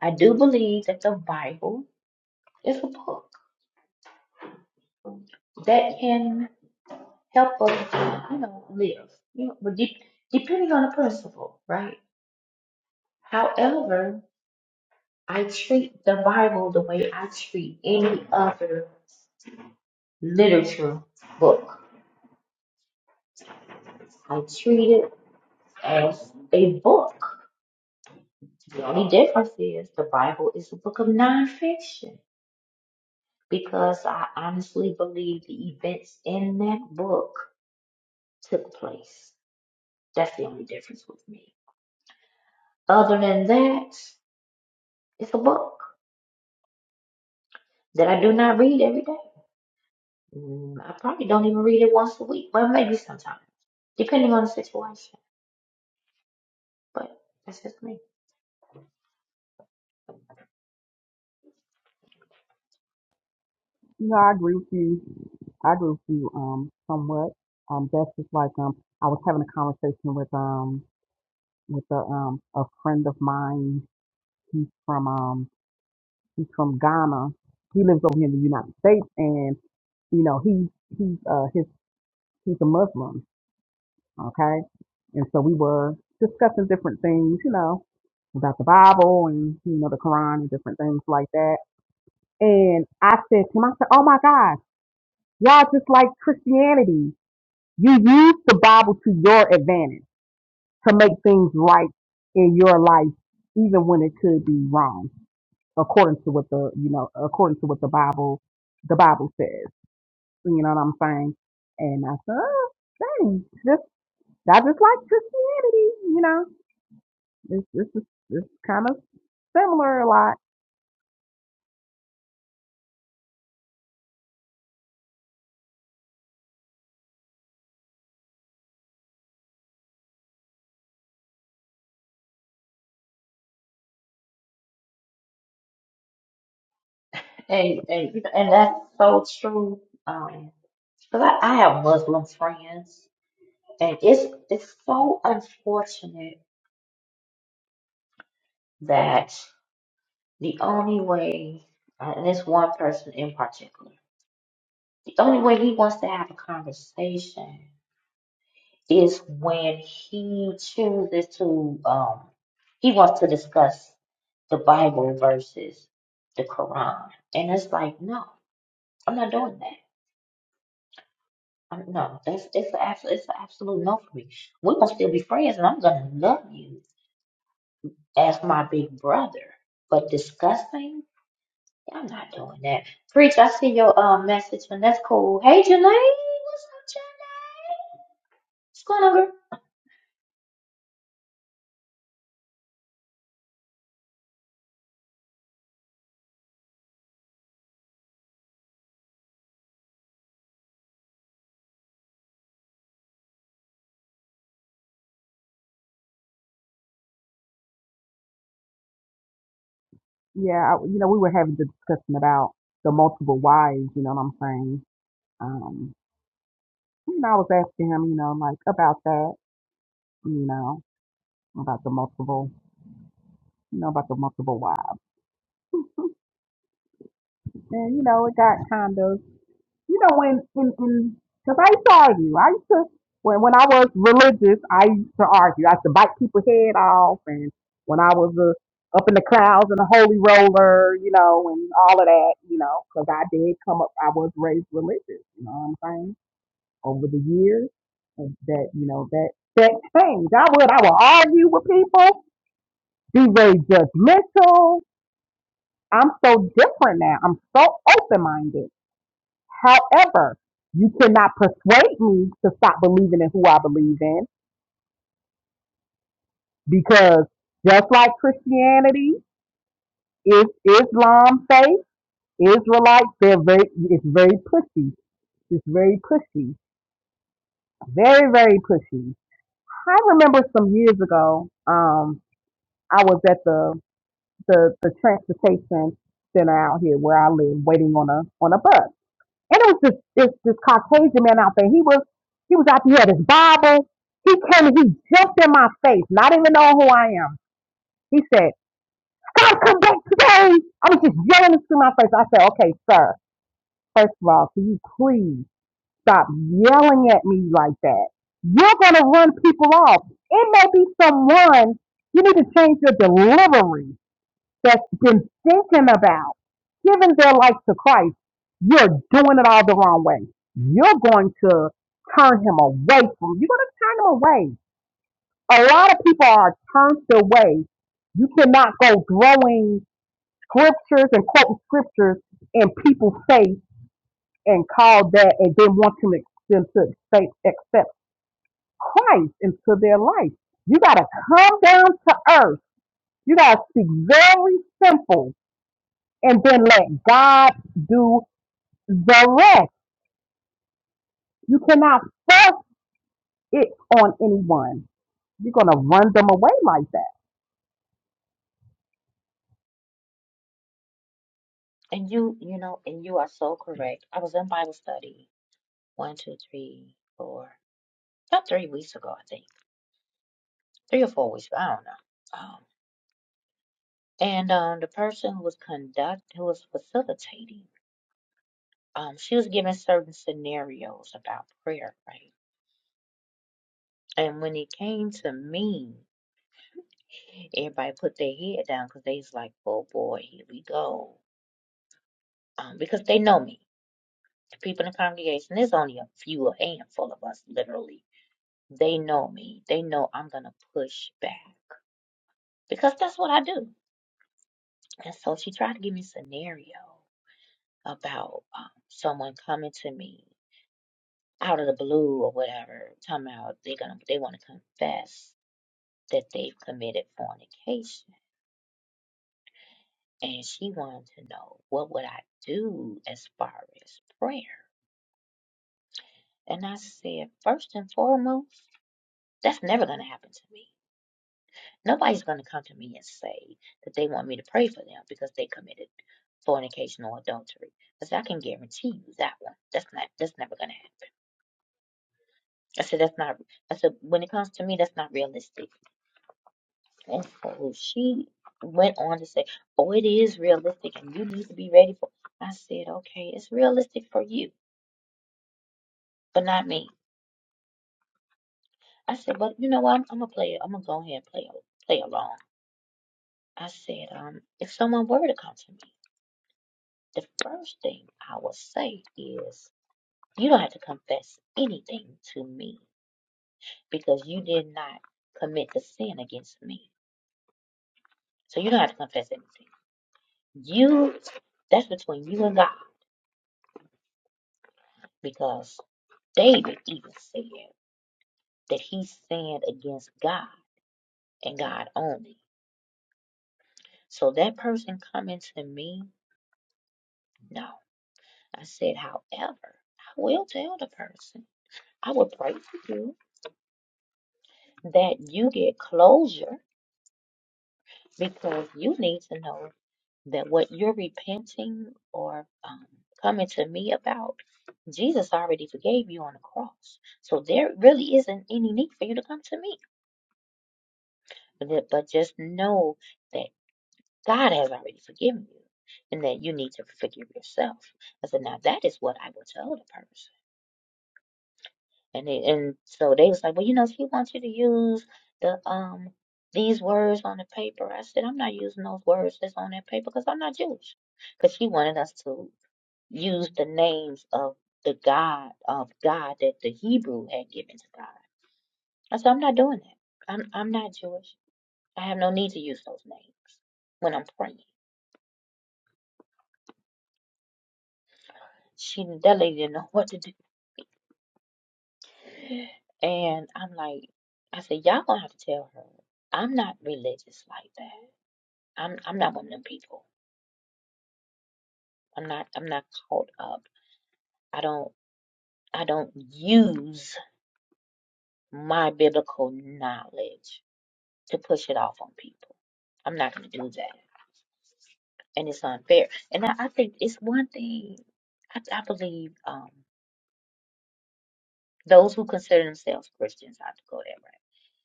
[SPEAKER 1] I do believe that the Bible is a book that can help us, you know, live. You know, but de- depending on the principle, right? However, I treat the Bible the way I treat any other literature book. I treat it as a book. The only difference is the Bible is a book of nonfiction because I honestly believe the events in that book took place. That's the only difference with me. Other than that, it's a book that I do not read every day. Mm, I probably don't even read it once a week, but maybe sometimes, depending on the situation. But that's just me.
[SPEAKER 4] No, I agree with you. I agree with you um somewhat. Um that's just like um I was having a conversation with um with a um a friend of mine. He's from um he's from Ghana. He lives over here in the United States and you know he's he's uh his he's a Muslim, okay? And so we were discussing different things, you know, about the Bible and you know the Quran and different things like that. And I said to him, I said, Oh my God, y'all just like Christianity. You use the Bible to your advantage to make things right in your life, even when it could be wrong, according to what the you know, according to what the Bible the Bible says. You know what I'm saying? And I said, oh, dang, just I just like Christianity. You know, it's it's just- it's kind of similar a lot.
[SPEAKER 1] And and you know, and that's so true. Um, because I, I have Muslim friends, and it's it's so unfortunate that the only way, uh, and this one person in particular, the only way he wants to have a conversation is when he chooses to um he wants to discuss the Bible versus the Quran, and it's like, no, I'm not doing that. I mean, no, that's that's the absolute it's the absolute no for me. We gonna still be friends, and I'm gonna love you as my big brother. But disgusting, I'm not doing that. Preach, I see your um message, and that's cool. Hey, Janae, what's up, Janae? What's going on, girl?
[SPEAKER 4] Yeah, I, you know, we were having the discussion about the multiple wives. You know what I'm saying? Um, you know, I was asking him, you know, like about that. You know, about the multiple, you know, about the multiple wives. And, you know, it got kind of, you know, when, in, in, cause I used to argue. I used to, when, when I was religious, I used to argue. I used to bite people's head off. And when I was uh, up in the crowds and the holy roller, you know, and all of that, you know, cause I did come up, I was raised religious, you know what I'm saying? Over the years and that, you know, that, that changed. I would, I would argue with people, be very judgmental, I'm so different now. I'm so open minded. However, you cannot persuade me to stop believing in who I believe in because just like Christianity, is Islam faith, Israelites, they're very it's very pushy. It's very pushy. Very, very pushy. I remember some years ago, um, I was at the the, the transportation center out here where I live waiting on a on a bus And it was this, this this Caucasian man out there. He was he was out there, he had his Bible. He came and he jumped in my face, not even knowing who I am. He said, God come back today. I was just yelling this to my face. I said, Okay, sir, first of all, can you please stop yelling at me like that? You're gonna run people off. It may be someone you need to change your delivery that's been thinking about giving their life to Christ, you're doing it all the wrong way. You're going to turn him away from you're going to turn him away. A lot of people are turned away. You cannot go throwing scriptures and quoting scriptures in people's face and call that and then want to make them to accept, accept Christ into their life. You got to come down to earth. You got to speak very simple and then let God do the rest. You cannot force it on anyone. You're going to run them away like that.
[SPEAKER 1] And you, you know, and you are so correct. I was in Bible study one, two, three, four, about three weeks ago, I think, three or four weeks. I don't know. Um, and um, the person who was conduct, who was facilitating. um, she was given certain scenarios about prayer, right? And when it came to me, everybody put their head down because they was like, oh boy, here we go. Um, because they know me. The people in the congregation, there's only a few, a handful of us, literally. They know me. They know I'm going to push back because that's what I do. And so she tried to give me a scenario about um, someone coming to me out of the blue or whatever, talking about they're gonna, they want to confess that they've committed fornication. And she wanted to know, what would I do as far as prayer? And I said, first and foremost, that's never going to happen to me. Nobody's going to come to me and say that they want me to pray for them because they committed fornication or adultery. I said I can guarantee you that one. That's not. That's never going to happen. I said that's not. I said when it comes to me, that's not realistic. thankful. She went on to say, Oh, it is realistic and you need to be ready for I said, Okay, it's realistic for you, but not me. I said, But you know what? I'm, I'm a player. I'm gonna go ahead and play play along. I said, um, if someone were to come to me, the first thing I would say is you don't have to confess anything to me because you did not commit the sin against me. So you don't have to confess anything. You that's between you and God because David even said that he sinned against God and God only. So that person coming to me, no. I said, however, I will tell the person, I will pray for you that you get closure because you need to know that what you're repenting or um, coming to me about, Jesus already forgave you on the cross. So there really isn't any need for you to come to me. But but just know that. God has already forgiven you, and that you need to forgive yourself. I said, now that is what I will tell the person. And they, and so they was like, well, you know, she wants you to use the um these words on the paper. I said, I'm not using those words that's on that paper because I'm not Jewish. Because she wanted us to use the names of the God of God that the Hebrew had given to God. I said, I'm not doing that. I'm I'm not Jewish. I have no need to use those names when I'm praying. She that lady didn't know what to do. And I'm like, I said, y'all gonna have to tell her I'm not religious like that. I'm I'm not one of them people. I'm not I'm not caught up. I don't I don't use my biblical knowledge to push it off on people. I'm not gonna do that. And it's unfair. And I, I think it's one thing I, I believe um those who consider themselves Christians, I have to go that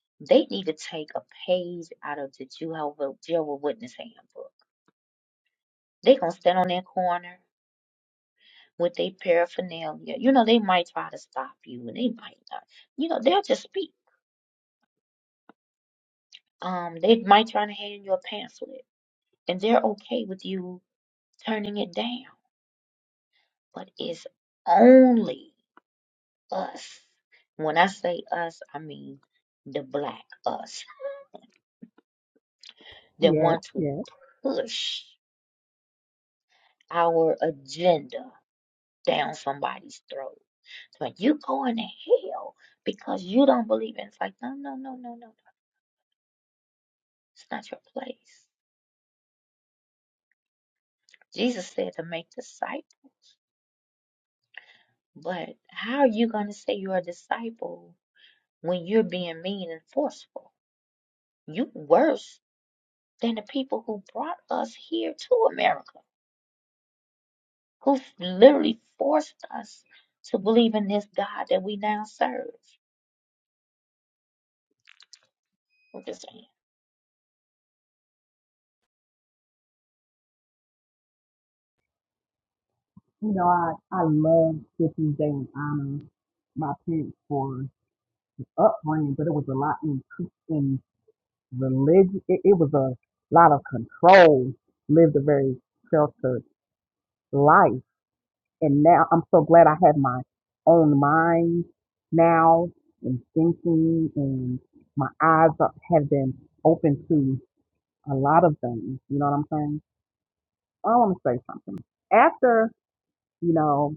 [SPEAKER 1] route. They need to take a page out of the Jehovah Jehovah Witness handbook They gonna stand on that corner with their paraphernalia. You know, they might try to stop you and they might not. You know, they'll just speak. Um, they might try to hand you a pamphlet and they're okay with you turning it down. But it's only us. When I say us, I mean the black us that
[SPEAKER 4] Yes,
[SPEAKER 1] want to
[SPEAKER 4] yes.
[SPEAKER 1] push our agenda down somebody's throat. It's like you going to hell because you don't believe it. It's like, no, no, no, no, no. It's not your place. Jesus said to make disciples. But how are you going to say you're a disciple when you're being mean and forceful? You worse than the people who brought us here to America, who literally forced us to believe in this God that we now serve. I'm just saying.
[SPEAKER 4] You know, I, I love Scriptures Day and honor my parents for upbringing, but it was a lot in, in religion. It, it was a lot of control. Lived a very sheltered life. And now I'm so glad I have my own mind now and thinking and my eyes up have been open to a lot of things. You know what I'm saying? I want to say something. After, you know,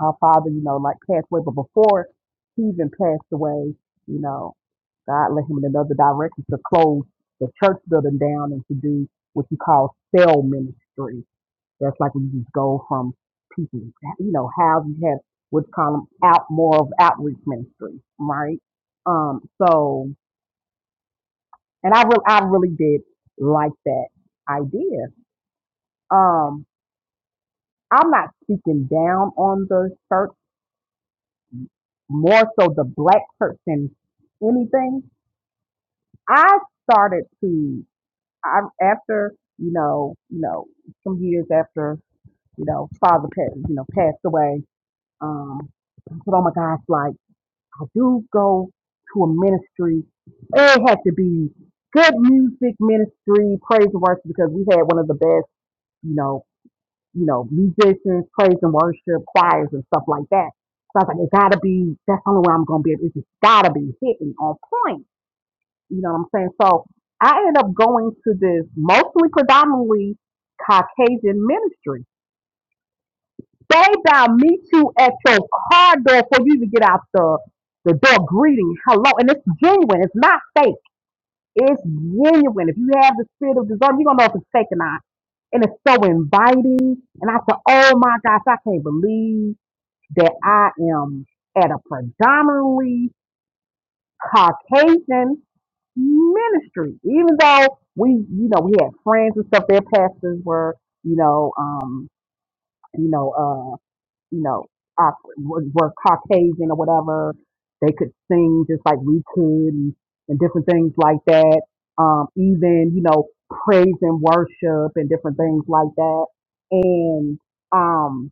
[SPEAKER 4] our father, you know, like passed away, but before he even passed away, you know, God led him in another direction to close the church building down and to do what you call cell ministry That's like we just go from people, you know, how you have what's called out more of outreach ministry, right? Um, so, and I really, I really did like that idea. Um, I'm not speaking down on the church, more so the black church than anything. I started to, I, after, you know, you know, some years after, you know, father, passed, you know, passed away, um, I said, oh my gosh, like, I do go to a ministry. It had to be good music ministry, praise and worship, because we had one of the best, you know, you know, musicians, praise and worship, choirs and stuff like that. So I was like, it gotta be, that's the only way I'm gonna be able, it's just gotta be hitting on point. You know what I'm saying? So I ended up going to this mostly predominantly Caucasian ministry Bow down, meet you at your car door before you even get out the, the door greeting. Hello. And it's genuine. It's not fake. It's genuine. If you have the spirit of discernment, you're going to know if it's fake or not. And it's so inviting. And I said, oh my gosh, I can't believe that I am at a predominantly Caucasian ministry. Even though we, you know, we had friends and stuff, their pastors were, you know, um, you know, uh, you know, Af- were, were Caucasian or whatever. They could sing just like we could and, and different things like that. Um, even, you know, praise and worship and different things like that. And, um,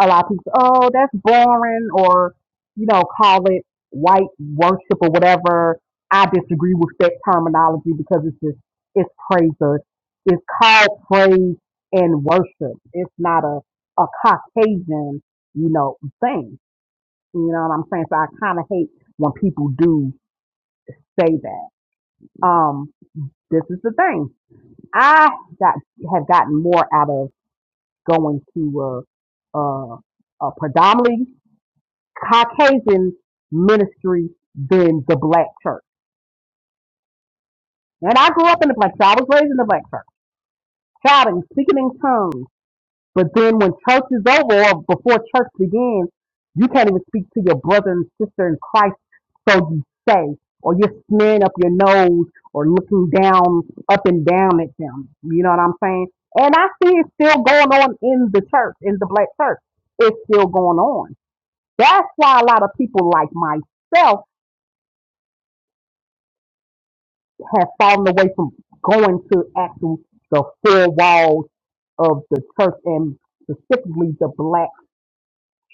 [SPEAKER 4] a lot of people, oh, that's boring, or, you know, call it white worship or whatever. I disagree with that terminology because it's just, it's praise. or- It's called praise and worship. It's not a, a Caucasian, you know, thing. You know what I'm saying? So I kind of hate when people do say that. Um, this is the thing. I got, have gotten more out of going to, uh, uh, a predominantly Caucasian ministry than the black church. And I grew up in the black church. I was raised in the black church, shouting, speaking in tongues. But then when church is over or before church begins, you can't even speak to your brother and sister in Christ, so you say, or you're smearing up your nose or looking down, up and down at them. You know what I'm saying? And I see it still going on in the church, in the black church. It's still going on. That's why a lot of people like myself have fallen away from going to actual the four walls of the church and specifically the black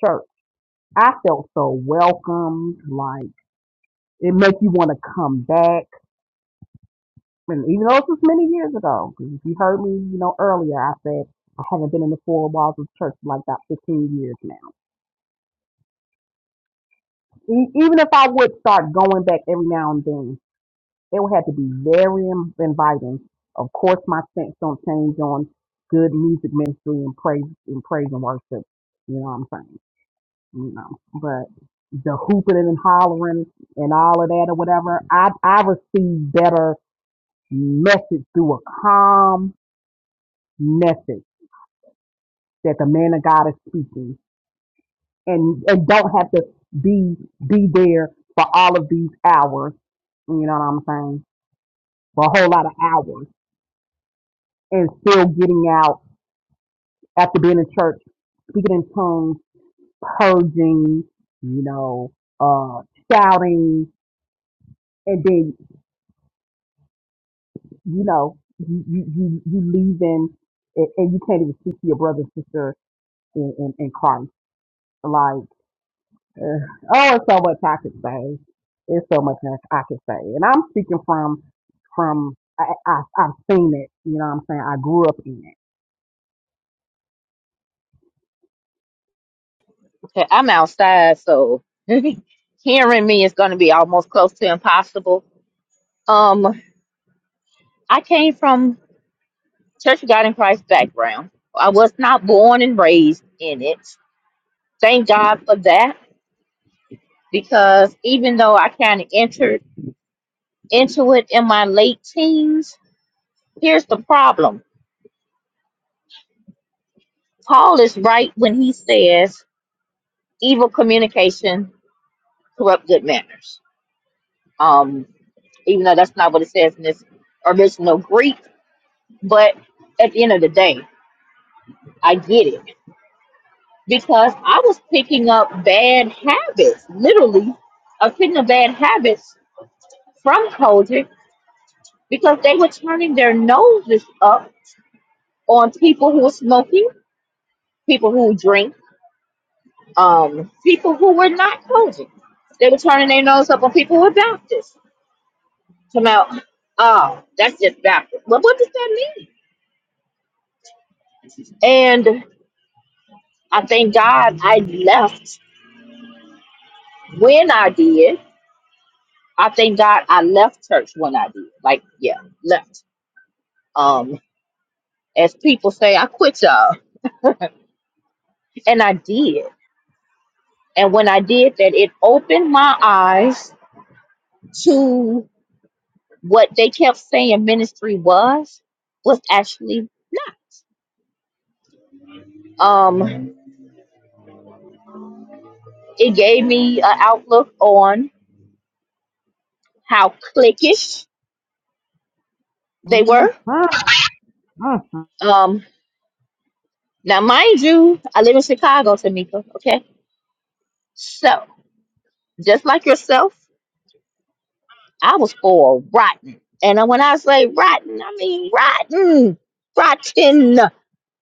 [SPEAKER 4] church. I felt so welcomed, like it makes you want to come back. And even though this was many years ago, 'cause if you heard me, you know, earlier, I said I haven't been in the four walls of church for like about 15 years now. E- even if I would start going back every now and then, It would have to be very in- inviting. Of course, my stance don't change on good music ministry and praise and praise and worship. You know what I'm saying? You know, but the hooping and hollering and all of that or whatever, I I receive better message through a calm message that the man of God is speaking, and and don't have to be be there for all of these hours. You know what I'm saying? For a whole lot of hours and still getting out after being in church, speaking in tongues, purging, you know, uh, shouting, and then, you know, you, you, you, you leaving and, and you can't even speak to your brother and sister in, in, in Christ. Like, uh, oh, it's so much I could say. It's so much I I could say. And I'm speaking from, from, I, I, I've seen it, you know what I'm saying? I grew up in it.
[SPEAKER 1] Okay, I'm outside, so hearing me is going to be almost close to impossible. Um, I came from Church of God in Christ background. I was not born and raised in it. Thank God for that because even though I kind of entered into it in my late teens, here's the problem. Paul is right when he says evil communication corrupt good manners. Um, even though that's not what it says in this original Greek, but at the end of the day, I get it because I was picking up bad habits, literally a picking of bad habits from COVID because they were turning their noses up on people who were smoking, people who drink, um, people who were not COVID. They were turning their nose up on people who were Baptists. Come out, oh, that's just Baptist. Well, what does that mean? And I thank God I left when I did. I thank God I left church when I did. Like, yeah, left. Um, as people say, I quit y'all. And I did And when I did that, it opened my eyes to what they kept saying ministry was, was actually not. um it gave me an outlook on how cliquish they
[SPEAKER 4] Mhm.
[SPEAKER 1] were.
[SPEAKER 4] Mhm.
[SPEAKER 1] Um now mind you, I live in Chicago, Tamika, okay? So just like yourself, I was for rotten. And when I say rotten, I mean rotten. Rotten.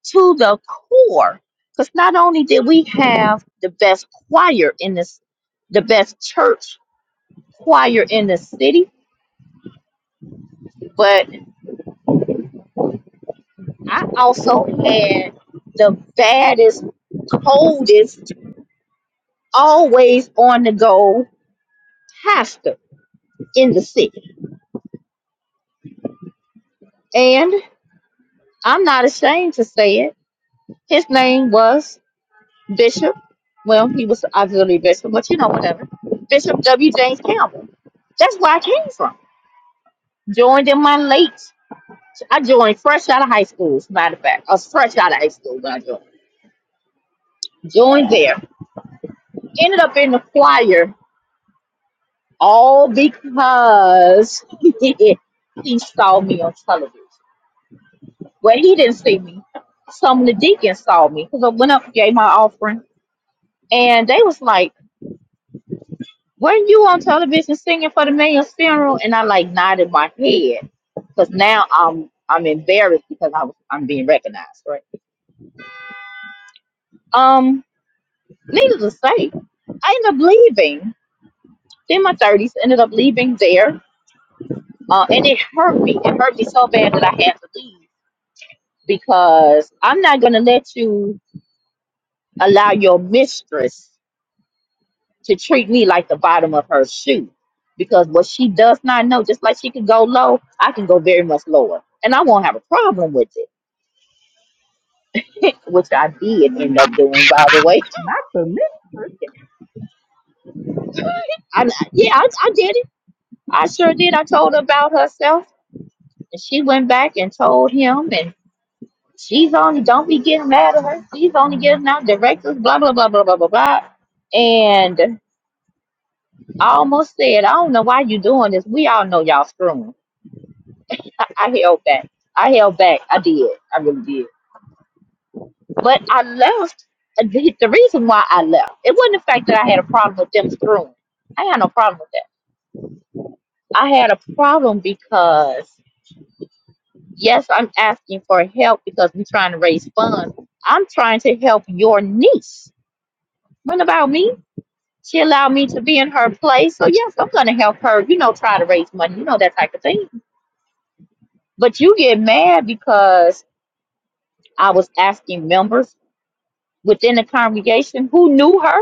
[SPEAKER 1] to the core. Because not only did we have the best choir in this, the best church choir in the city, but I also had the baddest, coldest, always on the go pastor in the city. And I'm not ashamed to say it. His name was Bishop. Well, he was the auxiliary bishop, but you know, whatever. Bishop W. James Campbell. That's where I came from. Joined in my late I joined fresh out of high school, as a matter of fact. I was fresh out of high school when I joined. Joined there. Ended up in the choir all because he saw me on television. Well, he didn't see me. Some of the deacons saw me because I went up and gave my offering. And they was like, weren't you on television singing for the mayor's funeral? And I like nodded my head because now I'm I'm embarrassed because I was, I'm being recognized, right? Um, needless to say, I ended up leaving in my thirties, ended up leaving there, uh, and it hurt me. It hurt me so bad that I had to leave because I'm not gonna let you allow your mistress to treat me like the bottom of her shoe. Because what she does not know, just like she could go low, I can go very much lower, and I won't have a problem with it, which I did end up doing, by the way.
[SPEAKER 4] Not for me.
[SPEAKER 1] I, yeah, I, I did it. I sure did. I told her about herself, and she went back and told him, and She's only don't be getting mad at her. She's only giving out directives, blah blah blah blah blah blah blah. And I almost said, I don't know why you doing this. We all know y'all screwing. I, I held back. I held back. I did. I really did. But I left. The, the reason why I left, it wasn't the fact that I had a problem with them screwing. I had no problem with that. I had a problem because yes, I'm asking for help because we're trying to raise funds. I'm trying to help your niece. What about me? She allowed me to be in her place. So yes, I'm gonna help her, you know, try to raise money, you know, that type of thing. But you get mad because I was asking members within the congregation who knew her,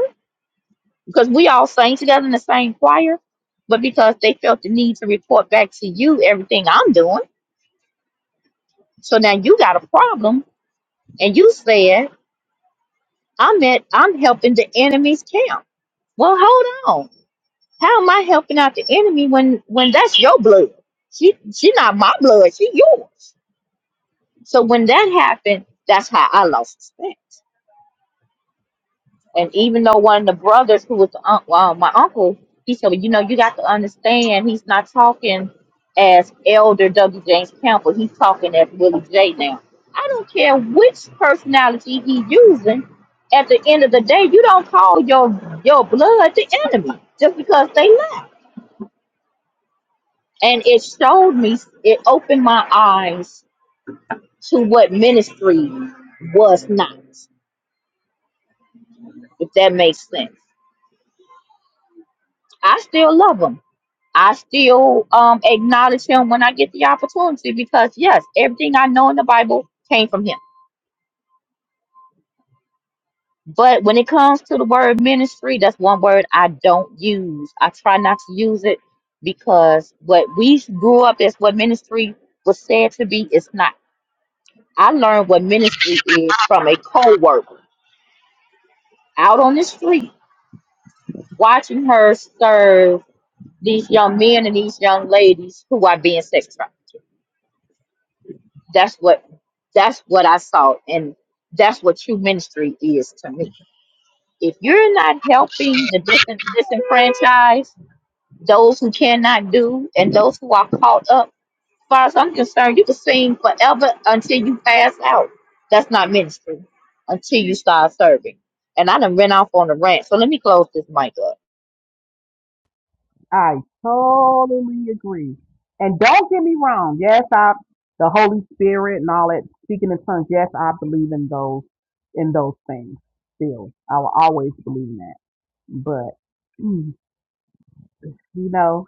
[SPEAKER 1] because we all sang together in the same choir, but because they felt the need to report back to you everything I'm doing. So now you got a problem and you said I'm at I'm helping the enemy's camp. Well, hold on. How am I helping out the enemy when when that's your blood? She she not my blood, she yours. So when that happened, that's how I lost respect. And even though one of the brothers who was the, un- well, my uncle, he said, well, you know, you got to understand, he's not talking as Elder W. James Campbell. He's talking as Willie J. Now, I don't care which personality he's using. At the end of the day, you don't call your your blood the enemy just because they left. and it showed me it opened my eyes to what ministry was not if that makes sense i still love him i still um acknowledge him when i get the opportunity because yes everything i know in the bible came from him but when it comes to the word ministry that's one word i don't use i try not to use it because what we grew up as what ministry was said to be is not i learned what ministry is from a co-worker out on the street watching her serve these young men and these young ladies who are being sex trafficked. That's what that's what I saw and that's what true ministry is to me. If you're not helping the dis- disenfranchised, those who cannot do, and those who are caught up, as far as I'm concerned, you can sing forever until you pass out. That's not ministry until you start serving. And I done ran off on a rant, so let me close this mic up.
[SPEAKER 4] I totally agree. And don't get me wrong. Yes, I the Holy Spirit and all that speaking in tongues. Yes, I believe in those in those things. Still, I will always believe in that. But mm, you know,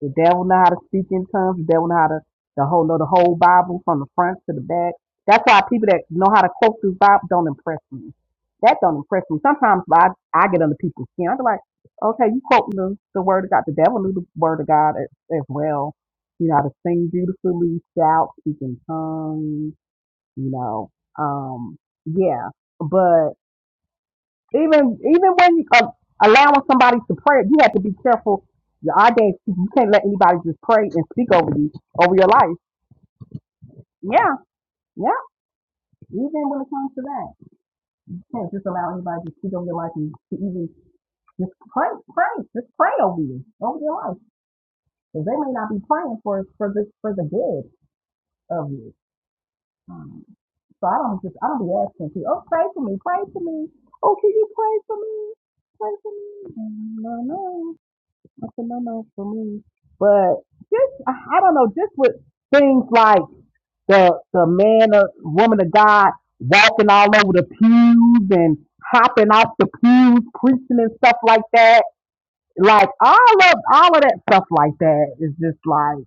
[SPEAKER 4] the devil know how to speak in tongues. The devil know how to the whole know the whole Bible from the front to the back. That's why people that know how to quote this Bible don't impress me. That don't impress me. Sometimes I, I get under people's skin. I'm like, okay, you quoting the, the word of God. The devil knew the word of God as, as well. You know how to sing beautifully, shout, speak in tongues. You know, um, yeah. Even even when you uh, allowing somebody to pray, you have to be careful. Your audience, you can't let anybody just pray and speak over you over your life. Yeah, yeah. Even when it comes to that, you can't just allow anybody to speak over your life and to even just pray, pray, just pray over you over your life because they may not be praying for for the for the good of you. Um, so I don't just I don't be asking people, oh pray for me, pray for me. Oh, can you pray for me? Pray for me. No, no. That's a no-no for me. But just, I I don't know, just with things like the the man or woman of God walking all over the pews and hopping off the pews, preaching and stuff like that. Like all of all of that stuff like that is just like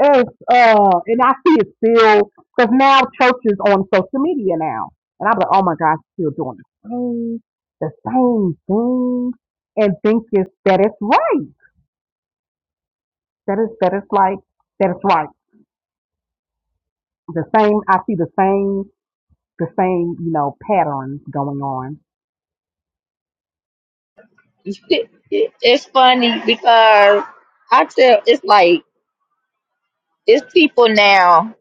[SPEAKER 4] it's uh and I see it still because now churches on social media now and I'm like oh my gosh still doing the same the same thing and think it's that it's right That is that is like that is right. The same I see the same the same, you know, patterns going on.
[SPEAKER 1] it's funny because I tell it's like it's people now,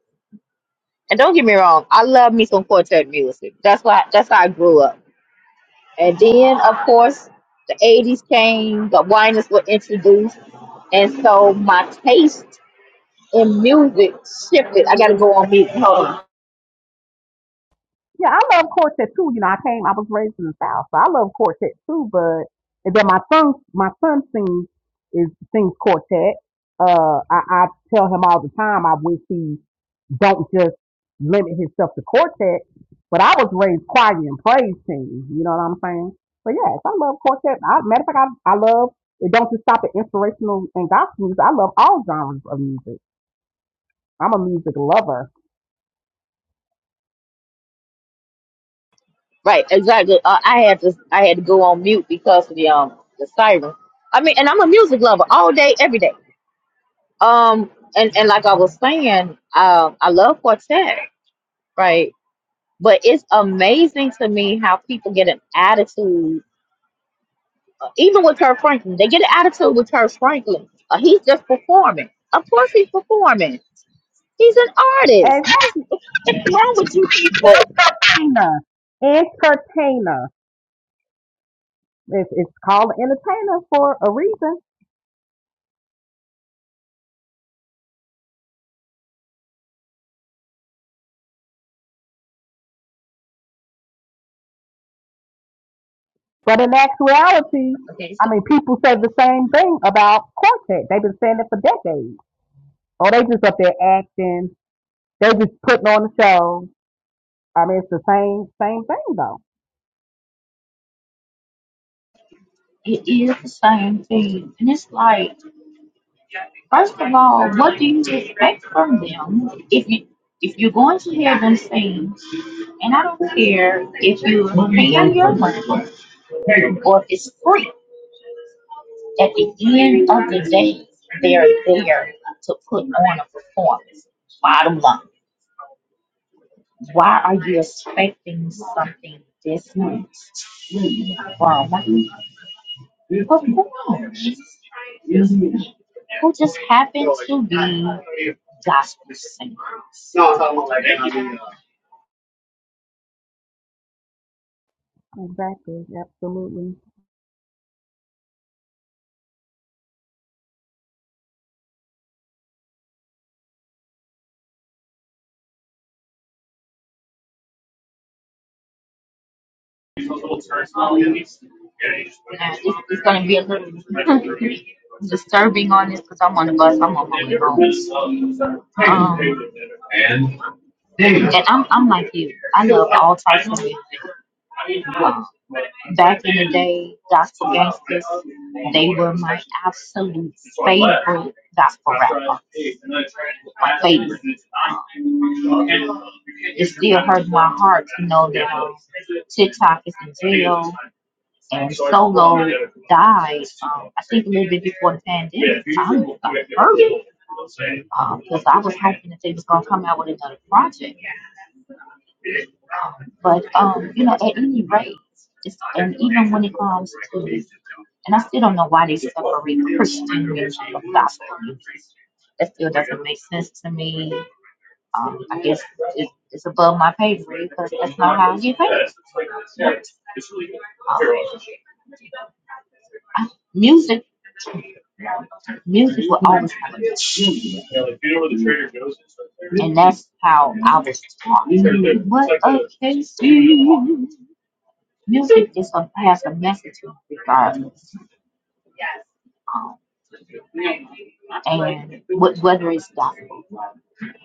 [SPEAKER 1] and don't get me wrong, I love me some quartet music. That's why that's how I grew up. And then of course the eighties came, the whiners were introduced, and so my taste in music shifted. I gotta go on mute. Hold on.
[SPEAKER 4] Yeah, I love quartet too. You know, I came, I was raised in the South, so I love quartet too. But and then my son, my son sings is sings quartet. Uh, I, I tell him all the time, I wish he don't just limit himself to quartet. But I was raised choir and praise team. You know what I'm saying? But yes, I love quartet. I, matter of fact, I, I love it. Don't just stop at inspirational and gospel music. I love all genres of music. I'm a music lover.
[SPEAKER 1] Right, exactly. Uh, I had to I had to go on mute because of the um the siren. I mean, and I'm a music lover all day, every day. Um, and and like I was saying, um, I love quartet, right? But it's amazing to me how people get an attitude, uh, even with Kirk Franklin. They get an attitude with Kirk Franklin. Uh, he's just performing. Of course, he's performing. He's an artist.
[SPEAKER 4] And
[SPEAKER 1] What is what's wrong with you people?
[SPEAKER 4] entertainer, entertainer. It's, it's called an entertainer for a reason. But in actuality,
[SPEAKER 1] Okay, so
[SPEAKER 4] I mean, people say the same thing about quartet. They've been saying it for decades. Oh, they just up there acting. They just putting on the show. I mean, it's the same same thing though.
[SPEAKER 1] it is the same thing, and it's like. First of all, what do you expect from them if you if you're going to have them sing? And I don't care if you pay your money or if it's free. At the end of the day, they're there to put on a performance. Bottom line, why are you expecting something different from performance? who just happens to be gospel singers.
[SPEAKER 4] Exactly. Absolutely.
[SPEAKER 1] And it's, it's going to be a little disturbing on this because I'm on the bus, I'm on my way home. Um, and I'm, I'm like you. I love all types of music. Wow. Back in the day, Dr. Gangsters, they were my absolute favorite gospel rappers. My favorite. Um, It still hurt my heart to know that um, TikTok is in jail and Solo died, um, I think a little bit before the pandemic. I was like, hurt because I was hoping that they was going to come out with another project. But um, you know, at any rate, it's, and even when it comes to, and I still don't know why they separate Christian music from gospel music. That still doesn't make sense to me. Um, I guess it, it's above my pay grade because that's not how I get paid. But, um, I- music, music will always have a genius. And that's how I was taught. What a KC. Music is a, has a message regardless, and wh- whether it's gospel.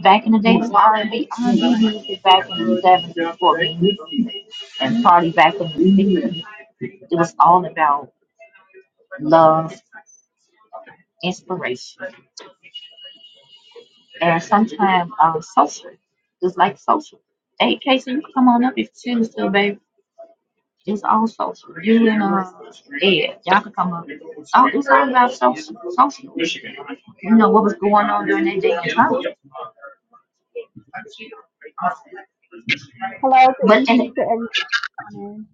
[SPEAKER 1] Back in the day, it was R&B, and b R and B music back in the 70s for me. and party back in the city. It was all about love, inspiration, and sometimes uh, social, just like social. Hey, Casey, you can come on up if you choose to, baby. It's all social. You and uh, Ed, y'all can come up. Oh, it's all about social. social. You know what was going on during that day in college.
[SPEAKER 4] Hello. Good
[SPEAKER 1] But
[SPEAKER 4] evening
[SPEAKER 1] and
[SPEAKER 4] to everyone.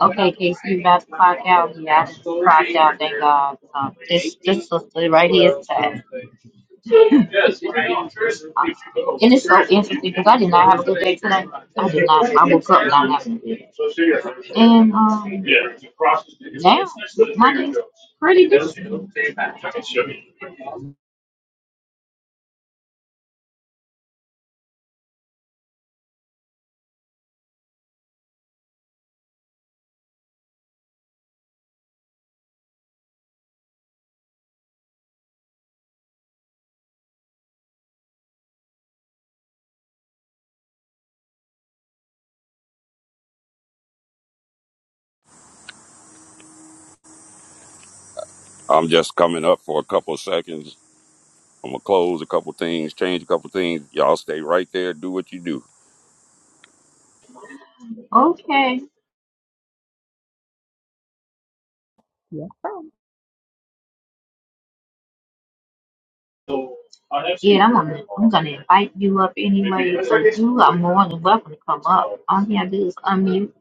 [SPEAKER 1] Okay, Casey, you about to clock out? Yeah, I just clocked out. Thank God. Um, this this sister right here is sad. Um, And it's so interesting because I did not have a good day today. I did not. I woke up not having a good day. And um, now my day's pretty good.
[SPEAKER 2] I'm just coming up for a couple of seconds. I'm gonna close a couple of things, change a couple of things. Y'all stay right there, do what you do.
[SPEAKER 1] Okay.
[SPEAKER 4] Yes, sir.
[SPEAKER 1] Yeah, I'm gonna I'm gonna invite you up anyway. So you are more than welcome to come up. All you gotta do is unmute.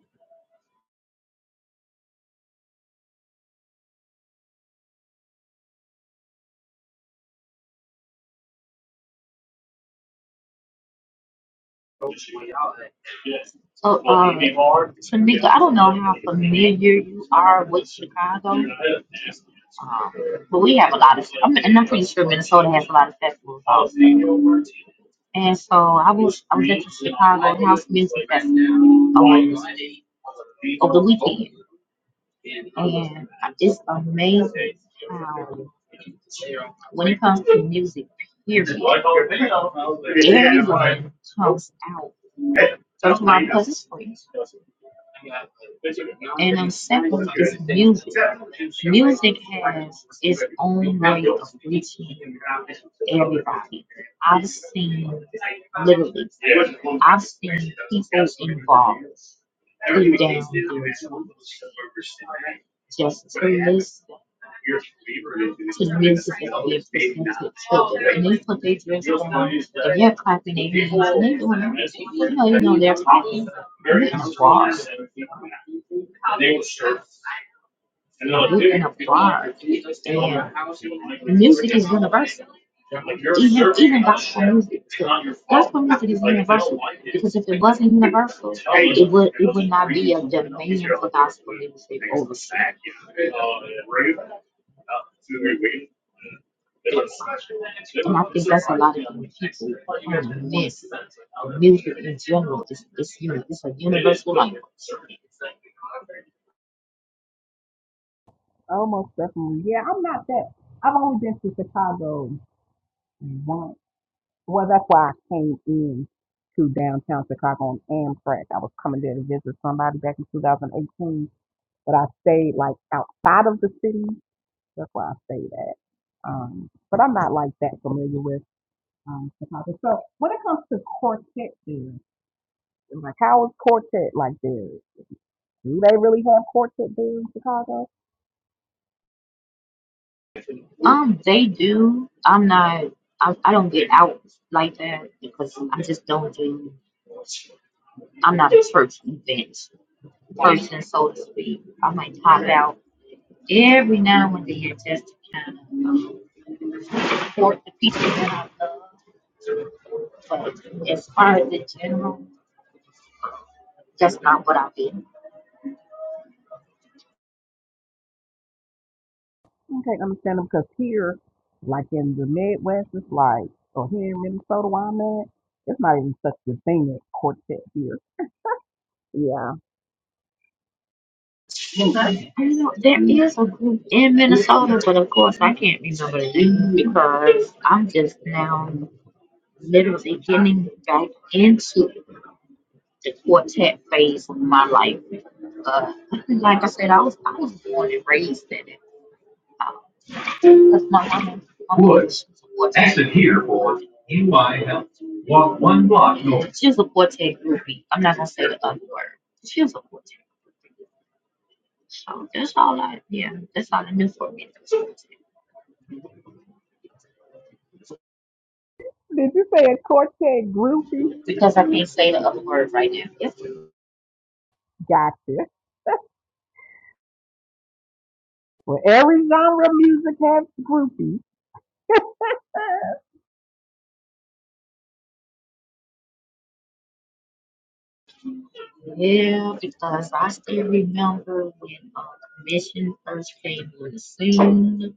[SPEAKER 1] So, uh, so I don't know how familiar you are with Chicago, um, but we have a lot of, I'm, and I'm pretty sure Minnesota has a lot of festivals also. And so I was, I was at the Chicago House Music Festival on, over the weekend, and it's amazing how when it comes to hearing, everyone comes out. Those are my husbands. And I'm second is music. Music has its own way of reaching everybody. I've seen literally, I've seen people involved deep down, you're just as release his nieces as gifts is being presented to children. And they put their dress down. If they're clapping their hands and they doing it, you know, you know they're clapping. And they applaud. You can applaud. And music is universal. Do have even gospel music? too. Gospel music is universal because if it wasn't universal, it would it would not be a demand for gospel music overseas. And I think that's a lot of young people um, miss music is universal language.
[SPEAKER 4] Almost definitely. Yeah, I'm not that. I've only been to Chicago once Well, that's why I came in to downtown Chicago on Amtrak. I was coming there to visit somebody back in 2018, but I stayed like outside of the city. That's why I stayed at. Um, but I'm not like that familiar with um, Chicago. So when it comes to quartet there, like how is quartet like there? Do they really have quartet there in Chicago?
[SPEAKER 1] Um, they do. I'm not. I, I don't get out like that because I just don't do. I'm not a church event person, so to speak. I might pop out every now and then just to kind of um, support the people that I love. But as far as the general, that's not what I've been.
[SPEAKER 4] I can't understand them because here, like in the Midwest, it's like, or here in Minnesota where I'm at, it's not even such a thing as quartet here Yeah.
[SPEAKER 1] I know there is a group in Minnesota, but of course I can't remember the name because I'm just now literally getting back into the quartet phase of my life. Uh, like I said, I was I was born and raised in it. Uh, Woods, tested here for NY Health. Walk one block north. She's She's a a a groupie. I'm I. I'm I I not can't gonna say say the the the other other word. word So that's that's all all Yeah, Yeah, for. Because
[SPEAKER 4] Did you say a quartet groupie?
[SPEAKER 1] because I can't say the other word right now. It's,
[SPEAKER 4] Gotcha. Well, every genre of music has groupie.
[SPEAKER 1] yeah, because I still remember when uh, the mission first came on the scene.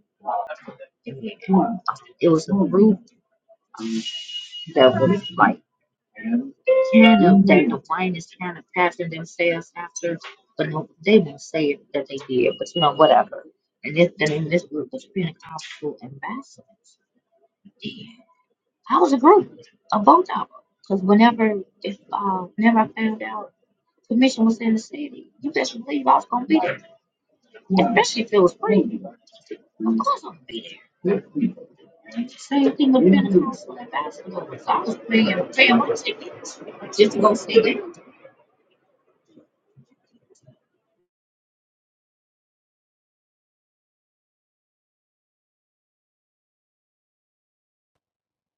[SPEAKER 1] It was was group that was like. kind of that the wine is kind of passing themselves after, but no, they didn't say it that they did, but you know, whatever. And this and in this group was Pentecostal ambassadors. Yeah, I was a group of both of them. Because whenever if uh whenever I found out permission was in the city, you best believe I was gonna be there. Especially if it was free. Of course I'm gonna be there. Same thing with Pentecostal ambassadors. I was paying paying my tickets just to go see them.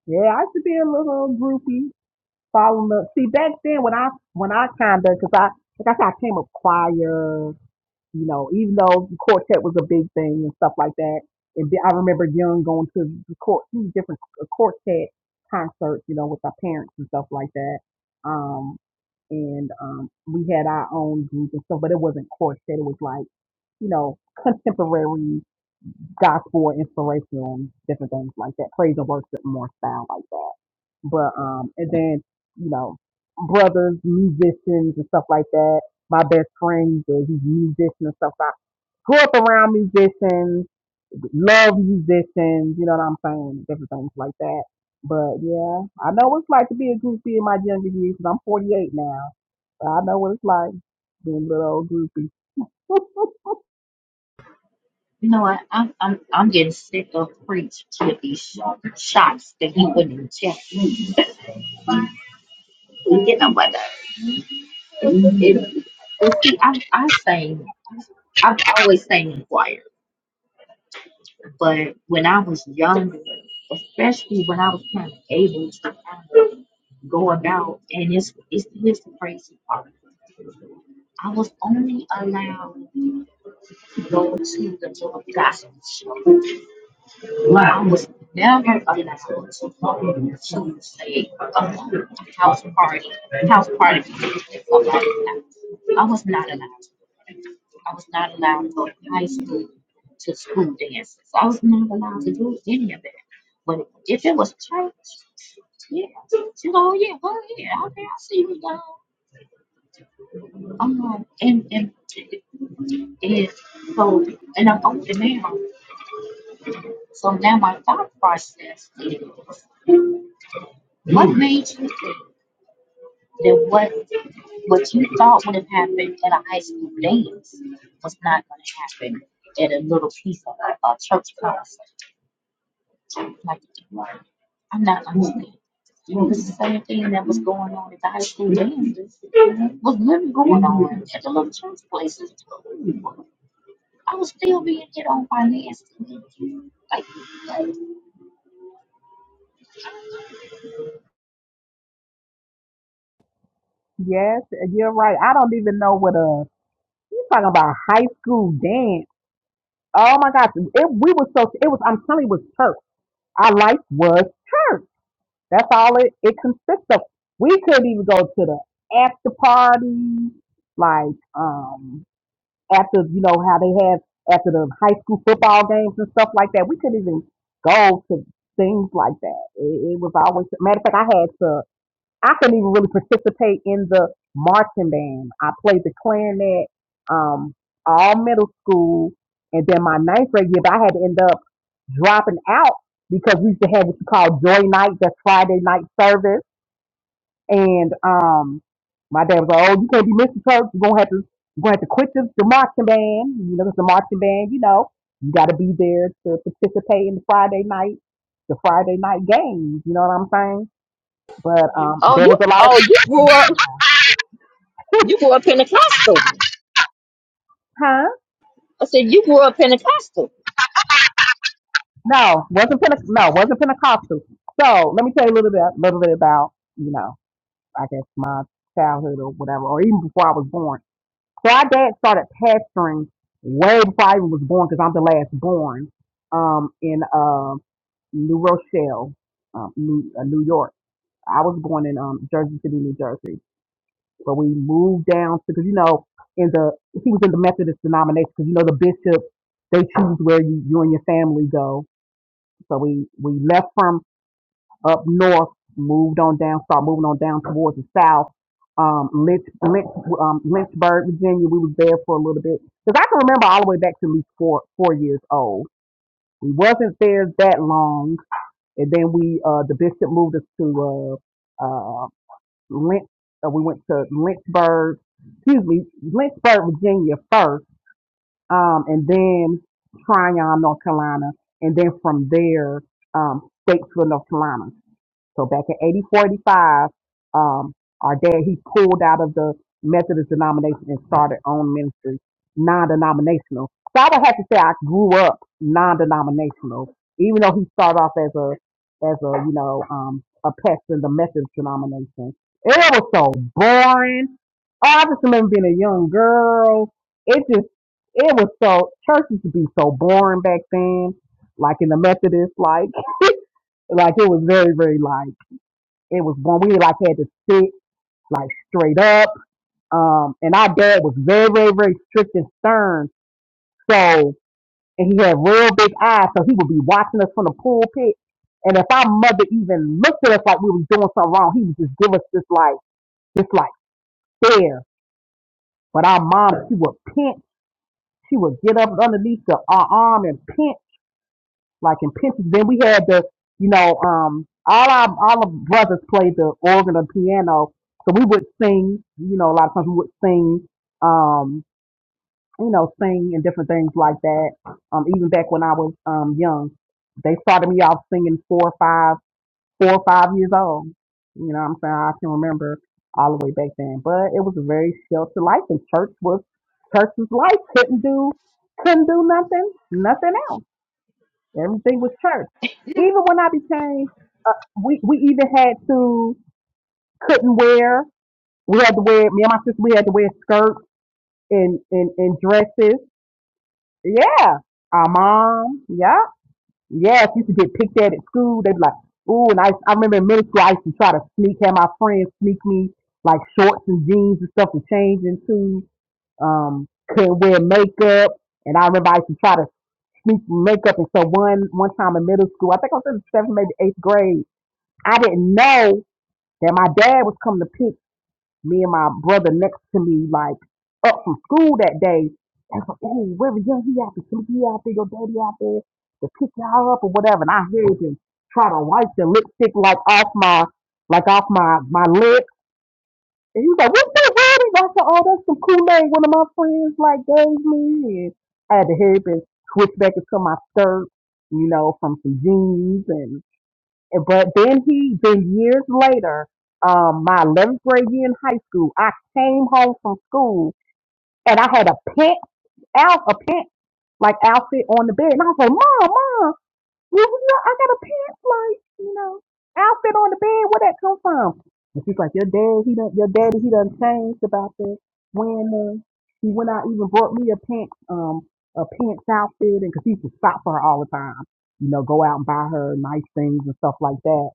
[SPEAKER 4] yeah, I should be a little groupie. Following the see back then when I when I kind of because I like I said I came up choir. you know, even though quartet was a big thing and stuff like that. And then I remember Young going to the court, these different uh, quartet concerts, you know, with our parents and stuff like that. Um, and um, we had our own group and stuff, but it wasn't quartet. It was like, you know, contemporary gospel or inspiration, different things like that, praise and worship more sound like that. But um, and then you know, brothers, musicians and stuff like that. My best friends, they're these musicians and stuff. So I grew up around musicians, love musicians. You know what I'm saying? Different things like that. But yeah, I know what it's like to be a groupie in my younger years. i I'm 48 now, but I know what it's like being a little old groupie.
[SPEAKER 1] You know what? I'm I'm I'm getting sick of preach Tippy sh- shots that he wouldn't check me. You know what? It, but see, I I sang. I've always sang in choir, but when I was younger, especially when I was kind of able to kind of go about, and it's it's here's the crazy part. I was only allowed to go to the George Gospel show. I was never allowed to say a house party. House party. i was not allowed. I was not allowed to go to high school to school dances. I was not allowed to do any of that. But if it was church, yeah, you know, yeah, go ahead. Okay, I see you go. I'm like, and, and, and so, and I'm older now. So now my thought process is What made you think that what what you thought would have happened at a high school dance was not going to happen at a little piece of a, a church concert? Like, I'm not understanding. This is the same thing that was going on at the high school dances. Was literally going on at the little church places. too. I was still being hit on by Nancy. Like,
[SPEAKER 4] yes, you're right. I don't even know what a You talking about high school dance? Oh my gosh, it, we was so it was. I'm telling you, it was church. Our life was church. That's all it, it consists of. We couldn't even go to the after parties, like um after you know how they have after the high school football games and stuff like that. We couldn't even go to things like that. It, it was always matter of fact. I had to I couldn't even really participate in the marching band. I played the clarinet um, all middle school, and then my ninth grade year, but I had to end up dropping out because we used to have what you call joy night, that's Friday night service, and um, my dad was like, "Oh, you can't be missing church. You're gonna have to, you're gonna have to quit the, the marching band. You know, 'cause the marching band. You know, you got to be there to participate in the Friday night, the Friday night games. You know what I'm saying?" But um,
[SPEAKER 1] Oh,
[SPEAKER 4] there
[SPEAKER 1] you
[SPEAKER 4] was a lot of,
[SPEAKER 1] oh you grew up you grew up Pentecostal.
[SPEAKER 4] huh?
[SPEAKER 1] I said you grew up Pentecostal.
[SPEAKER 4] No, wasn't Pente- no, wasn't Pentecostal. So let me tell you a little bit, little bit about you know, I guess my childhood or whatever, or even before I was born. So our dad started pastoring way before I even was born because I'm the last born um, in uh, New Rochelle, um, New, uh, New York. I was born in um, Jersey City, New Jersey, but we moved down to because you know in the he was in the Methodist denomination because you know the bishop they choose where you, you and your family go. So we we left from up north, moved on down, start moving on down towards the south. Um, Lynch, Lynch, um, Lynchburg, Virginia. We was there for a little bit because I can remember all the way back to at least four four years old. We wasn't there that long, and then we uh, the bishop moved us to uh, uh, Lynch. Uh, we went to Lynchburg, excuse me, Lynchburg, Virginia first, um, and then Tryon, North Carolina, and then from there, um, Statesville, North Carolina. So back in 8045, um, our dad, he pulled out of the Methodist denomination and started own ministry, non-denominational. So I would have to say I grew up non-denominational, even though he started off as a, as a, you know, um, a pastor in the Methodist denomination. It was so boring. Oh, I just remember being a young girl. It just, it was so, church used to be so boring back then, like in the Methodist, like, like it was very, very light it was one we like had to sit like straight up. Um, and our dad was very, very, very strict and stern. So, and he had real big eyes, so he would be watching us from the pulpit. And if our mother even looked at us like we was doing something wrong, he would just give us this like, this like stare. But our mom, she would pinch, she would get up underneath the, our arm and pinch. like in Pinterest. Then we had the, you know, um, all our all the brothers played the organ or piano, so we would sing. You know, a lot of times we would sing, um, you know, sing and different things like that. Um, even back when I was um young, they started me off singing four or five, four or five years old. You know, what I'm saying I can remember all the way back then, but it was a very sheltered life, and church was church's life couldn't do couldn't do nothing, nothing else. Everything was church. Even when I became, we, we even had to, couldn't wear, we had to wear, me and my sister, we had to wear skirts and, and, and dresses. Yeah. Our mom, yeah. Yes, used to get picked at at school. They'd be like, ooh, and I, I remember in middle school, I used to try to sneak, have my friends sneak me like shorts and jeans and stuff to change into. Um, couldn't wear makeup. And I remember I used to try to sneak makeup. And so one one time in middle school, I think I was in the seventh, maybe eighth grade. I didn't know that my dad was coming to pick me and my brother next to me, like up from school that day. And I was like, oh, wherever young he out there, Timothy out there, your daddy out there to pick y'all up or whatever. And I heard him try to wipe the lipstick like off my like off my my lip. And he was like, what's that, Roddy? And I said, oh, that's some Kool-Aid one of my friends like gave me. And I had to help and switch back into my skirt, you know, from some jeans and- But then he, then years later, um, my 11th grade year in high school, I came home from school and I had a pink out a pink like outfit on the bed, and I was like, "Mom, mom, you, you know, I got a pants like you know outfit on the bed. Where that come from?" And she's like, "Your dad, he done, your daddy, he done changed about this when uh, he went out, even bought me a pants um a pants outfit, and because he used to stop for her all the time, you know, go out and buy her nice things and stuff like that."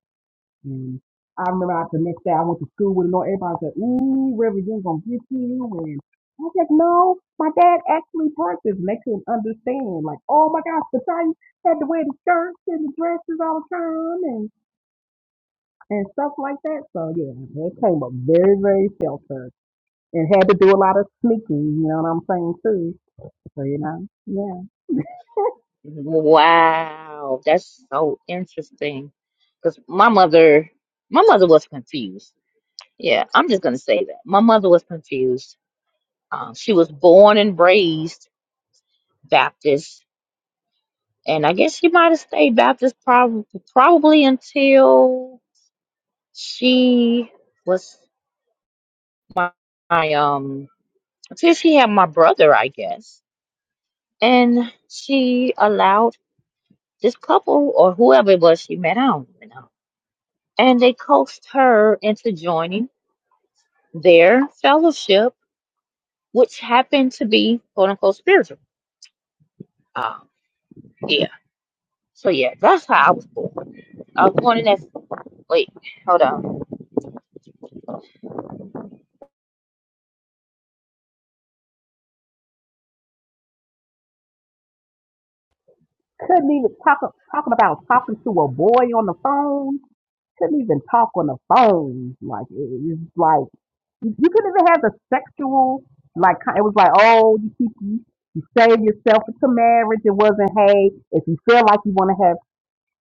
[SPEAKER 4] And I remember after the next day I went to school with him. and Everybody said, "Ooh, Reverend, you're gonna get you." And I said, "No, my dad actually purchased." And they couldn't understand. Like, oh my gosh, the time had to wear the skirts and the dresses all the time and and stuff like that. So yeah, it came up very very sheltered and had to do a lot of sneaking. You know what I'm saying too. So you know, yeah.
[SPEAKER 1] Wow, that's so interesting. Because my mother, my mother was confused. Yeah, I'm just gonna say that. My mother was confused. Um, she was born and raised Baptist, and I guess she might have stayed Baptist probably probably until she was my, my um until she had my brother, I guess. And she allowed this couple or whoever it was she met, I don't even know and they coaxed her into joining their fellowship, which happened to be quote unquote spiritual. Um, yeah. So yeah, that's how I was born. I was born in that. Wait, hold on.
[SPEAKER 4] Couldn't even talk talking about talking to a boy on the phone. Couldn't even talk on the phone. Like it, it's like you, you couldn't even have the sexual like ki- it was like oh you keep you, you save yourself until marriage. It wasn't hey if you feel like you want to have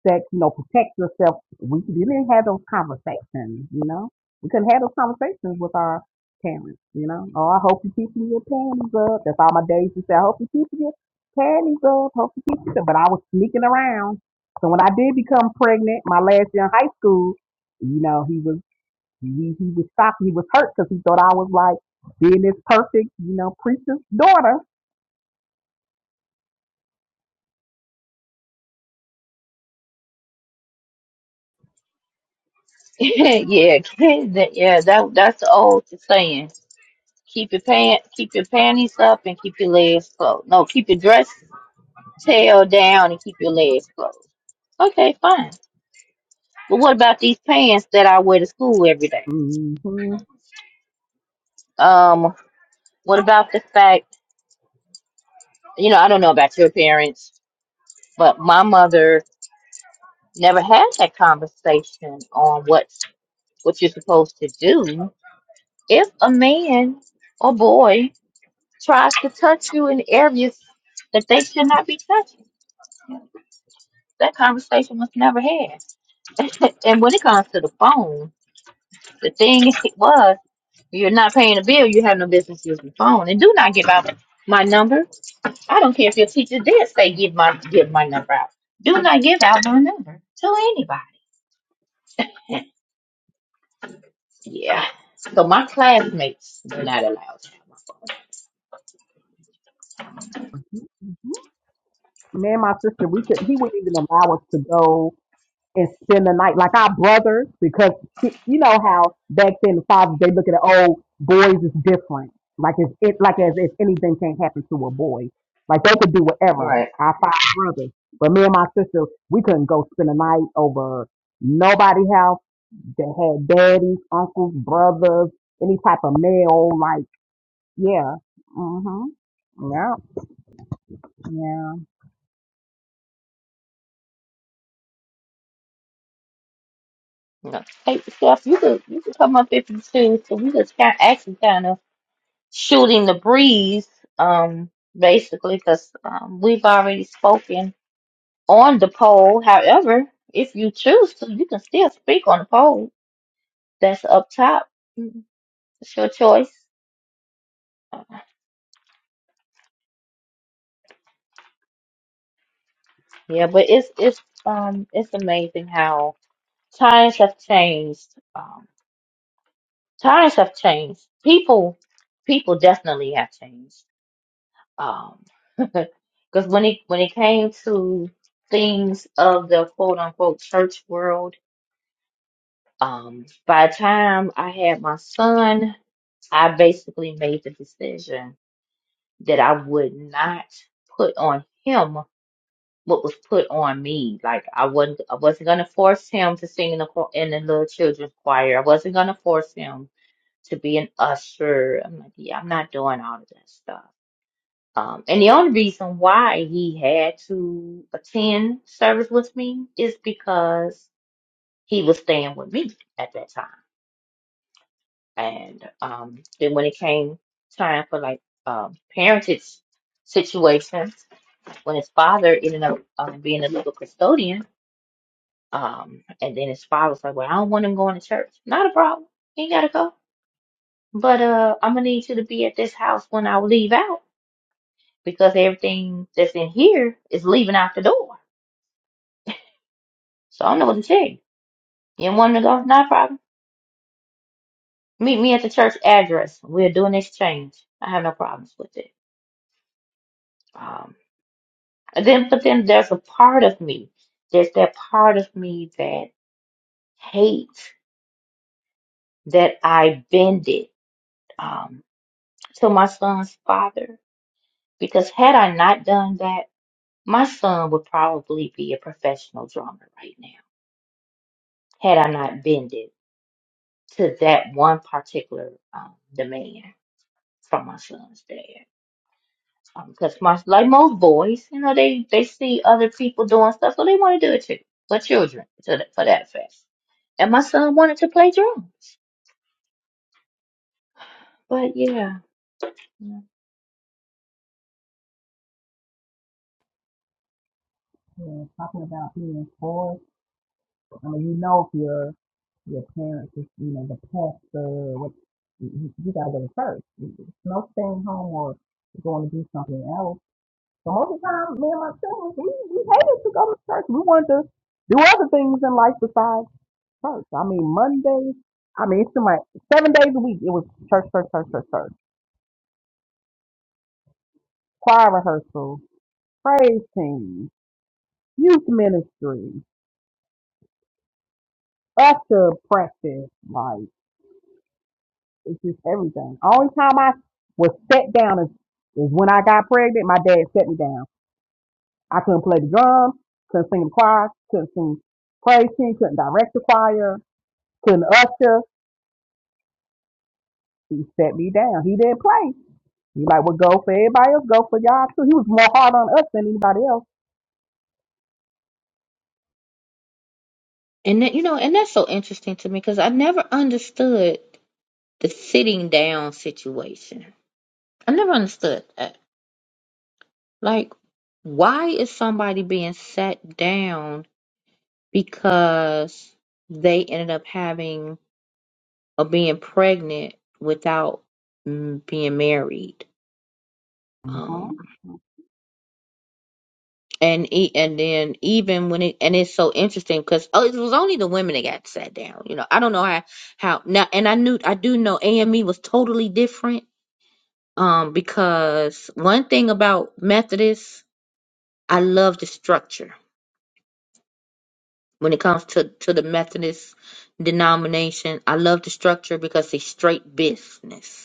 [SPEAKER 4] Sex, you know protect yourself. We, we didn't have those conversations, you know. We couldn't have those conversations with our parents, you know. Oh, I hope you keeping your panties up. That's all my days to say. I hope you keeping your panties up. Hope you keep it up. But I was sneaking around. So when I did become pregnant, my last year in high school, you know, he was he, he was shocked. He was hurt because he thought I was like being this perfect, you know, preacher's daughter.
[SPEAKER 1] yeah, that- yeah. That that's the old saying. Keep your pant, keep your panties up, and keep your legs closed. No, keep your dress tail down and keep your legs closed. Okay, fine. But what about these pants that I wear to school every day?
[SPEAKER 4] hmm
[SPEAKER 1] Um, what about the fact? you know, I don't know about your parents, but my mother never had that conversation on what what you're supposed to do if a man or boy tries to touch you in areas that they should not be touching. That conversation was never had. and when it comes to the phone, the thing was, you're not paying a bill, you have no business using the phone. And do not give out my number. I don't care if your teacher did say give my give my number out. Do not give out my number to anybody. Yeah. So my classmates were not allowed to have my phone.
[SPEAKER 4] Me and my sister, we could. He wouldn't even allow us to go and spend the night like our brothers because he- you know how back then the fathers they look at the old boys is different like if it like as if anything can happen to a boy like they could do whatever
[SPEAKER 1] Right.
[SPEAKER 4] our five brothers but me and my sister we couldn't go spend a night over nobody house that had daddies uncles brothers any type of male like yeah mhm yeah yeah
[SPEAKER 1] No. Hey, Steph, you could you could come up if you choose. So we just kind actually kind of shooting the breeze, um, basically, because um, we've already spoken on the poll. However, if you choose to, you can still speak on the poll. That's up top. Mhm. It's your choice. Yeah, but it's it's um it's amazing how times have changed. Um, times have changed. People people definitely have changed. Um, because when it when it came to things of the quote unquote church world, um, by the time I had my son, I basically made the decision that I would not put on him what was put on me. Like I wasn't I wasn't gonna force him to sing in the cho- in the little children's choir. I wasn't gonna force him to be an usher. I'm like, yeah, I'm not doing all of that stuff. Um, and the only reason why he had to attend service with me is because he was staying with me at that time. And um, then when it came time for like um, parentage situations, when his father ended up um, being a legal custodian, Um, and then his father was like, Well, I don't want him going to church. Not a problem. He ain't gotta go. But uh I'm gonna need you to be at this house when I leave out because everything here at the door. So hey, you know problem. me I have to um and then for me, there's this man hate that I bended um to my son's father because had I not done that, my son would probably be a professional drummer right now. Had I not bended to that one particular um, demand. from my son's dad. Um, Because my like most boys, you know, they they see other people doing stuff, so they want to do it too. For children, to that, for that fact. And my son wanted to play drums, but yeah,
[SPEAKER 4] yeah talking about being forced I mean you know if you're your parents, is, you know, the pastor, what you, you gotta go to church. It's no staying home or going to do something else. So most of the time, me and my siblings, we, we hated to go to church. We wanted to do other things in life besides church. I mean, Mondays, I mean, it's like seven days a week. It was church, church, church, church, church, choir rehearsal, praise team, youth ministry, usher practice, like It's just everything. Only time I was set down is, is when I got pregnant. My dad set me down. I couldn't play the drums, couldn't sing the choir, couldn't sing praise team, couldn't direct the choir, couldn't usher. He set me down. He didn't play. He like, well, go for everybody else, go for y'all too. He was more hard on us than anybody else.
[SPEAKER 1] and that, you know, and that's so interesting to me because I never understood the sitting down situation. I never understood that. Like, why is somebody being sat down because they ended up having of being pregnant without mm, being married.
[SPEAKER 4] hmm
[SPEAKER 1] Um, and e- and then even when it and it's so interesting because oh, it was only the women that got sat down. You know, I don't know how how now, and I knew I do know AME was totally different. Um, because one thing about Methodists, I love the structure. When it comes to to the Methodist denomination, I love the structure because it's straight business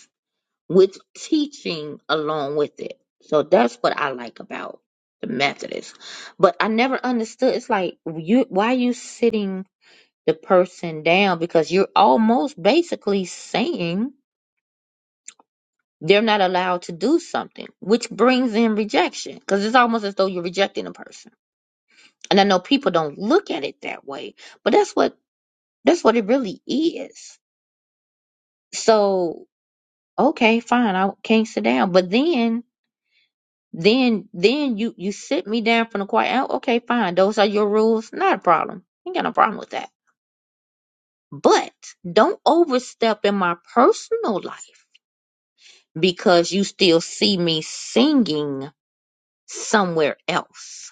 [SPEAKER 1] with teaching along with it. So that's what I like about the Methodist. But I never understood. It's like you why are you sitting the person down because you're almost basically saying they're not allowed to do something, which brings in rejection because it's almost as though you're rejecting a person. And I know people don't look at it that way, but that's what that's what it really is. So okay, fine, I can't sit down. But then Then then you you sit me down from the choir. Oh, okay, fine. Those are your rules. Not a problem. Ain't got no problem with that. But don't overstep in my personal life because you still see me singing somewhere else.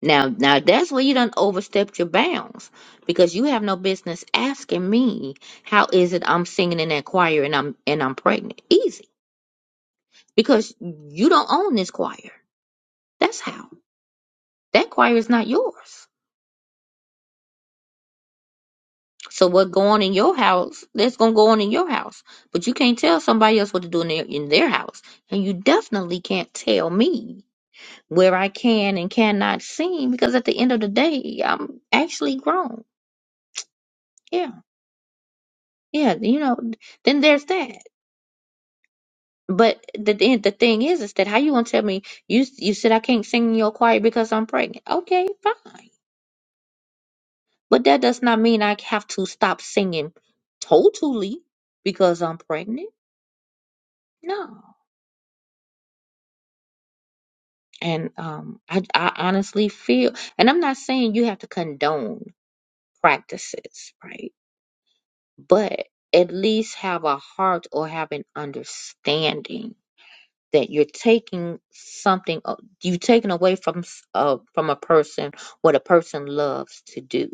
[SPEAKER 1] Now now that's where you done overstepped your bounds because you have no business asking me how is it I'm singing in that choir and I'm and I'm pregnant. Easy. Because you don't own this choir. That's how. That choir is not yours. So what go on in your house, that's gonna go on in your house. But you can't tell somebody else what to do in their in their house. And you definitely can't tell me where I can and cannot sin because at the end of the day, I'm actually grown. Yeah. Yeah. You know, then there's that. But the the the thing is is that how you gonna tell me you you said I can't sing in your choir because I'm pregnant. Okay, fine. But that does not mean I have to stop singing totally because I'm pregnant. No. And um, I, I honestly feel, and I'm not saying you have to condone practices, right? But at least have a heart or have an understanding that you're taking something, a- you're taking away from s- uh, from a person what a person loves to do,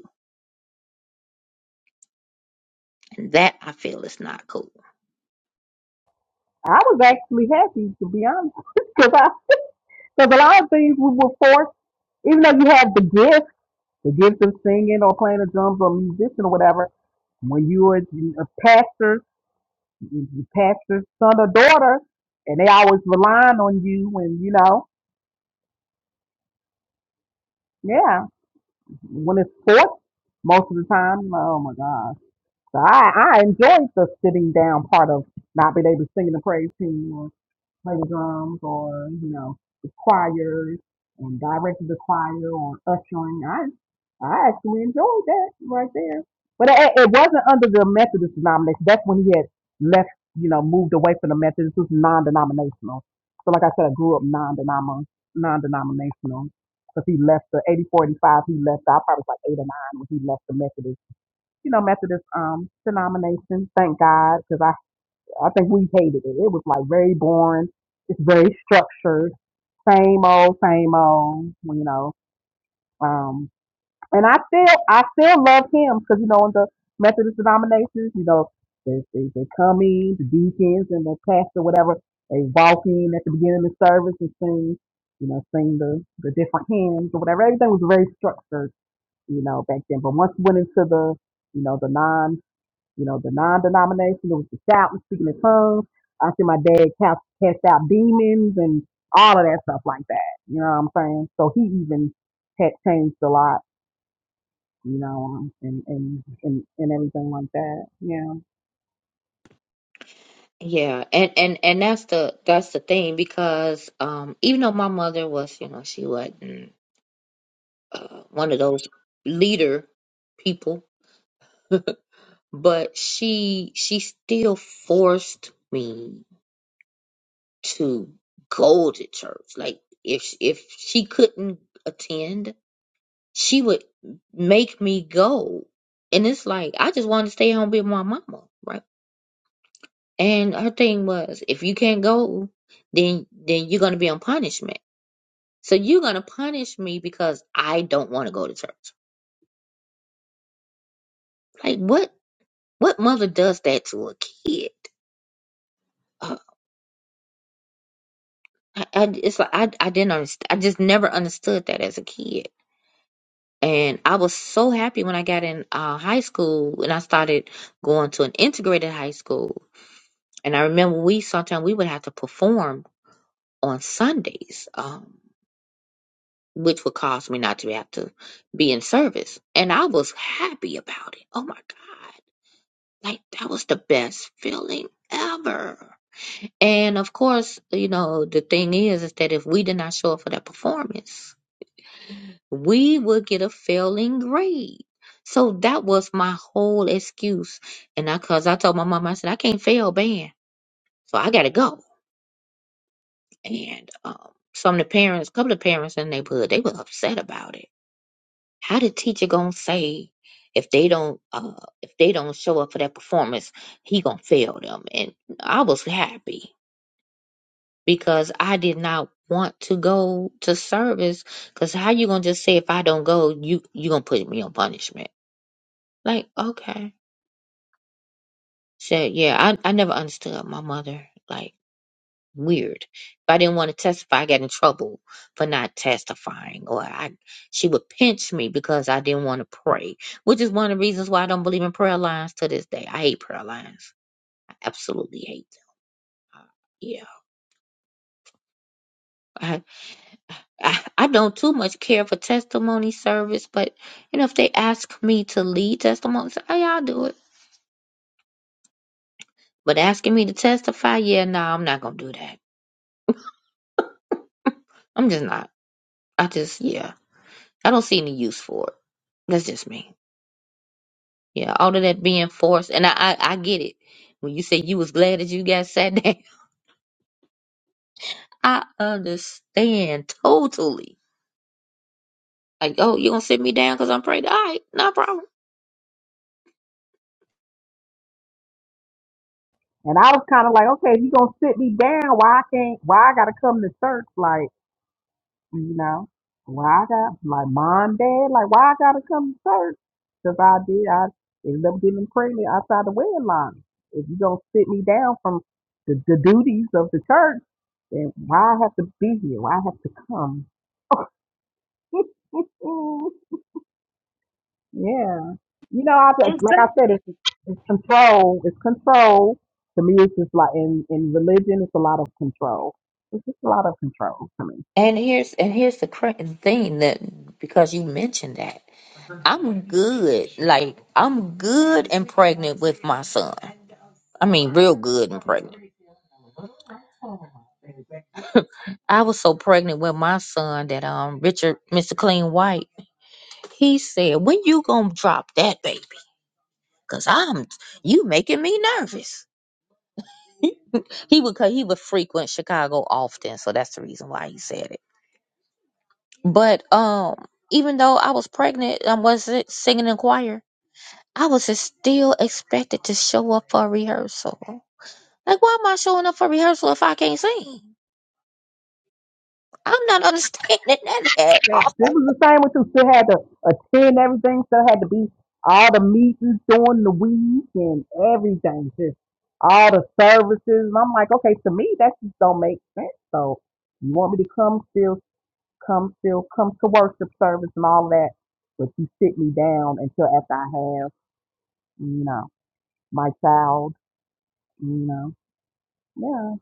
[SPEAKER 1] and that I feel is not cool.
[SPEAKER 4] I was actually happy to be honest, because I Because a lot of things we were forced, even though you have the gift, the gift of singing or playing the drums or musician or whatever, when you are a pastor, you pastor's son or daughter, and they always relying on you and you know, yeah, when it's forced, most of the time, oh my gosh. So I, I enjoyed the sitting down part of not being able to sing in the praise team. play the drums or, you know, the choirs and directed the choir or ushering. I I actually enjoyed that right there. But it, it wasn't under the Methodist denomination. That's when he had left, you know, moved away from the Methodist. It was non-denominational. So like I said, I grew up non-denom non-denominational because he left the eighty forty five. he left, I probably was like eight or nine when he left the Methodist, you know, Methodist um denomination. Thank God because I. I think we hated it. It was like very boring. It's very structured. Same old, same old. You know. Um, and I still, I still love him because you know in the Methodist denominations, you know, they, they they come in, the deacons and the pastor, whatever. They walk in at the beginning of the service and sing, you know, sing the the different hymns or whatever. Everything was very structured, you know, back then. But once we went into the, you know, the non you know, the non-denominational was the shouting, speaking in tongues. I see my dad cast, cast out demons and all of that stuff like that. You know what I'm saying? So he even had changed a lot, you know, um, and and and, and everything like that. Yeah.
[SPEAKER 1] Yeah, and and and that's the that's the thing because um even though my mother was, you know, she wasn't uh, one of those leader people, but she she still forced me to go to church. Like if if she couldn't attend, she would make me go. And it's like I just wanted to stay home with my mama, right? And her thing was, if you can't go, then then you're gonna be on punishment. So you're gonna punish me because I don't want to go to church. Like what? What mother does that to a kid? Uh, I, I, it's like I, I didn't understand. I just never understood that as a kid. And I was so happy when I got in uh, high school and I started going to an integrated high school. And I remember we sometimes we would have to perform on Sundays, um, which would cause me not to have to be in service. And I was happy about it. Oh my God Like that was the best feeling ever. And of course, you know, the thing is is that if we did not show up for that performance, we would get a failing grade. So that was my whole excuse. And I cause I told my mom, I said, I can't fail band. So I gotta go. And um some of the parents, a couple of parents in the neighborhood, they were upset about it. How the teacher gonna say if they don't uh if they don't show up for that performance, he gonna fail them. And I was happy. because I did not want to go to service. Cause how you gonna just say if I don't go, you you gonna put me on punishment? Like okay, so yeah, I I never understood my mother. Like weird. If I didn't want to testify, I got in trouble for not testifying, or I she would pinch me because I didn't want to pray, which is one of the reasons why I don't believe in prayer lines to this day. I hate prayer lines. I absolutely hate. Them. Uh, Yeah. I I don't too much care for testimony service, but you know, if they ask me to lead testimony, say, hey, I'll do it. But asking me to testify, yeah, no, I'm not gonna do that. I'm just not. I just, yeah, I don't see any use for it. That's just me. Yeah, all of that being forced, and I, I, I get it. When you say you was glad that you got sat down, I understand totally. Like, oh, you gonna sit me down because I'm praying? All right, no problem.
[SPEAKER 4] And I was kind of like, okay, if you gonna sit me down, why I can't? Why I gotta come to church? Like You know, why I got like mom, dad, like why I gotta come to church? Because I did, I ended up getting pregnant outside the wedline. If you don't sit me down from the, the duties of the church, then why I have to be here? Why I have to come? yeah, you know, I just- like I said, it's, it's control. It's control. To me, it's just like in in religion, it's a lot of control. It's just a lot of control to me.
[SPEAKER 1] And here's and here's the cra- thing that because you mentioned that. I'm good. Like I'm good and pregnant with my son. I mean, real good and pregnant. I was so pregnant with my son that um Richard, Mr. Clean White, he said, "When you gonna drop that baby? Cause I'm you making me nervous." He would cause he would frequent Chicago often, so that's the reason why he said it. But um, even though I was pregnant and wasn't singing in choir, I was still expected to show up for a rehearsal. Like, why am I showing up for rehearsal if I can't sing? I'm not understanding that at
[SPEAKER 4] It
[SPEAKER 1] all.
[SPEAKER 4] was the same with you. Still had to attend everything. Still had to be all the meetings during the week and everything. Just all the services. And I'm like, okay, to me that just don't make sense. So you want me to come still, come still, come to worship service and all that, but you sit me down until after I have, you know, my child, you know, yeah.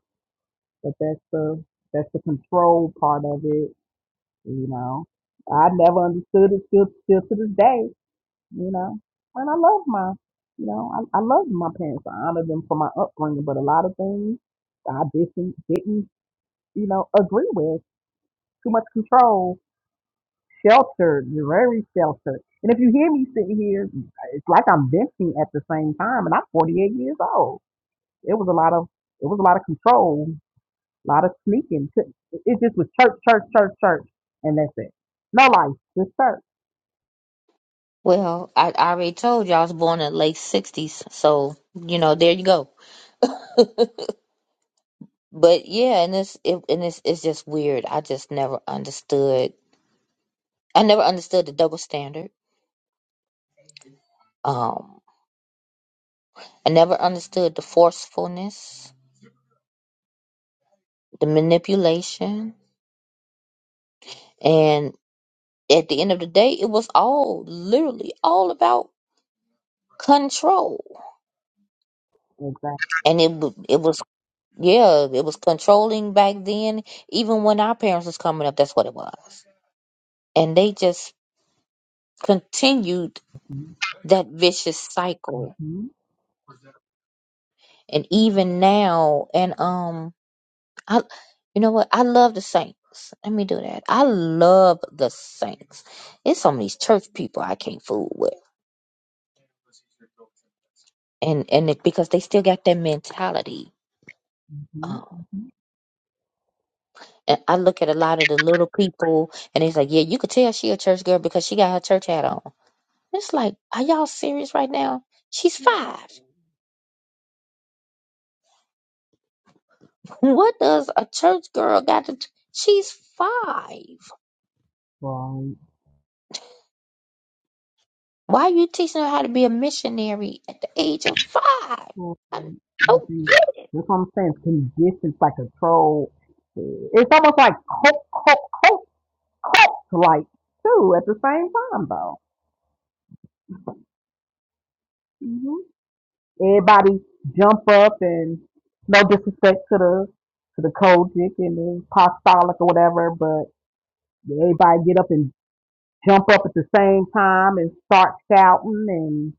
[SPEAKER 4] But that's the that's the control part of it, you know. I never understood it still still to this day. you know. And I love my, you know, I, I love my parents. I honor them for my upbringing, but a lot of things I didn't, didn't, you know, agree with. Too much control, sheltered, very sheltered. And if you hear me sitting here, it's like I'm venting at the same time, and I'm 48 years old. It was a lot of, it was a lot of control, a lot of sneaking. It just was church, church, church, church, and that's it. No life, just church.
[SPEAKER 1] Well, I, I already told you I was born in the late sixties, so you know, there you go. But yeah, and it's it, and it's it's just weird. I just never understood. I never understood the double standard. Um, I never understood the forcefulness, the manipulation, and at the end of the day, it was all literally all about control,
[SPEAKER 4] Exactly.
[SPEAKER 1] and it wa- it was Yeah, it was controlling back then. Even when our parents was coming up, that's what it was. And they just continued that vicious
[SPEAKER 4] hmm
[SPEAKER 1] cycle.
[SPEAKER 4] hmm
[SPEAKER 1] And even now, and um, I, you know what? I love the Saints. Let me do that. I love the Saints. It's some of these church people I can't fool with, and and it, because they still got that mentality. Um,
[SPEAKER 4] hmm
[SPEAKER 1] and I look at a lot of the little people, and it's like, yeah, you could tell she a church girl because she got her church hat on. It's like, are y'all serious right now? She's five. What does a church girl got to? T- She's five.
[SPEAKER 4] Right.
[SPEAKER 1] Why are you teaching her how to be a missionary at the age of five?
[SPEAKER 4] Well,
[SPEAKER 1] I
[SPEAKER 4] um, you
[SPEAKER 1] don't
[SPEAKER 4] see,
[SPEAKER 1] get it.
[SPEAKER 4] That's what I'm saying. Conditions like control. It's almost like cult, cult, cult, cult like too at the same time though. hmm Everybody jump up and no disrespect to the to the Kojic and the apostolic or whatever, but everybody get up and jump up at the same time and start shouting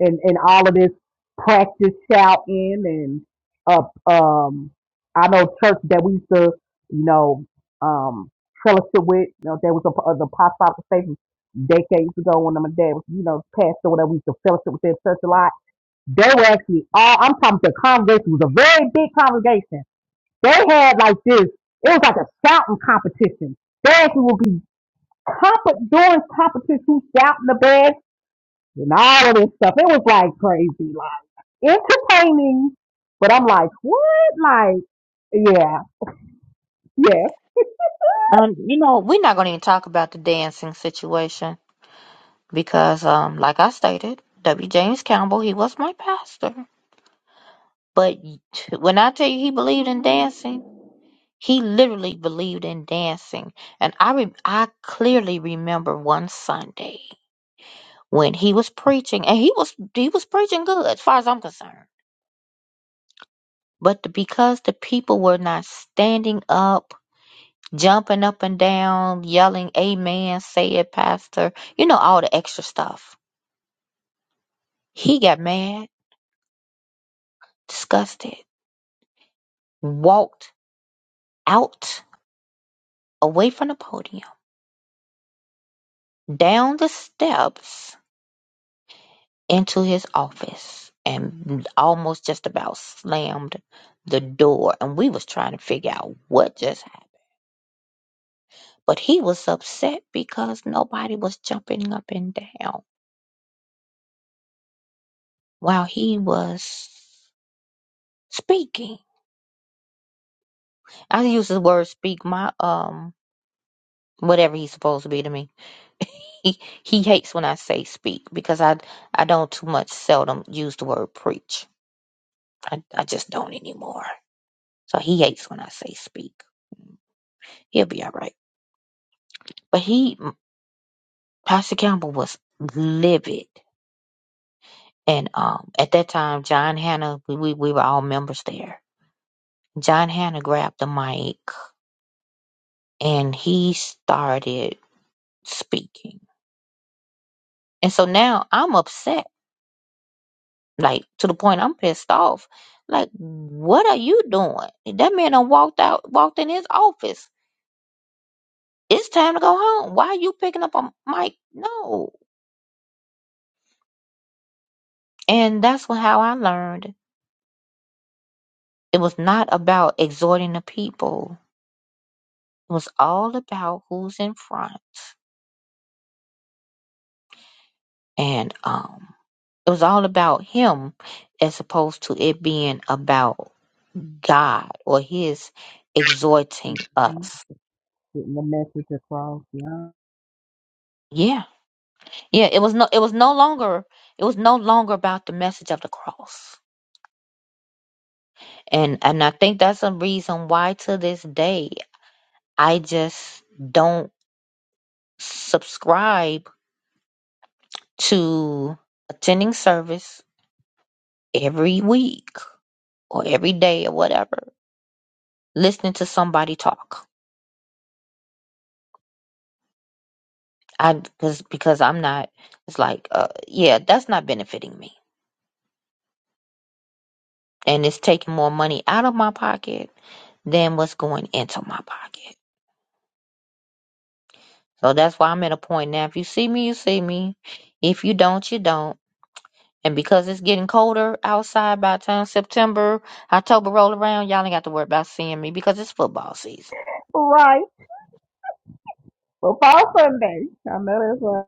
[SPEAKER 4] and and all of this practice shouting and up um I know church that we used to you know um fellowship with you know there was a uh, the apostolic station decades ago when my dad was you know pastor whatever we used to fellowship with their church a lot they were actually all I'm talking the congregation was a very big congregation they had like this it was like a shouting competition they actually would be comp- doing competition who shouting the best and all of this stuff it was like crazy entertaining, but I'm like, what? Like, yeah, yeah.
[SPEAKER 1] Um, you know, we're not going to even talk about the dancing situation because, um, like I stated, W. James Campbell, he was my pastor. But when I tell you he believed in dancing, he literally believed in dancing. And I, re- I clearly remember one Sunday. when he was preaching, and he was he was preaching good as far as I'm concerned. But the, because the people were not standing up, jumping up and down, yelling "Amen," say it, Pastor, you know all the extra stuff. He got mad, disgusted, walked out away from the podium, down the steps into his office, and almost just about slammed the door. And we was trying to figure out what just happened But he was upset because nobody was jumping up and down while he was speaking. I use the word speak my um whatever he's supposed to be to me. he, he hates when I say speak because I I don't too much seldom use the word preach. I, I just don't anymore. So he hates when I say speak. He'll be all right. But he mm, Pastor Campbell was livid. And um at that time John Hannah we, we, we were all members there John Hannah grabbed the mic and he started speaking. And so now I'm upset, like to the point I'm pissed off. Like, what are you doing? That man done walked out, walked in his office. It's time to go home. Why are you picking up a mic? No. And that's what, how I learned it was not about exhorting the people. It was all about who's in front. And um, it was all about him as opposed to it being about God or he is exhorting
[SPEAKER 4] Mhm.
[SPEAKER 1] us.
[SPEAKER 4] Getting the message across, yeah.
[SPEAKER 1] Yeah. Yeah, it was no it was no longer it was no longer about the message of the cross. And and I think that's a reason why to this day I just don't subscribe to attending service every week or every day or whatever, listening to somebody talk. I because because I'm not it's like uh yeah, that's not benefiting me. And it's taking more money out of my pocket than what's going into my pocket. So that's why I'm at a point now. If you see me, you see me. If you don't, you don't. And because it's getting colder outside by the time September, October roll around, y'all ain't got to worry about seeing me because it's football season.
[SPEAKER 4] Right. Well, Fall Sunday. I know that's what,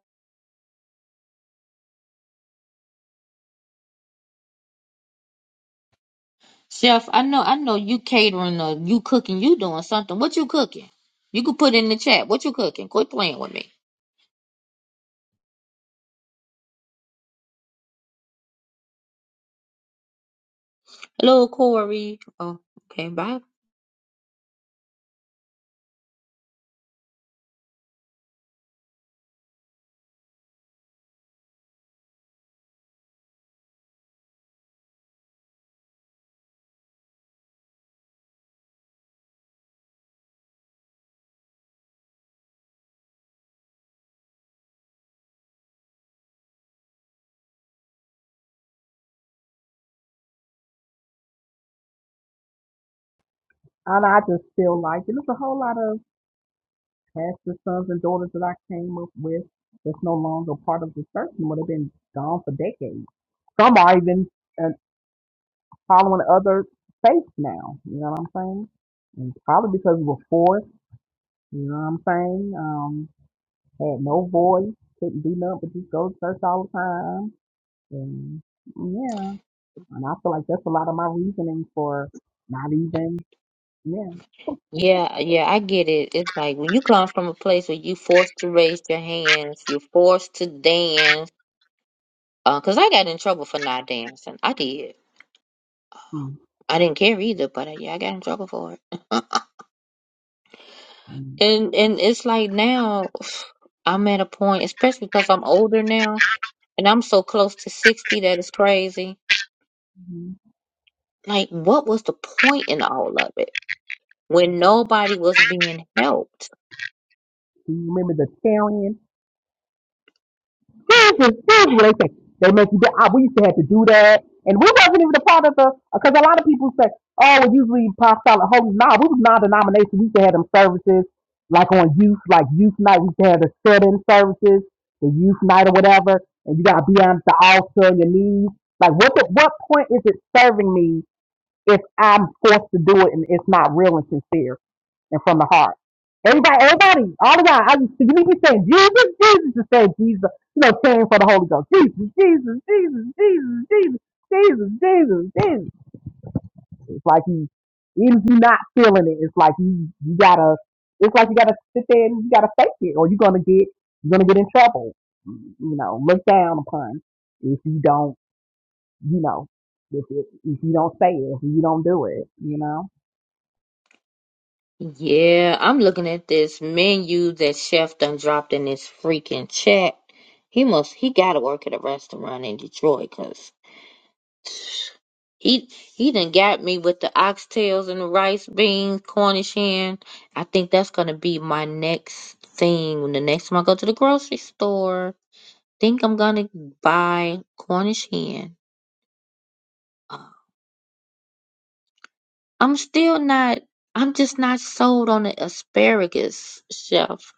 [SPEAKER 1] Chef, I know I know you catering or you cooking, you doing something. What you cooking? You could put in the chat. What you cooking? Quit playing with me. Hello, Corey. Oh, okay, bye.
[SPEAKER 4] and I just feel like and there's a whole lot of pastors, sons, and daughters that I came up with that's no longer part of the church and would have been gone for decades. Some are even uh, following other faiths now. You know what I'm saying? And probably because we were forced. You know what I'm saying? Um, Had no voice, couldn't do nothing but just go to church all the time. And mm, yeah, and I feel like that's a lot of my reasoning for not even, yeah.
[SPEAKER 1] Yeah, yeah, I get it. It's like when you come from a place where you forced to raise your hands, you're forced to dance. Uh, 'cause I got in trouble for not dancing. I did.
[SPEAKER 4] Mm,
[SPEAKER 1] I didn't care either, but uh, yeah, I got in trouble for it.
[SPEAKER 4] Mm-hmm.
[SPEAKER 1] And and it's like now I'm at a point, especially because I'm older now, and I'm so close to 60 that it's crazy. Like, what was the point in all of it when nobody was being helped?
[SPEAKER 4] Do you remember the Taryn? here's, the, here's what they say. They make you do, ah, we used to have to do that. And we wasn't even a part of the, because a lot of people say, oh, we usually apostolic holy. Nah, we was non-denomination. We used to have them services, like on youth, like youth night. We used to have the sit-in services, the youth night or whatever. And you got to be on the altar on your knees. Like, what the, what point is it serving me if I'm forced to do it and it's not real and sincere? and from the heart. Everybody, everybody, all of y'all, I used to you be saying Jesus, Jesus, to say Jesus, you know, praying for the Holy Ghost. Jesus, Jesus, Jesus, Jesus, Jesus, Jesus, Jesus, Jesus. It's like you, even if you're not feeling it, it's like you, you gotta, it's like you gotta sit there and you gotta fake it, or you're gonna get, you're gonna get in trouble. You know, looked down upon if you don't, you know, if, if, if you don't say it, if you don't do it, you know.
[SPEAKER 1] Yeah, I'm looking at this menu that Chef done dropped in this freaking chat. He must he gotta work at a restaurant in Detroit cause he he done got me with the oxtails and the rice beans, Cornish hen. I think that's gonna be my next thing when the next time I go to the grocery store. think I'm gonna buy Cornish hen. Uh, I'm still not. I'm just not sold on the asparagus, chef.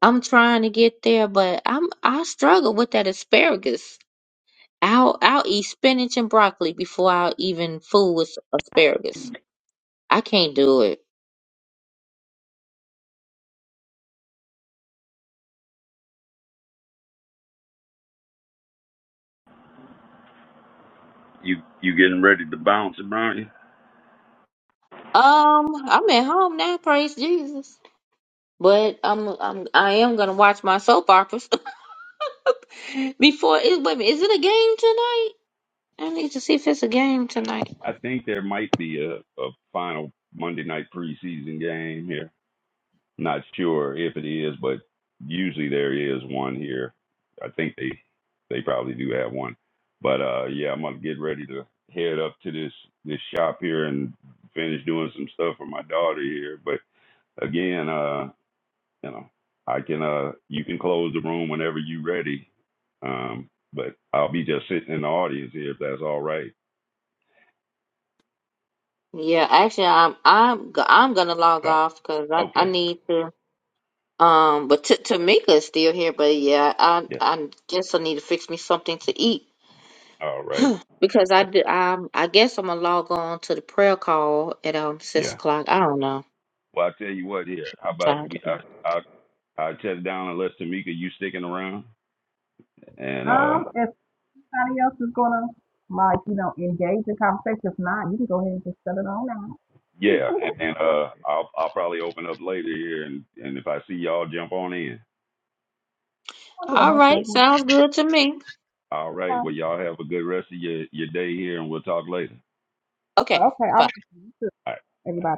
[SPEAKER 1] I'm trying to get there, but I'm I struggle with that asparagus. I'll I'll eat spinach and broccoli before I'll even fool with asparagus. I can't do it.
[SPEAKER 2] You you getting ready to bounce, are you?
[SPEAKER 1] Um, I'm at home now, praise Jesus. But I'm I'm I am gonna watch my soap operas before it. Wait a minute, is it a game tonight? I need to see if it's a game tonight.
[SPEAKER 2] I think there might be a, a final Monday night preseason game here. Not sure if it is, but usually there is one here. I think they they probably do have one. But uh yeah, I'm gonna get ready to head up to this this shop here and finish doing some stuff for my daughter here. But again, uh. you know, I can uh you can close the room whenever you're ready. Um, but I'll be just sitting in the audience here if that's all right.
[SPEAKER 1] Yeah, actually, I'm I'm go- I'm gonna log
[SPEAKER 2] Yeah.
[SPEAKER 1] off because I, I
[SPEAKER 2] Okay.
[SPEAKER 1] need to. Um, but T Tamika is still here, but yeah, I
[SPEAKER 2] Yeah.
[SPEAKER 1] I guess I need to fix me something to eat
[SPEAKER 2] All right.
[SPEAKER 1] because I
[SPEAKER 2] Yeah.
[SPEAKER 1] do. Um, I guess I'm gonna log on to the prayer call at um six
[SPEAKER 2] Yeah.
[SPEAKER 1] o'clock. I don't know.
[SPEAKER 2] Well, I tell you what. Here, how
[SPEAKER 1] I'm
[SPEAKER 2] about
[SPEAKER 1] tired
[SPEAKER 2] we?
[SPEAKER 1] today.
[SPEAKER 2] I I I shut it down unless Tamika you sticking around, and uh
[SPEAKER 4] Um. and somebody else is gonna like, you know, engage in conversation. If not, you can go ahead and just shut it on down.
[SPEAKER 2] yeah, and, and uh I'll I'll probably open up later here, and and if I see y'all, jump on in.
[SPEAKER 4] okay,
[SPEAKER 1] All
[SPEAKER 4] most
[SPEAKER 1] right,
[SPEAKER 4] definitely.
[SPEAKER 1] sounds good to me.
[SPEAKER 2] All right. Well, y'all have a good rest of your your day here, and we'll talk later.
[SPEAKER 1] Okay,
[SPEAKER 4] Okay,
[SPEAKER 1] bye.
[SPEAKER 4] all right.
[SPEAKER 2] All right.
[SPEAKER 4] everybody.